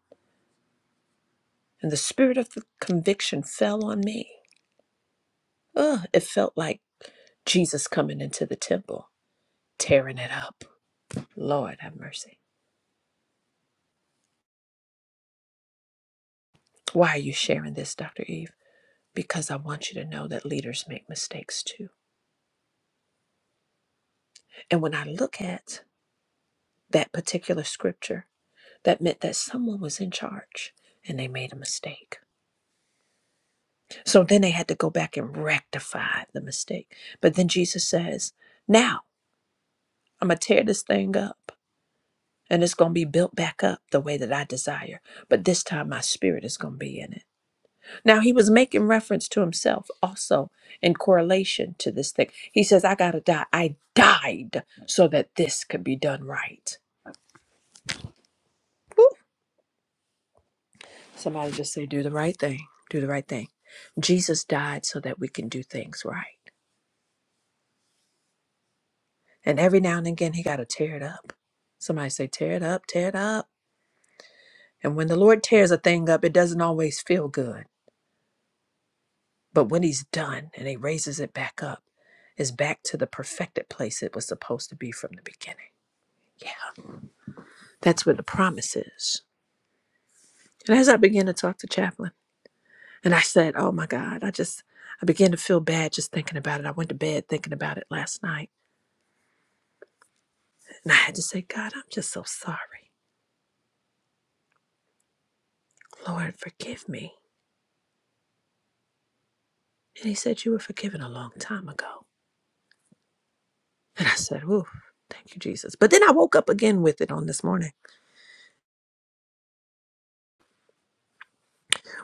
and the spirit of the conviction fell on me, ugh, it felt like Jesus coming into the temple, tearing it up. Lord have mercy. Why are you sharing this, Dr. Eve? Because I want you to know that leaders make mistakes too. And when I look at that particular scripture, that meant that someone was in charge and they made a mistake. So then they had to go back and rectify the mistake. But then Jesus says, Now I'm going to tear this thing up and it's going to be built back up the way that I desire. But this time my spirit is going to be in it. Now he was making reference to himself also in correlation to this thing. He says, I got to die. I died so that this could be done right. Somebody just say, do the right thing. Do the right thing. Jesus died so that we can do things right. And every now and again, he got to tear it up. Somebody say, tear it up, tear it up. And when the Lord tears a thing up, it doesn't always feel good. But when he's done and he raises it back up, it's back to the perfected place it was supposed to be from the beginning. Yeah, that's where the promise is. And as I began to talk to Chaplain, and I said, oh my God, I just, I began to feel bad just thinking about it. I went to bed thinking about it last night And I had to say, God, I'm just so sorry. Lord, forgive me. And he said, You were forgiven a long time ago. And I said, Ooh, thank you, Jesus. But then I woke up again with it on this morning.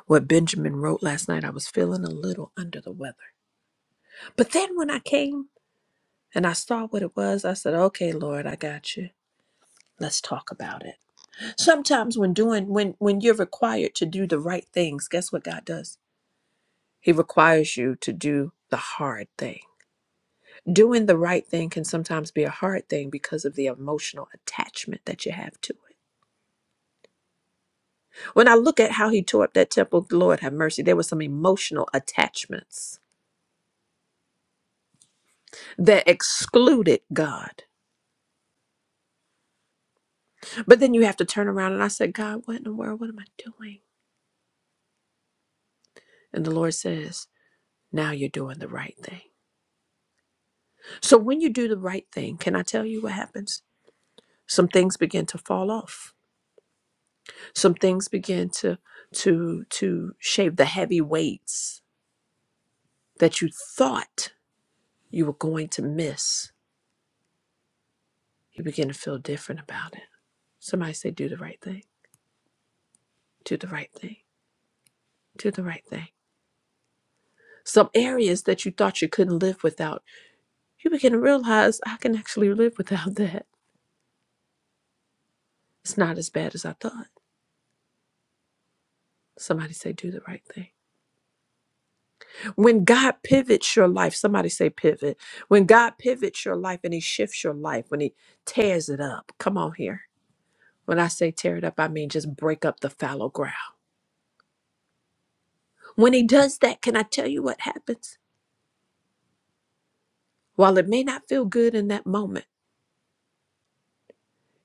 What Benjamin wrote last night, I was feeling a little under the weather. But then when I came and I saw what it was, I said, Okay, Lord, I got you. Let's talk about it. Sometimes when doing when when you're required to do the right things, guess what God does? He requires you to do the hard thing doing the right thing can sometimes be a hard thing because of the emotional attachment that you have to it. When I look at how he tore up that temple, Lord have mercy, there were some emotional attachments that excluded God. But then you have to turn around and I said, God, what in the world? What am I doing? And the Lord says, Now you're doing the right thing. So when you do the right thing, can I tell you what happens? Some things begin to fall off. Some things begin to to to shave the heavy weights that you thought you were going to miss, you begin to feel different about it. Somebody say, do the right thing, do the right thing, do the right thing. Some areas that you thought you couldn't live without, you begin to realize I can actually live without that. It's not as bad as I thought. Somebody say, do the right thing. When God pivots your life, somebody say, pivot. When God pivots your life and He shifts your life, when He tears it up, come on here. When I say tear it up, I mean just break up the fallow ground. When He does that, can I tell you what happens? While it may not feel good in that moment,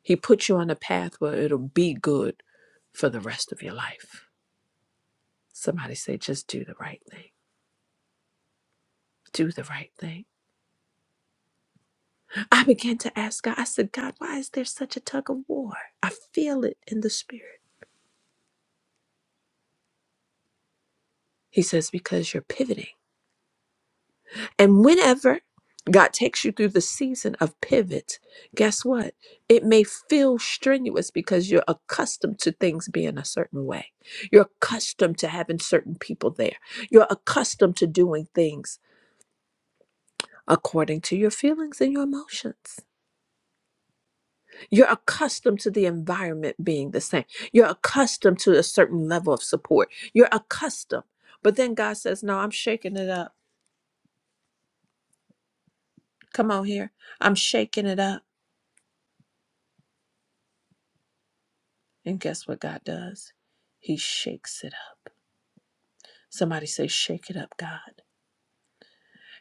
He puts you on a path where it'll be good for the rest of your life. Somebody say, just do the right thing. Do the right thing. I began to ask God, I said, God, why is there such a tug of war? I feel it in the spirit. He says, because you're pivoting. And whenever God takes you through the season of pivot, guess what? It may feel strenuous because you're accustomed to things being a certain way. You're accustomed to having certain people there. You're accustomed to doing things according to your feelings and your emotions. You're accustomed to the environment being the same. You're accustomed to a certain level of support. You're accustomed. But then God says, No, I'm shaking it up. Come on here. I'm shaking it up. And guess what God does? He shakes it up. Somebody say, Shake it up, God.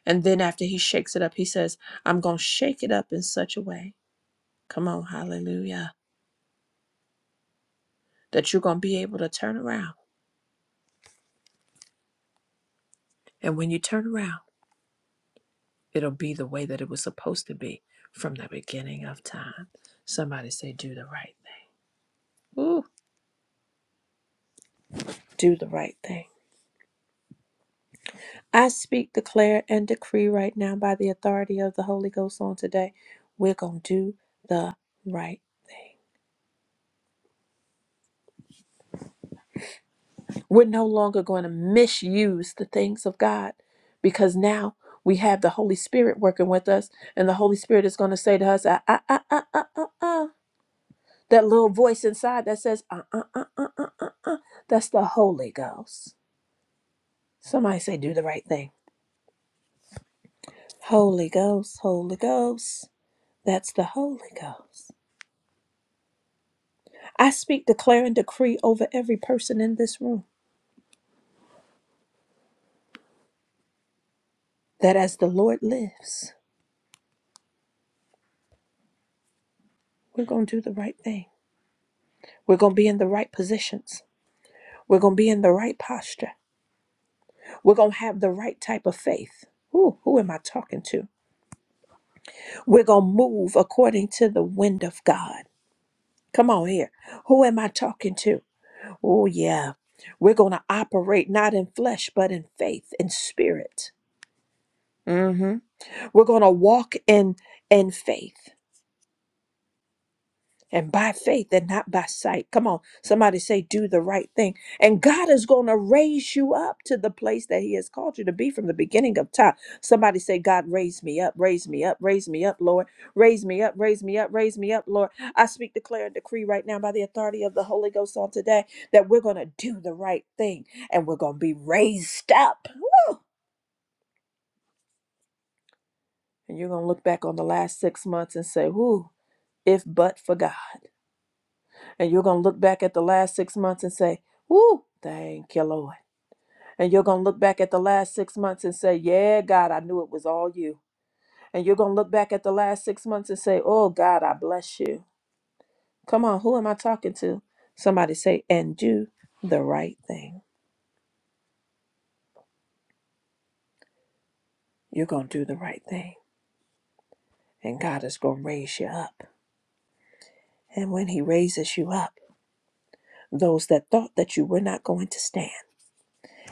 And then after he shakes it up, he says, I'm going to shake it up in such a way. Come on, hallelujah. That you're going to be able to turn around. And when you turn around, it'll be the way that it was supposed to be from the beginning of time. Somebody say, Do the right thing. Ooh, do the right thing. I speak, declare, and decree right now by the authority of the Holy Ghost on today. We're going to do the right thing. We're no longer going to misuse the things of God because now we have the Holy Spirit working with us, and the Holy Spirit is going to say to us, uh, uh, uh, uh, uh, uh, uh. that little voice inside that says, uh, uh, uh, uh, uh, uh, uh. that's the Holy Ghost. Somebody say, do the right thing. Holy Ghost, Holy Ghost. That's the Holy Ghost. I speak, declare, and decree over every person in this room that as the Lord lives, we're going to do the right thing. We're going to be in the right positions We're going to be in the right posture. We're going to have the right type of faith. Who, who am I talking to? We're going to move according to the wind of God. Come on here. Who am I talking to? Oh, yeah. We're going to operate not in flesh, but in faith in spirit. hmm We're going to walk in, in faith. and by faith and not by sight. Come on, somebody say, do the right thing. And God is going to raise you up to the place that He has called you to be from the beginning of time. Somebody say, God, raise me up, raise me up, raise me up, Lord. Raise me up, raise me up, raise me up, Lord. I speak, declare, and decree right now by the authority of the Holy Ghost on today that we're going to do the right thing and we're going to be raised up. Woo! And you're going to look back on the last six months and say, whoo, if but for God. And you're going to look back at the last six months and say, Woo, thank you, Lord. And you're going to look back at the last six months and say, Yeah, God, I knew it was all you. And you're going to look back at the last six months and say, Oh, God, I bless you. Come on, who am I talking to? Somebody say, And do the right thing. You're going to do the right thing. And God is going to raise you up. And when He raises you up, those that thought that you were not going to stand,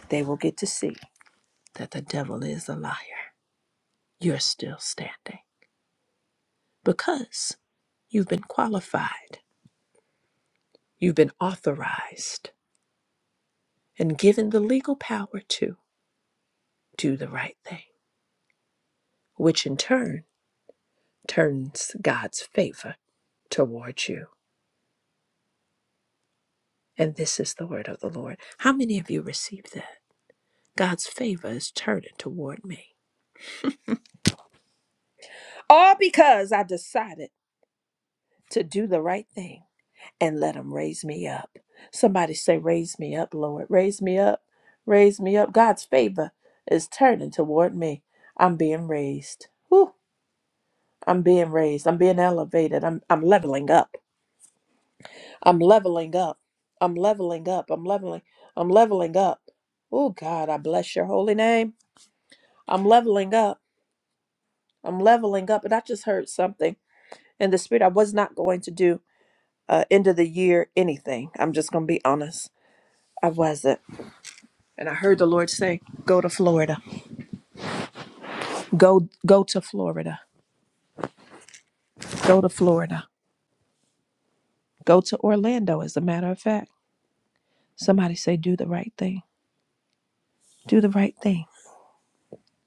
they will get to see that the devil is a liar. You're still standing. because you've been qualified, you've been authorized, and given the legal power to do the right thing, which in turn turns God's favor towards you. And this is the word of the Lord. How many of you received that? God's favor is turning toward me. All because I decided. to do the right thing and let him raise me up. Somebody say, Raise me up, Lord. Raise me up. Raise me up. God's favor is turning toward me. I'm being raised. Whew. I'm being raised. I'm being elevated. I'm, I'm leveling up. I'm leveling up. I'm leveling up. I'm leveling. I'm leveling up. Oh, God, I bless your holy name. I'm leveling up. I'm leveling up. And I just heard something in the spirit. I was not going to do uh, end of the year anything. I'm just going to be honest. I wasn't. And I heard the Lord say, "Go to Florida. Go go to Florida. Go to Florida. Go to Orlando as a matter of fact." Somebody say do the right thing. Do the right thing.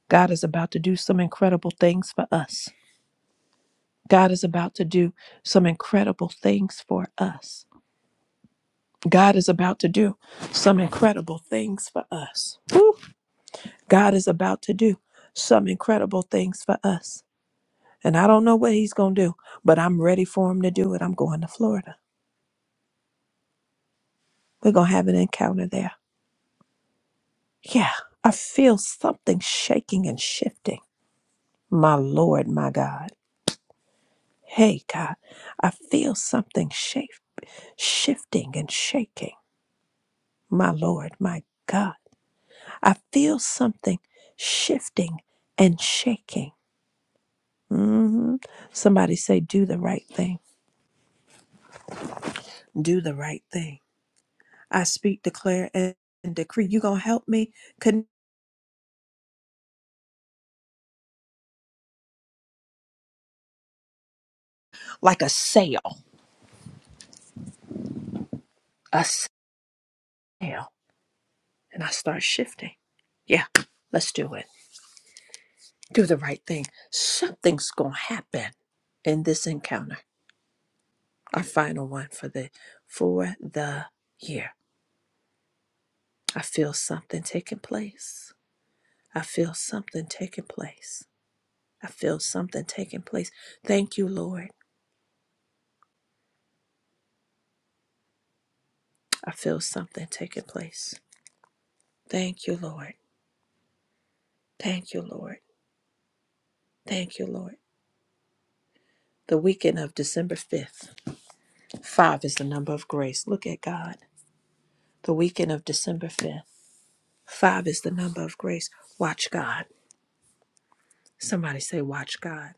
God is about to do some incredible things for us. God is about to do some incredible things for us. God is about to do some incredible things for us. God is about to do some incredible things for us. And I don't know what he's going to do, but I'm ready for him to do it. I'm going to Florida. We're going to have an encounter there. Yeah, I feel something shaking and shifting. My Lord, my God. Hey, God, I feel something shaf- shifting and shaking. My Lord, my God. I feel something shifting and shaking. hmm Somebody say, do the right thing. Do the right thing. I speak, declare, and decree. You're going to help me con- like a sail. A sail. and I start shifting. Yeah, let's do it. Do the right thing. Something's going to happen in this encounter. Our final one for the for the year. I feel something taking place. I feel something taking place. I feel something taking place. Thank you, Lord. I feel something taking place. Thank you, Lord. Thank you, Lord. Thank you, Lord. The weekend of December 5th. Five is the number of grace. Look at God. The weekend of December 5th. Five is the number of grace. Watch God. Somebody say, Watch God.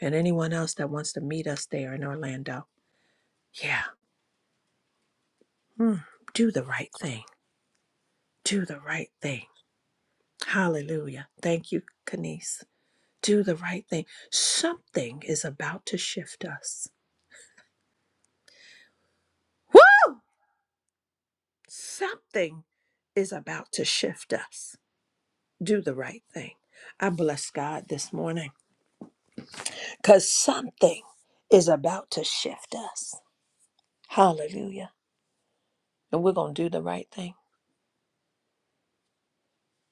And anyone else that wants to meet us there in Orlando, yeah, mm, do the right thing. Do the right thing. Hallelujah. Thank you, Kanice. Do the right thing. Something is about to shift us. Woo! Something is about to shift us. Do the right thing. I bless God this morning because something is about to shift us. Hallelujah And we're going to do the right thing.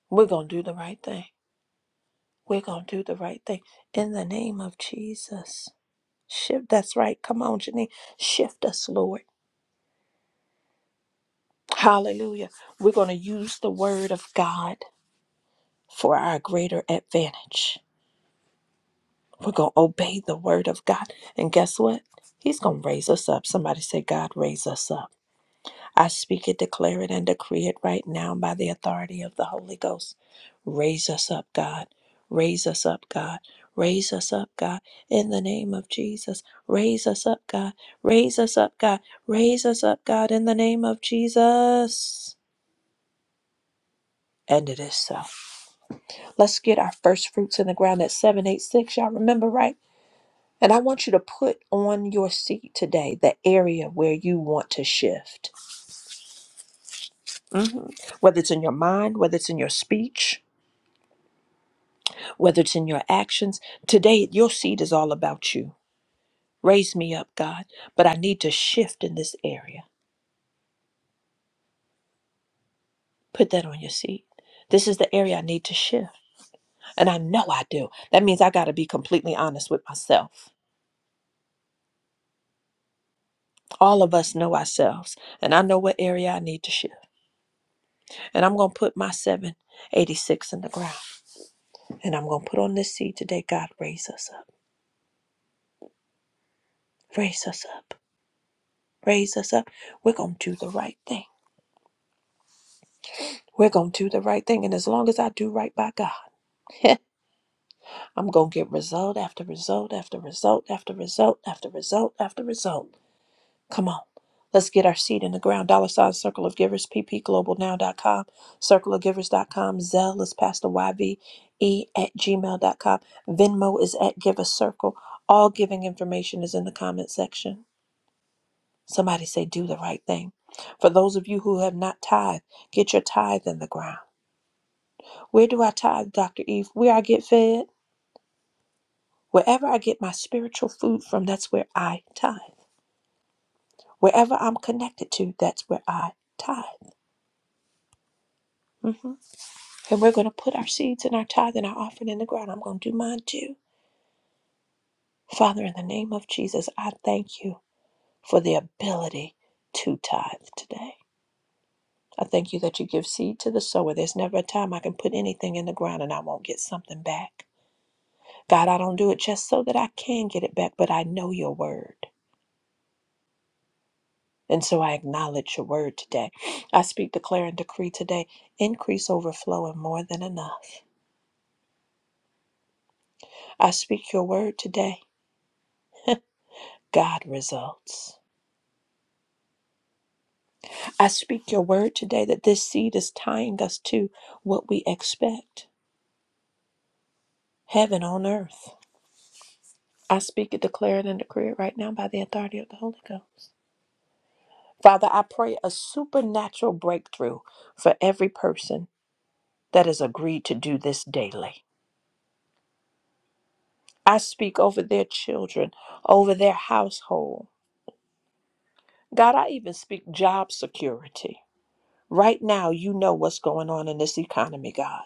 We're going to do the right thing. We're going to do the right thing. In the name of Jesus. Shift. That's right. Come on, Janine. Shift us, Lord. Hallelujah. We're going to use the word of God for our greater advantage. We're going to obey the word of God. And guess what? He's going to raise us up. Somebody say, God, raise us up. I speak it, declare it, and decree it right now by the authority of the Holy Ghost. Raise us up, God. Raise us up, God. Raise us up, God, in the name of Jesus. Raise us up, God. Raise us up, God. Raise us up, God, in the name of Jesus. And it is so. Let's get our first fruits in the ground at 786. Y'all remember, right? And I want you to put on your seat today the area where you want to shift. Mhm. Whether it's in your mind, whether it's in your speech, whether it's in your actions. Today, your seed is all about you. Raise me up, God, but I need to shift in this area. Put that on your seed. This is the area I need to shift. And I know I do. That means I got to be completely honest with myself. All of us know ourselves, and I know what area I need to shift. And I'm going to put my 786 in the ground. And I'm going to put on this seed today. God, raise us up. Raise us up. Raise us up. We're going to do the right thing. We're going to do the right thing. And as long as I do right by God, I'm going to get result after result after result after result after result after result. Come on. Let's get our seed in the ground. Dollar sign Circle of Givers, ppglobalnow.com, circleofgivers.com, Zelle is Pastor YVE at gmail.com, Venmo is at Give a Circle. All giving information is in the comment section. Somebody say, do the right thing. For those of you who have not tithed, get your tithe in the ground. Where do I tithe, Dr. Eve? Where I get fed? Wherever I get my spiritual food from, that's where I tithe. Wherever I'm connected to, that's where I tithe. hmm And we're going to put our seeds and our tithe and our offering in the ground. I'm going to do mine too. Father, in the name of Jesus, I thank you for the ability to tithe today. I thank you that you give seed to the sower. There's never a time I can put anything in the ground and I won't get something back. God, I don't do it just so that I can get it back, but I know your word. And so I acknowledge your word today. I speak, declare, and decree today increase, overflow, and more than enough. I speak your word today, God results. I speak your word today that this seed is tying us to what we expect heaven on earth. I speak it, declare it, and decree it right now by the authority of the Holy Ghost. Father, I pray a supernatural breakthrough for every person that has agreed to do this daily. I speak over their children, over their household. God, I even speak job security. Right now, you know what's going on in this economy, God.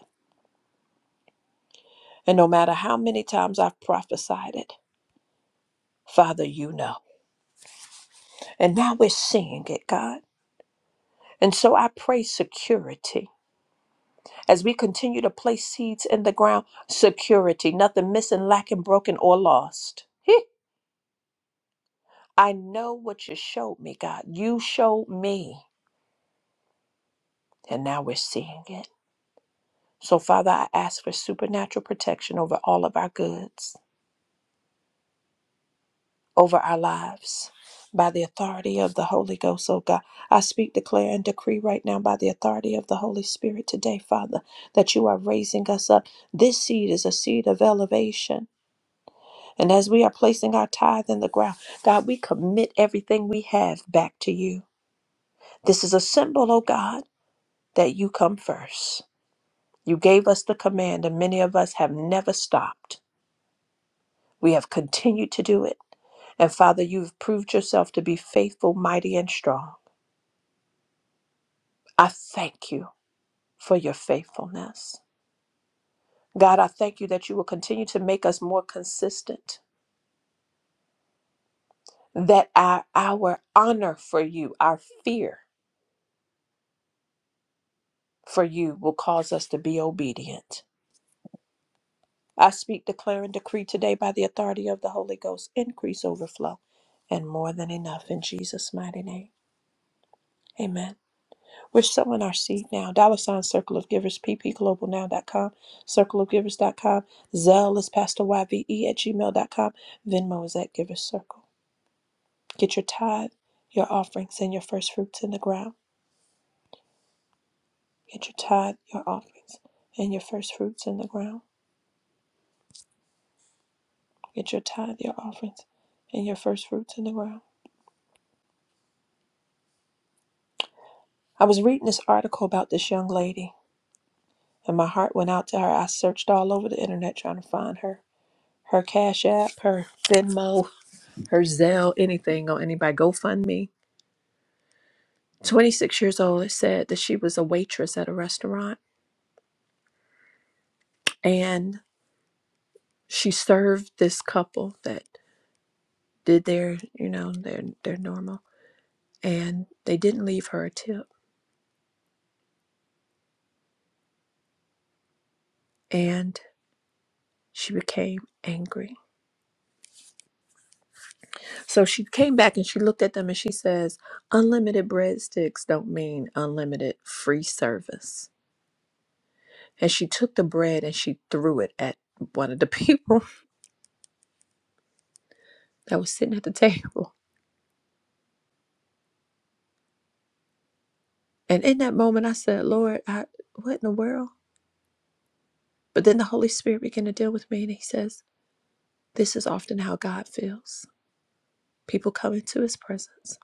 And no matter how many times I've prophesied it, Father, you know. And now we're seeing it, God. And so I pray security. As we continue to place seeds in the ground, security, nothing missing, lacking, broken, or lost. Heh. I know what you showed me, God. You showed me. And now we're seeing it. So, Father, I ask for supernatural protection over all of our goods. over our lives by the authority of the Holy Ghost, oh God. I speak, declare, and decree right now by the authority of the Holy Spirit today, Father, that you are raising us up. This seed is a seed of elevation. And as we are placing our tithe in the ground, God, we commit everything we have back to you. This is a symbol, oh God, that you come first. You gave us the command, and many of us have never stopped. We have continued to do it. And Father, you've proved yourself to be faithful, mighty, and strong. I thank you for your faithfulness. God, I thank you that you will continue to make us more consistent, that our, our honor for you, our fear for you will cause us to be obedient. I speak, declare, and decree today by the authority of the Holy Ghost increase, overflow, and more than enough in Jesus' mighty name. Amen. We're sowing our seed now. Dollar sign Circle of Givers, p p global now dot com circle of givers dot com Zelle is pastor yve at gmail dot com Venmo is at Givers Circle. Get your tithe, your offerings, and your first fruits in the ground. Get your tithe, your offerings, and your first fruits in the ground. Get your tithe, your offerings, and your first fruits in the ground. I was reading this article about this young lady, and my heart went out to her. I searched all over the internet trying to find her. Her Cash App, her Venmo, her Zelle, anything on anybody, GoFundMe. 26 years old, it said that she was a waitress at a restaurant and she served this couple that did their, you know, their, their normal. And they didn't leave her a tip. And she became angry. So she came back and she looked at them and she says, Unlimited breadsticks don't mean unlimited free service. And she took the bread and she threw it at one of the people that was sitting at the table And in that moment, I said, Lord, I, what in the world? But then the Holy Spirit began to deal with me, and He says, This is often how God feels. People come into His presence.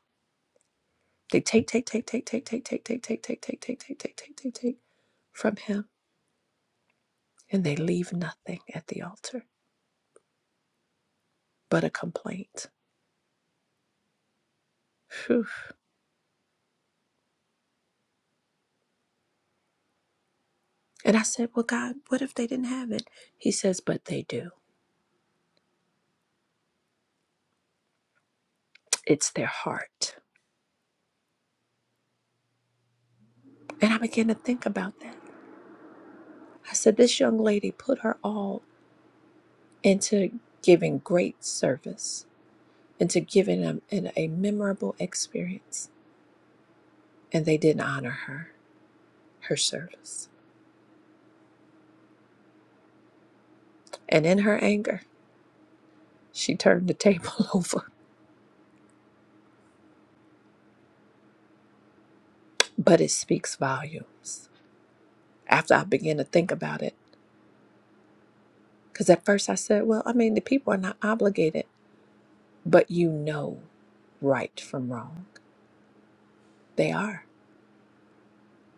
They take, take, take, take, take, take, take, take, take, take, take, take, take, take, take, take, take from Him, and they leave nothing at the altar but a complaint. Phew. And I said, Well, God, what if they didn't have it? He says, But they do. It's their heart. And I began to think about that. I said, This young lady put her all into giving great service, into giving them an, a memorable experience. And they didn't honor her, her service. And in her anger, she turned the table over. But it speaks volumes after I began to think about it. Because at first I said, well, I mean, the people are not obligated, but you know right from wrong. They are.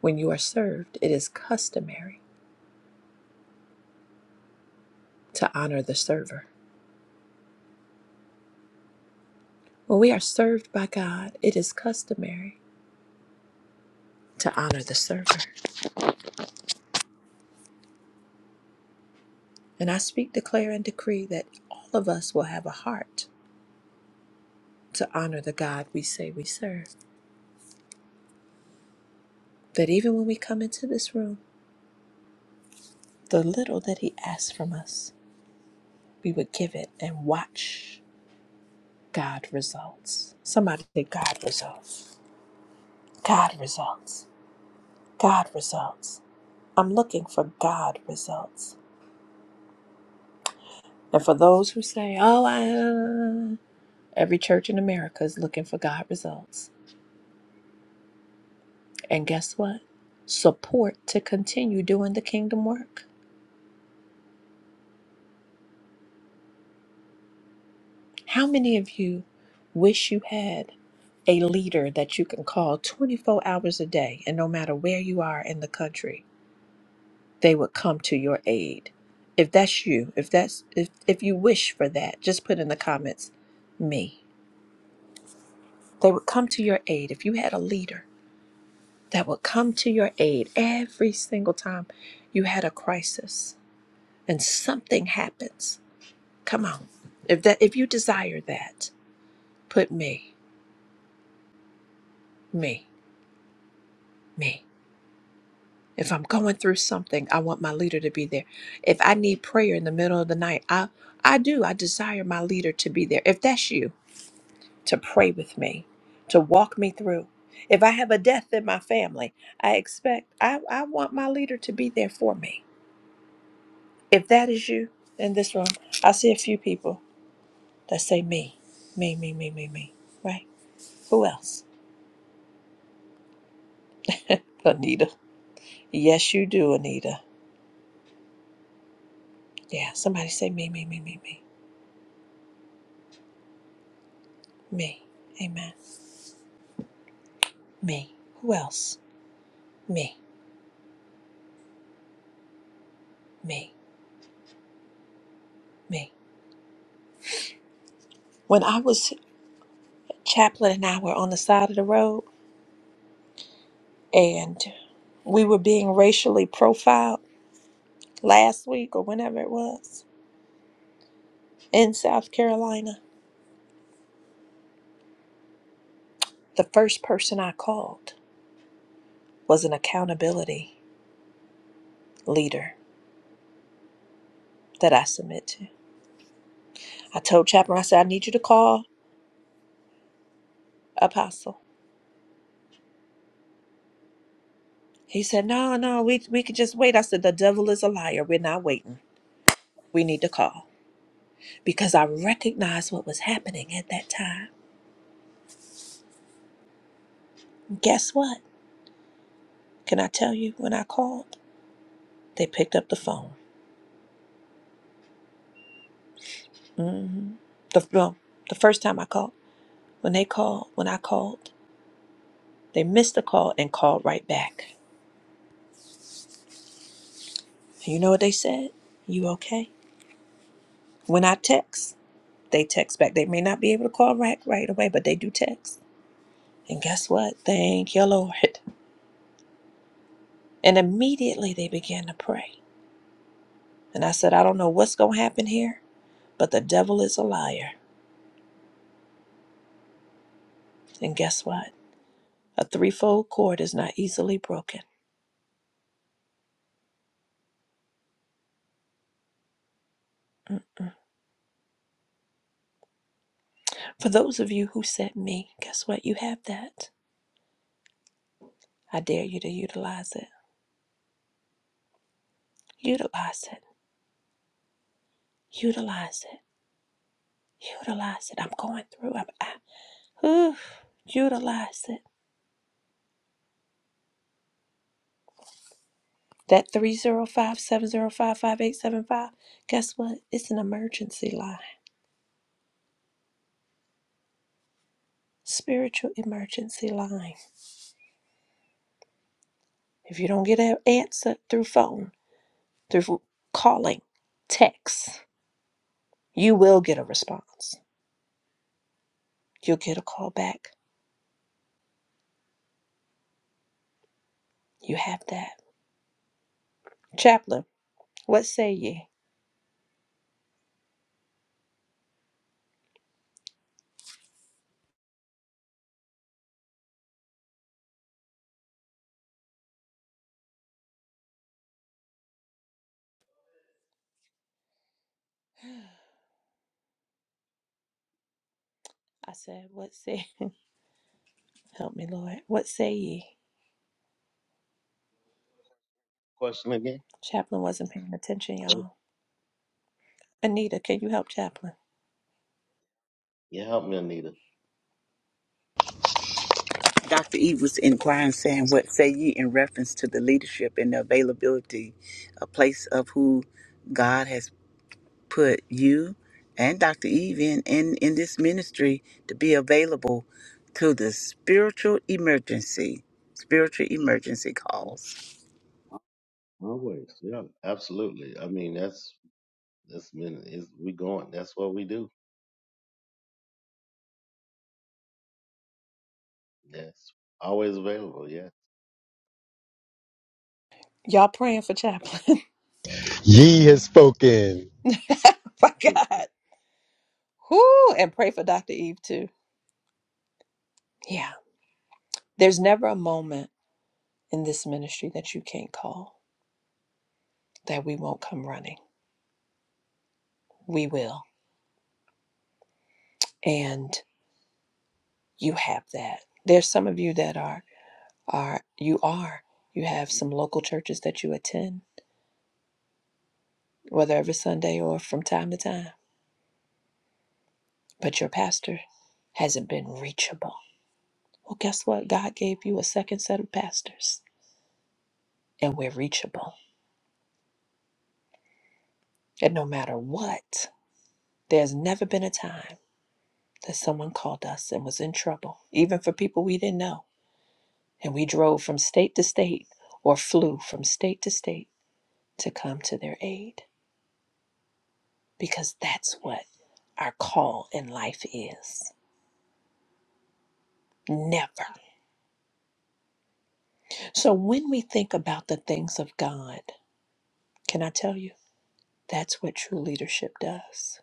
When you are served, it is customary to honor the server. When we are served by God, it is customary to honor the server. And I speak, declare, and decree that all of us will have a heart to honor the God we say we serve. That even when we come into this room, the little that He asks from us, we would give it and watch God results. Somebody say, God results. God results. God results. I'm looking for God results. And for those who say, oh, I, uh," every church in America is looking for God results. And guess what? Support to continue doing the kingdom work. How many of you wish you had a leader that you can call 24 hours a day and no matter where you are in the country, they would come to your aid? If that's you, if that's if, if you wish for that, just put in the comments me. They would come to your aid if you had a leader that would come to your aid every single time you had a crisis and something happens Come on. If that if you desire that, put me, me, me. If I'm going through something, I want my leader to be there. If I need prayer in the middle of the night, I I do. I desire my leader to be there. If that's you, to pray with me, to walk me through. If I have a death in my family, I expect I, I want my leader to be there for me. If that is you in this room, I see a few people that say me, me, me, me, me, me. Right? Who else? Anita. Yes, you do, Anita. Yeah, somebody say me, me, me, me, me, me. Amen. Me. Who else? Me, me, me. When I was chaplain and I were on the side of the road and we were being racially profiled last week or whenever it was in South Carolina, the first person I called was an accountability leader that I submit to. I told chaplain, I said, I need you to call Apostle. He said, No, no, we, we could just wait. I said, The devil is a liar. We're not waiting. We need to call because I recognized what was happening at that time. Guess what? Can I tell you when I called? They picked up the phone. hmm The, well, the first time I called, when they called, when I called, they missed the call and called right back. You know what they said? You okay? When I text, they text back. They may not be able to call right, right away, but they do text. And guess what? Thank you, Lord. And immediately they began to pray. And I said, I don't know what's going to happen here, but the devil is a liar. And guess what? A threefold cord is not easily broken. Mm-mm. For those of you who said me, guess what? You have that. I dare you to utilize it. Utilize it. Utilize it. Utilize it. I'm going through. I'm, I, oof. utilize it. That 305 705 5875. guess what? It's an emergency line, spiritual emergency line. If you don't get an answer through phone, through calling, text, you will get a response. You'll get a call back. You have that. Chaplain, what say ye? I said, What say? Help me, Lord. What say ye? Question again? Chaplain wasn't paying attention, y'all. Anita, can you help Chaplain? Yeah, help me, Anita. Dr. Eve was inquiring, saying, What say ye in reference to the leadership and the availability, a place of who God has put you and Dr. Eve in, in, in this ministry to be available to the spiritual emergency, spiritual emergency Yeah, calls. Always. Yeah, absolutely. I mean, that's that's been is we going. That's what we do. Yes, always available. Yeah. Y'all praying for Chaplain. Ye has spoken. My God. Whoo! And pray for Dr. Eve too. Yeah. There's never a moment in this ministry that you can't call that we won't come running. We will. and you have that. There's some of you that are are you are you have some local churches that you attend, whether every Sunday or from time to time, but your pastor hasn't been reachable. Well, guess what? God gave you a second set of pastors, and we're reachable. And no matter what, there's never been a time that someone called us and was in trouble, even for people we didn't know. And we drove from state to state or flew from state to state to come to their aid. because that's what our call in life is. Never. So when we think about the things of God, can I tell you? That's what true leadership does.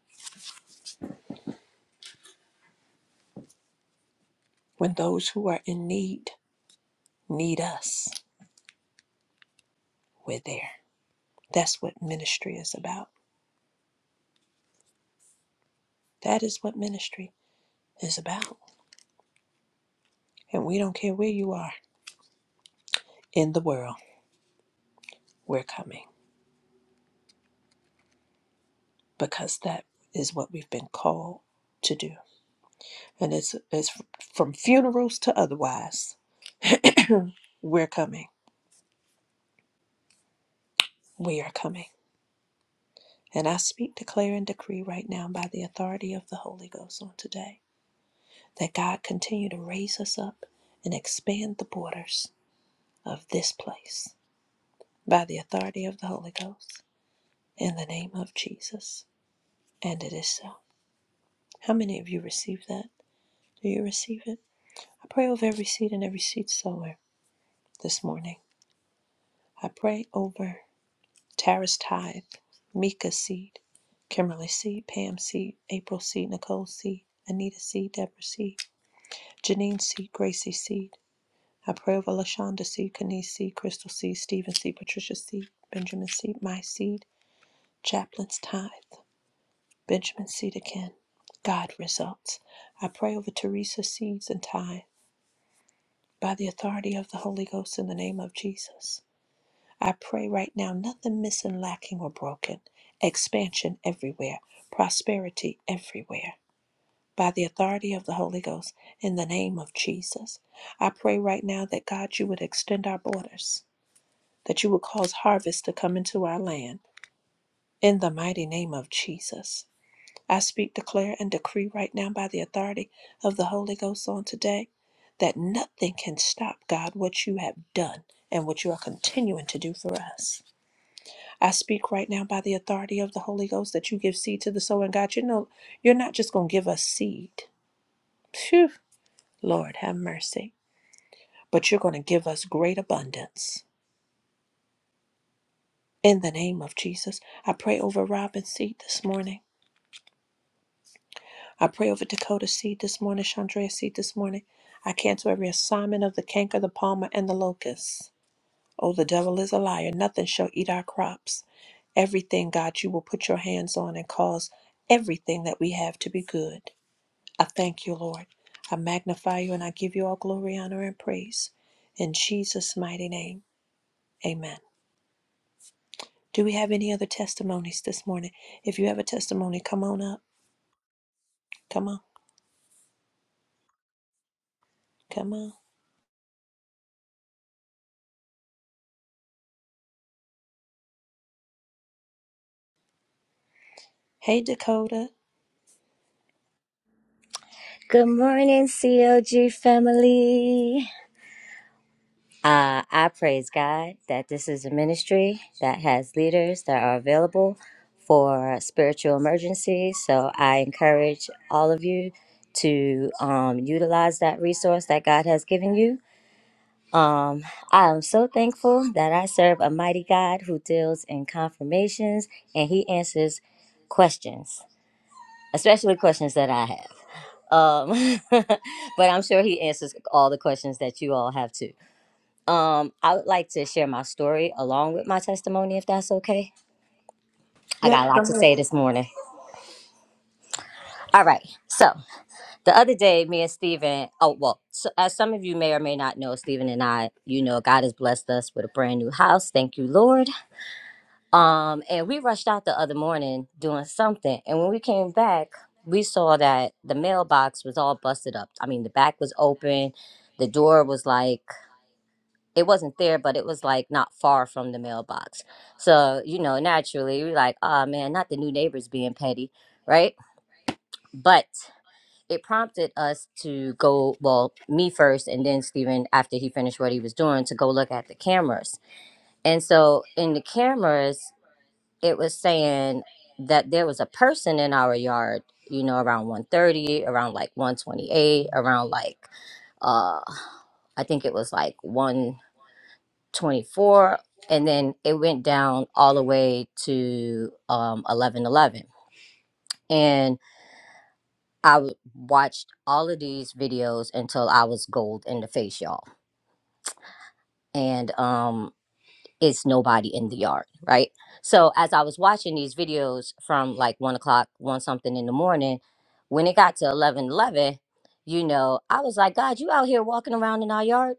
When those who are in need need us, we're there. That's what ministry is about. That is what ministry is about. And we don't care where you are in the world, we're coming because that is what we've been called to do. And it's, it's from funerals to otherwise, we're coming We are coming. And I speak, declare, and decree right now by the authority of the Holy Ghost on today that God continue to raise us up and expand the borders of this place by the authority of the Holy Ghost in the name of Jesus. And it is so. How many of you receive that? Do you receive it? I pray over every seed and every seed sower this morning. I pray over Tara's Tithe, Mika Seed, Kimberly Seed, Pam Seed, April Seed, Nicole Seed, Anita Seed, Deborah Seed, Janine Seed, Gracie Seed. I pray over Lashonda Seed, Kenise Seed, Crystal Seed, Stephen Seed, Patricia Seed, Benjamin Seed, My Seed, Chaplain's Tithe, Benjamin Seed again. God results. I pray over Teresa's Seeds and Tithe by the authority of the Holy Ghost in the name of Jesus. I pray right now, nothing missing, lacking, or broken. Expansion everywhere, prosperity everywhere. By the authority of the Holy Ghost, in the name of Jesus, I pray right now that God, you would extend our borders, that you would cause harvest to come into our land, in the mighty name of Jesus. I speak, declare, and decree right now by the authority of the Holy Ghost on today that nothing can stop, God, what you have done and what you are continuing to do for us. I speak right now by the authority of the Holy Ghost that you give seed to the sower. And God, you know, you're not just going to give us seed. Phew, Lord, have mercy. But you're going to give us great abundance. In the name of Jesus, I pray over Robin's seed this morning. I pray over Dakota's seed this morning, Chandra's seed this morning. I cancel every assignment of the canker, the palmer, and the locust. Oh, the devil is a liar. Nothing shall eat our crops. Everything, God, you will put your hands on and cause everything that we have to be good. I thank you, Lord. I magnify you and I give you all glory, honor, and praise. In Jesus' mighty name, amen. Do we have any other testimonies this morning? If you have a testimony, come on up. Come on. Come on. Hey, Dakota. Good morning, CLG family. Uh, I praise God that this is a ministry that has leaders that are available for spiritual emergencies. So I encourage all of you to um, utilize that resource that God has given you. Um, I am so thankful that I serve a mighty God who deals in confirmations and he answers questions, especially questions that I have. Um, but I'm sure he answers all the questions that you all have too. Um, I would like to share my story along with my testimony, if that's okay. I Yep, got a lot go to ahead. say this morning. All right. So the other day, me and Steven, oh, well, so, as some of you may or may not know, Steven and I, you know, God has blessed us with a brand new house. Thank you, Lord. Um, and we rushed out the other morning doing something. And when we came back, we saw that the mailbox was all busted up. I mean, the back was open. The door was like it wasn't there, but it was like not far from the mailbox. So, you know, naturally, you're like, oh man, not the new neighbors being petty, right? But it prompted us to go, well, me first, and then Steven, after he finished what he was doing, to go look at the cameras. And so in the cameras, it was saying that there was a person in our yard, you know, around 130, around like 128, around like, uh, I think it was like 1. 24 and then it went down all the way to um eleven eleven, and i w- watched all of these videos until i was gold in the face y'all and um it's nobody in the yard right so as i was watching these videos from like one o'clock one something in the morning when it got to eleven eleven, you know i was like god you out here walking around in our yard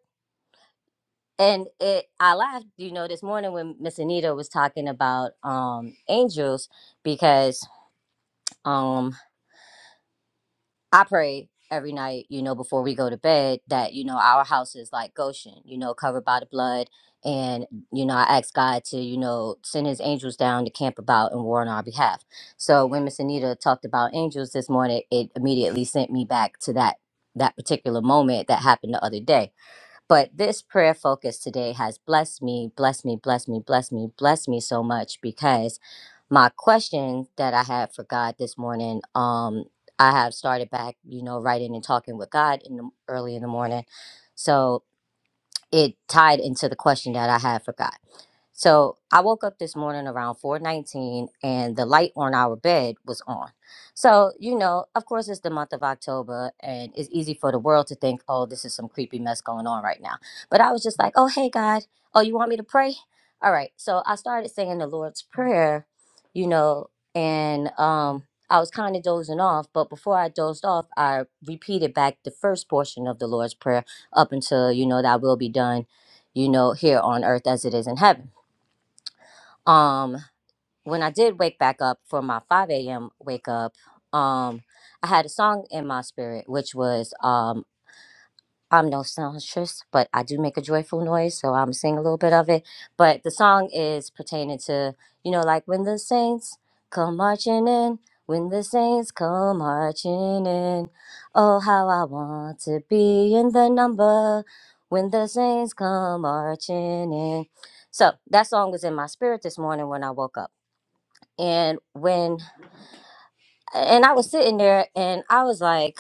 And it, I laughed, you know, this morning when Miss Anita was talking about um, angels because um, I pray every night, you know, before we go to bed that, you know, our house is like Goshen, you know, covered by the blood. And, you know, I ask God to, you know, send his angels down to camp about and war on our behalf. So when Miss Anita talked about angels this morning, it immediately sent me back to that that particular moment that happened the other day but this prayer focus today has blessed me, blessed me, blessed me, blessed me, blessed me so much because my question that I had for God this morning, um, I have started back, you know, writing and talking with God in the early in the morning. So it tied into the question that I had for God. So I woke up this morning around 419 and the light on our bed was on. So, you know, of course it's the month of October and it's easy for the world to think, oh, this is some creepy mess going on right now. But I was just like, oh hey God, oh you want me to pray? All right. So I started saying the Lord's Prayer, you know, and um I was kind of dozing off, but before I dozed off, I repeated back the first portion of the Lord's Prayer up until, you know, that will be done, you know, here on earth as it is in heaven um when i did wake back up for my 5 a.m wake up um i had a song in my spirit which was um i'm no songstress but i do make a joyful noise so i'm singing a little bit of it but the song is pertaining to you know like when the saints come marching in when the saints come marching in oh how i want to be in the number when the saints come marching in so that song was in my spirit this morning when i woke up and when and I was sitting there and I was like,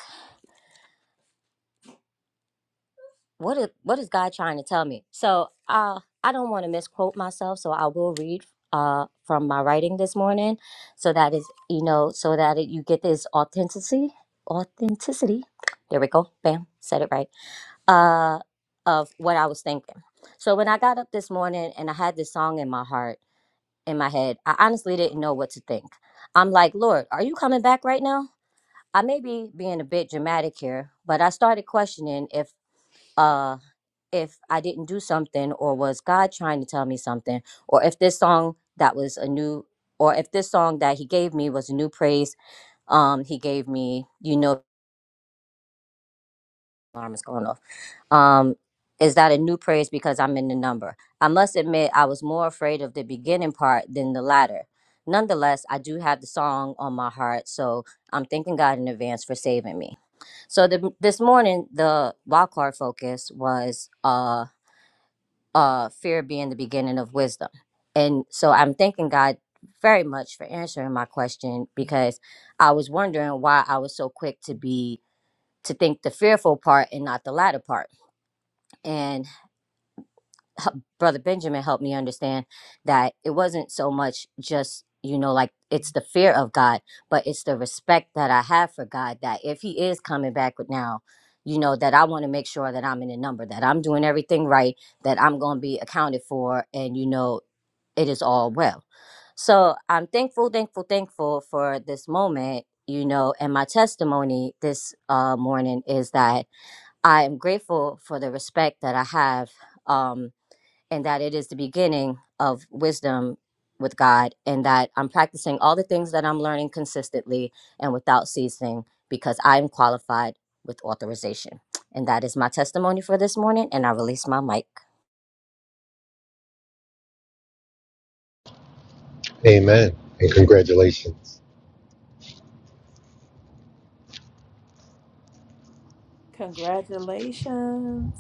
what is what is God trying to tell me? So uh I don't want to misquote myself, so I will read uh from my writing this morning so that is you know, so that it, you get this authenticity authenticity. There we go. Bam, said it right. Uh of what I was thinking. So when I got up this morning and I had this song in my heart, in my head, I honestly didn't know what to think. I'm like, Lord, are you coming back right now? I may be being a bit dramatic here, but I started questioning if uh if I didn't do something or was God trying to tell me something or if this song that was a new or if this song that he gave me was a new praise um he gave me, you know alarm is going off. Um, is that a new praise because I'm in the number? I must admit, I was more afraid of the beginning part than the latter. Nonetheless, I do have the song on my heart, so I'm thanking God in advance for saving me. So the, this morning, the wildcard focus was uh, uh, fear being the beginning of wisdom, and so I'm thanking God very much for answering my question because I was wondering why I was so quick to be to think the fearful part and not the latter part and brother benjamin helped me understand that it wasn't so much just you know like it's the fear of god but it's the respect that i have for god that if he is coming back with now you know that i want to make sure that i'm in the number that i'm doing everything right that i'm going to be accounted for and you know it is all well so i'm thankful thankful thankful for this moment you know and my testimony this uh, morning is that i am grateful for the respect that i have Um, and that it is the beginning of wisdom with God, and that I'm practicing all the things that I'm learning consistently and without ceasing because I'm qualified with authorization. And that is my testimony for this morning, and I release my mic. Amen. And congratulations. Congratulations.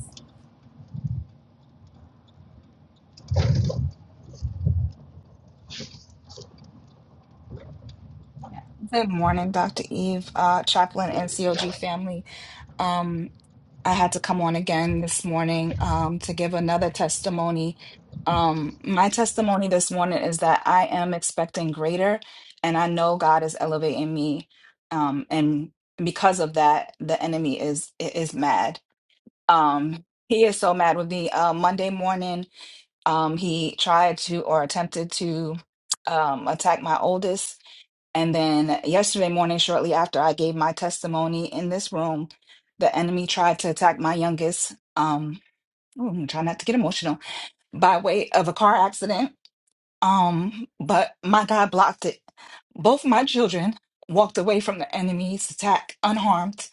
Yeah. Good morning, Dr. Eve, uh, chaplain and COG family. Um, I had to come on again this morning um, to give another testimony. Um, my testimony this morning is that I am expecting greater, and I know God is elevating me. Um, and because of that, the enemy is is mad. Um, he is so mad with me. Uh, Monday morning, um, he tried to or attempted to um, attack my oldest. And then yesterday morning, shortly after I gave my testimony in this room, the enemy tried to attack my youngest. Um, ooh, I'm trying not to get emotional by way of a car accident. Um, but my God blocked it. Both my children walked away from the enemy's attack unharmed.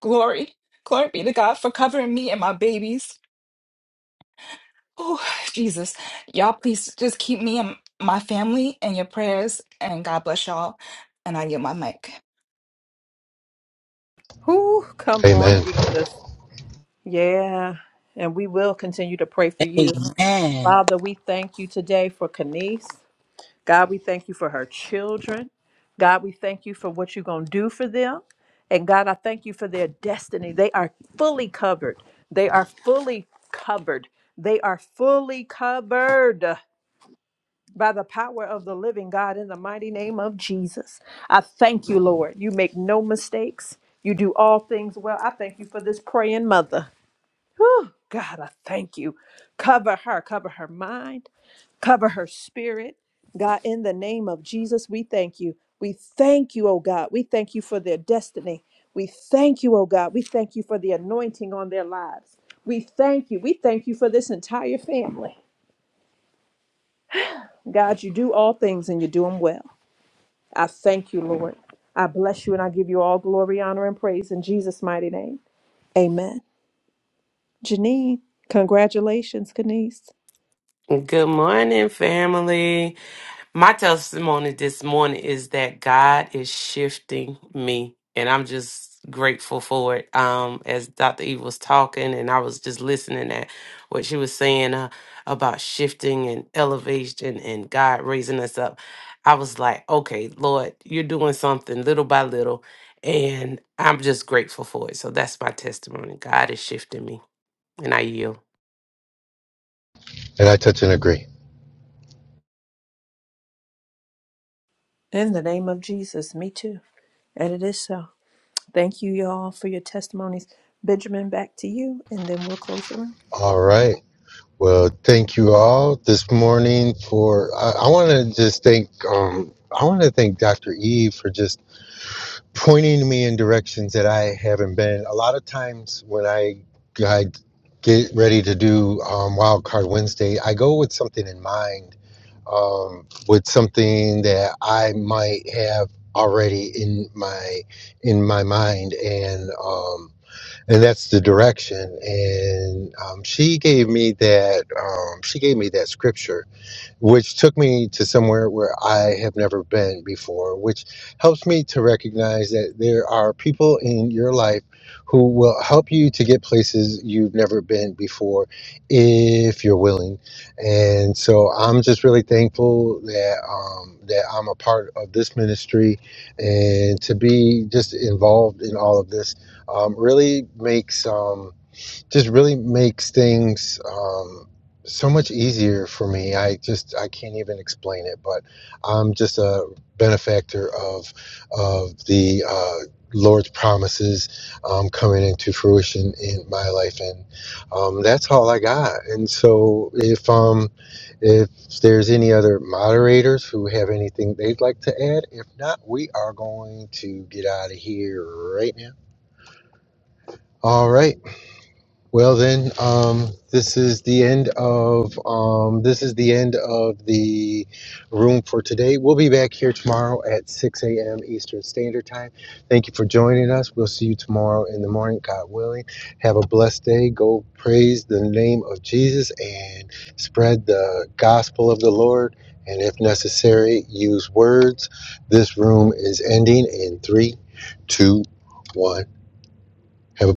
Glory, glory be to God for covering me and my babies. Oh, Jesus, y'all, please just keep me and my family in your prayers. And God bless y'all. And I yield my mic. Who come on, Amen. Jesus. Yeah. And we will continue to pray for you. Father, we thank you today for Kanice. God, we thank you for her children. God, we thank you for what you're going to do for them. And God, I thank you for their destiny. They are fully covered. They are fully covered. They are fully covered by the power of the living God in the mighty name of Jesus. I thank you, Lord. You make no mistakes. You do all things well. I thank you for this praying mother. Whew, God, I thank you. Cover her, cover her mind Cover her spirit. God, in the name of Jesus, we thank you. We thank you, oh God. We thank you for their destiny. We thank you, oh God. We thank you for the anointing on their lives. We thank you. We thank you for this entire family. God, you do all things and you do them well. I thank you, Lord. I bless you and I give you all glory, honor, and praise in Jesus' mighty name. Amen. Janine, congratulations, Kanice. Good morning, family. My testimony this morning is that God is shifting me, and I'm just grateful for it. Um, as Dr. Eve was talking, and I was just listening at what she was saying uh, about shifting and elevation and God raising us up, I was like, okay, Lord, you're doing something little by little, and I'm just grateful for it. So that's my testimony. God is shifting me, and I yield. And I touch and agree. In the name of Jesus, me too. And it is so. Thank you, y'all, for your testimonies. Benjamin, back to you, and then we'll close the room. All right. Well, thank you all this morning for. I, I want to just thank. Um, I want to thank Dr. Eve for just pointing me in directions that I haven't been. A lot of times when I, I get ready to do um, Wild Card Wednesday, I go with something in mind um, with something that I might have already in my in my mind and um and that's the direction and um she gave me that um she gave me that scripture which took me to somewhere where I have never been before, which helps me to recognize that there are people in your life who will help you to get places you've never been before if you're willing. And so I'm just really thankful that um, that I'm a part of this ministry and to be just involved in all of this um, really makes. Um, just really makes things um, so much easier for me. I just I can't even explain it, but I'm just a benefactor of of the uh, Lord's promises um, coming into fruition in my life, and um, that's all I got. And so, if um if there's any other moderators who have anything they'd like to add, if not, we are going to get out of here right now. All right. Well then, um, this is the end of um, this is the end of the room for today. We'll be back here tomorrow at 6 a.m. Eastern Standard Time. Thank you for joining us. We'll see you tomorrow in the morning, God willing. Have a blessed day. Go praise the name of Jesus and spread the gospel of the Lord. And if necessary, use words. This room is ending in three, two, one. Have a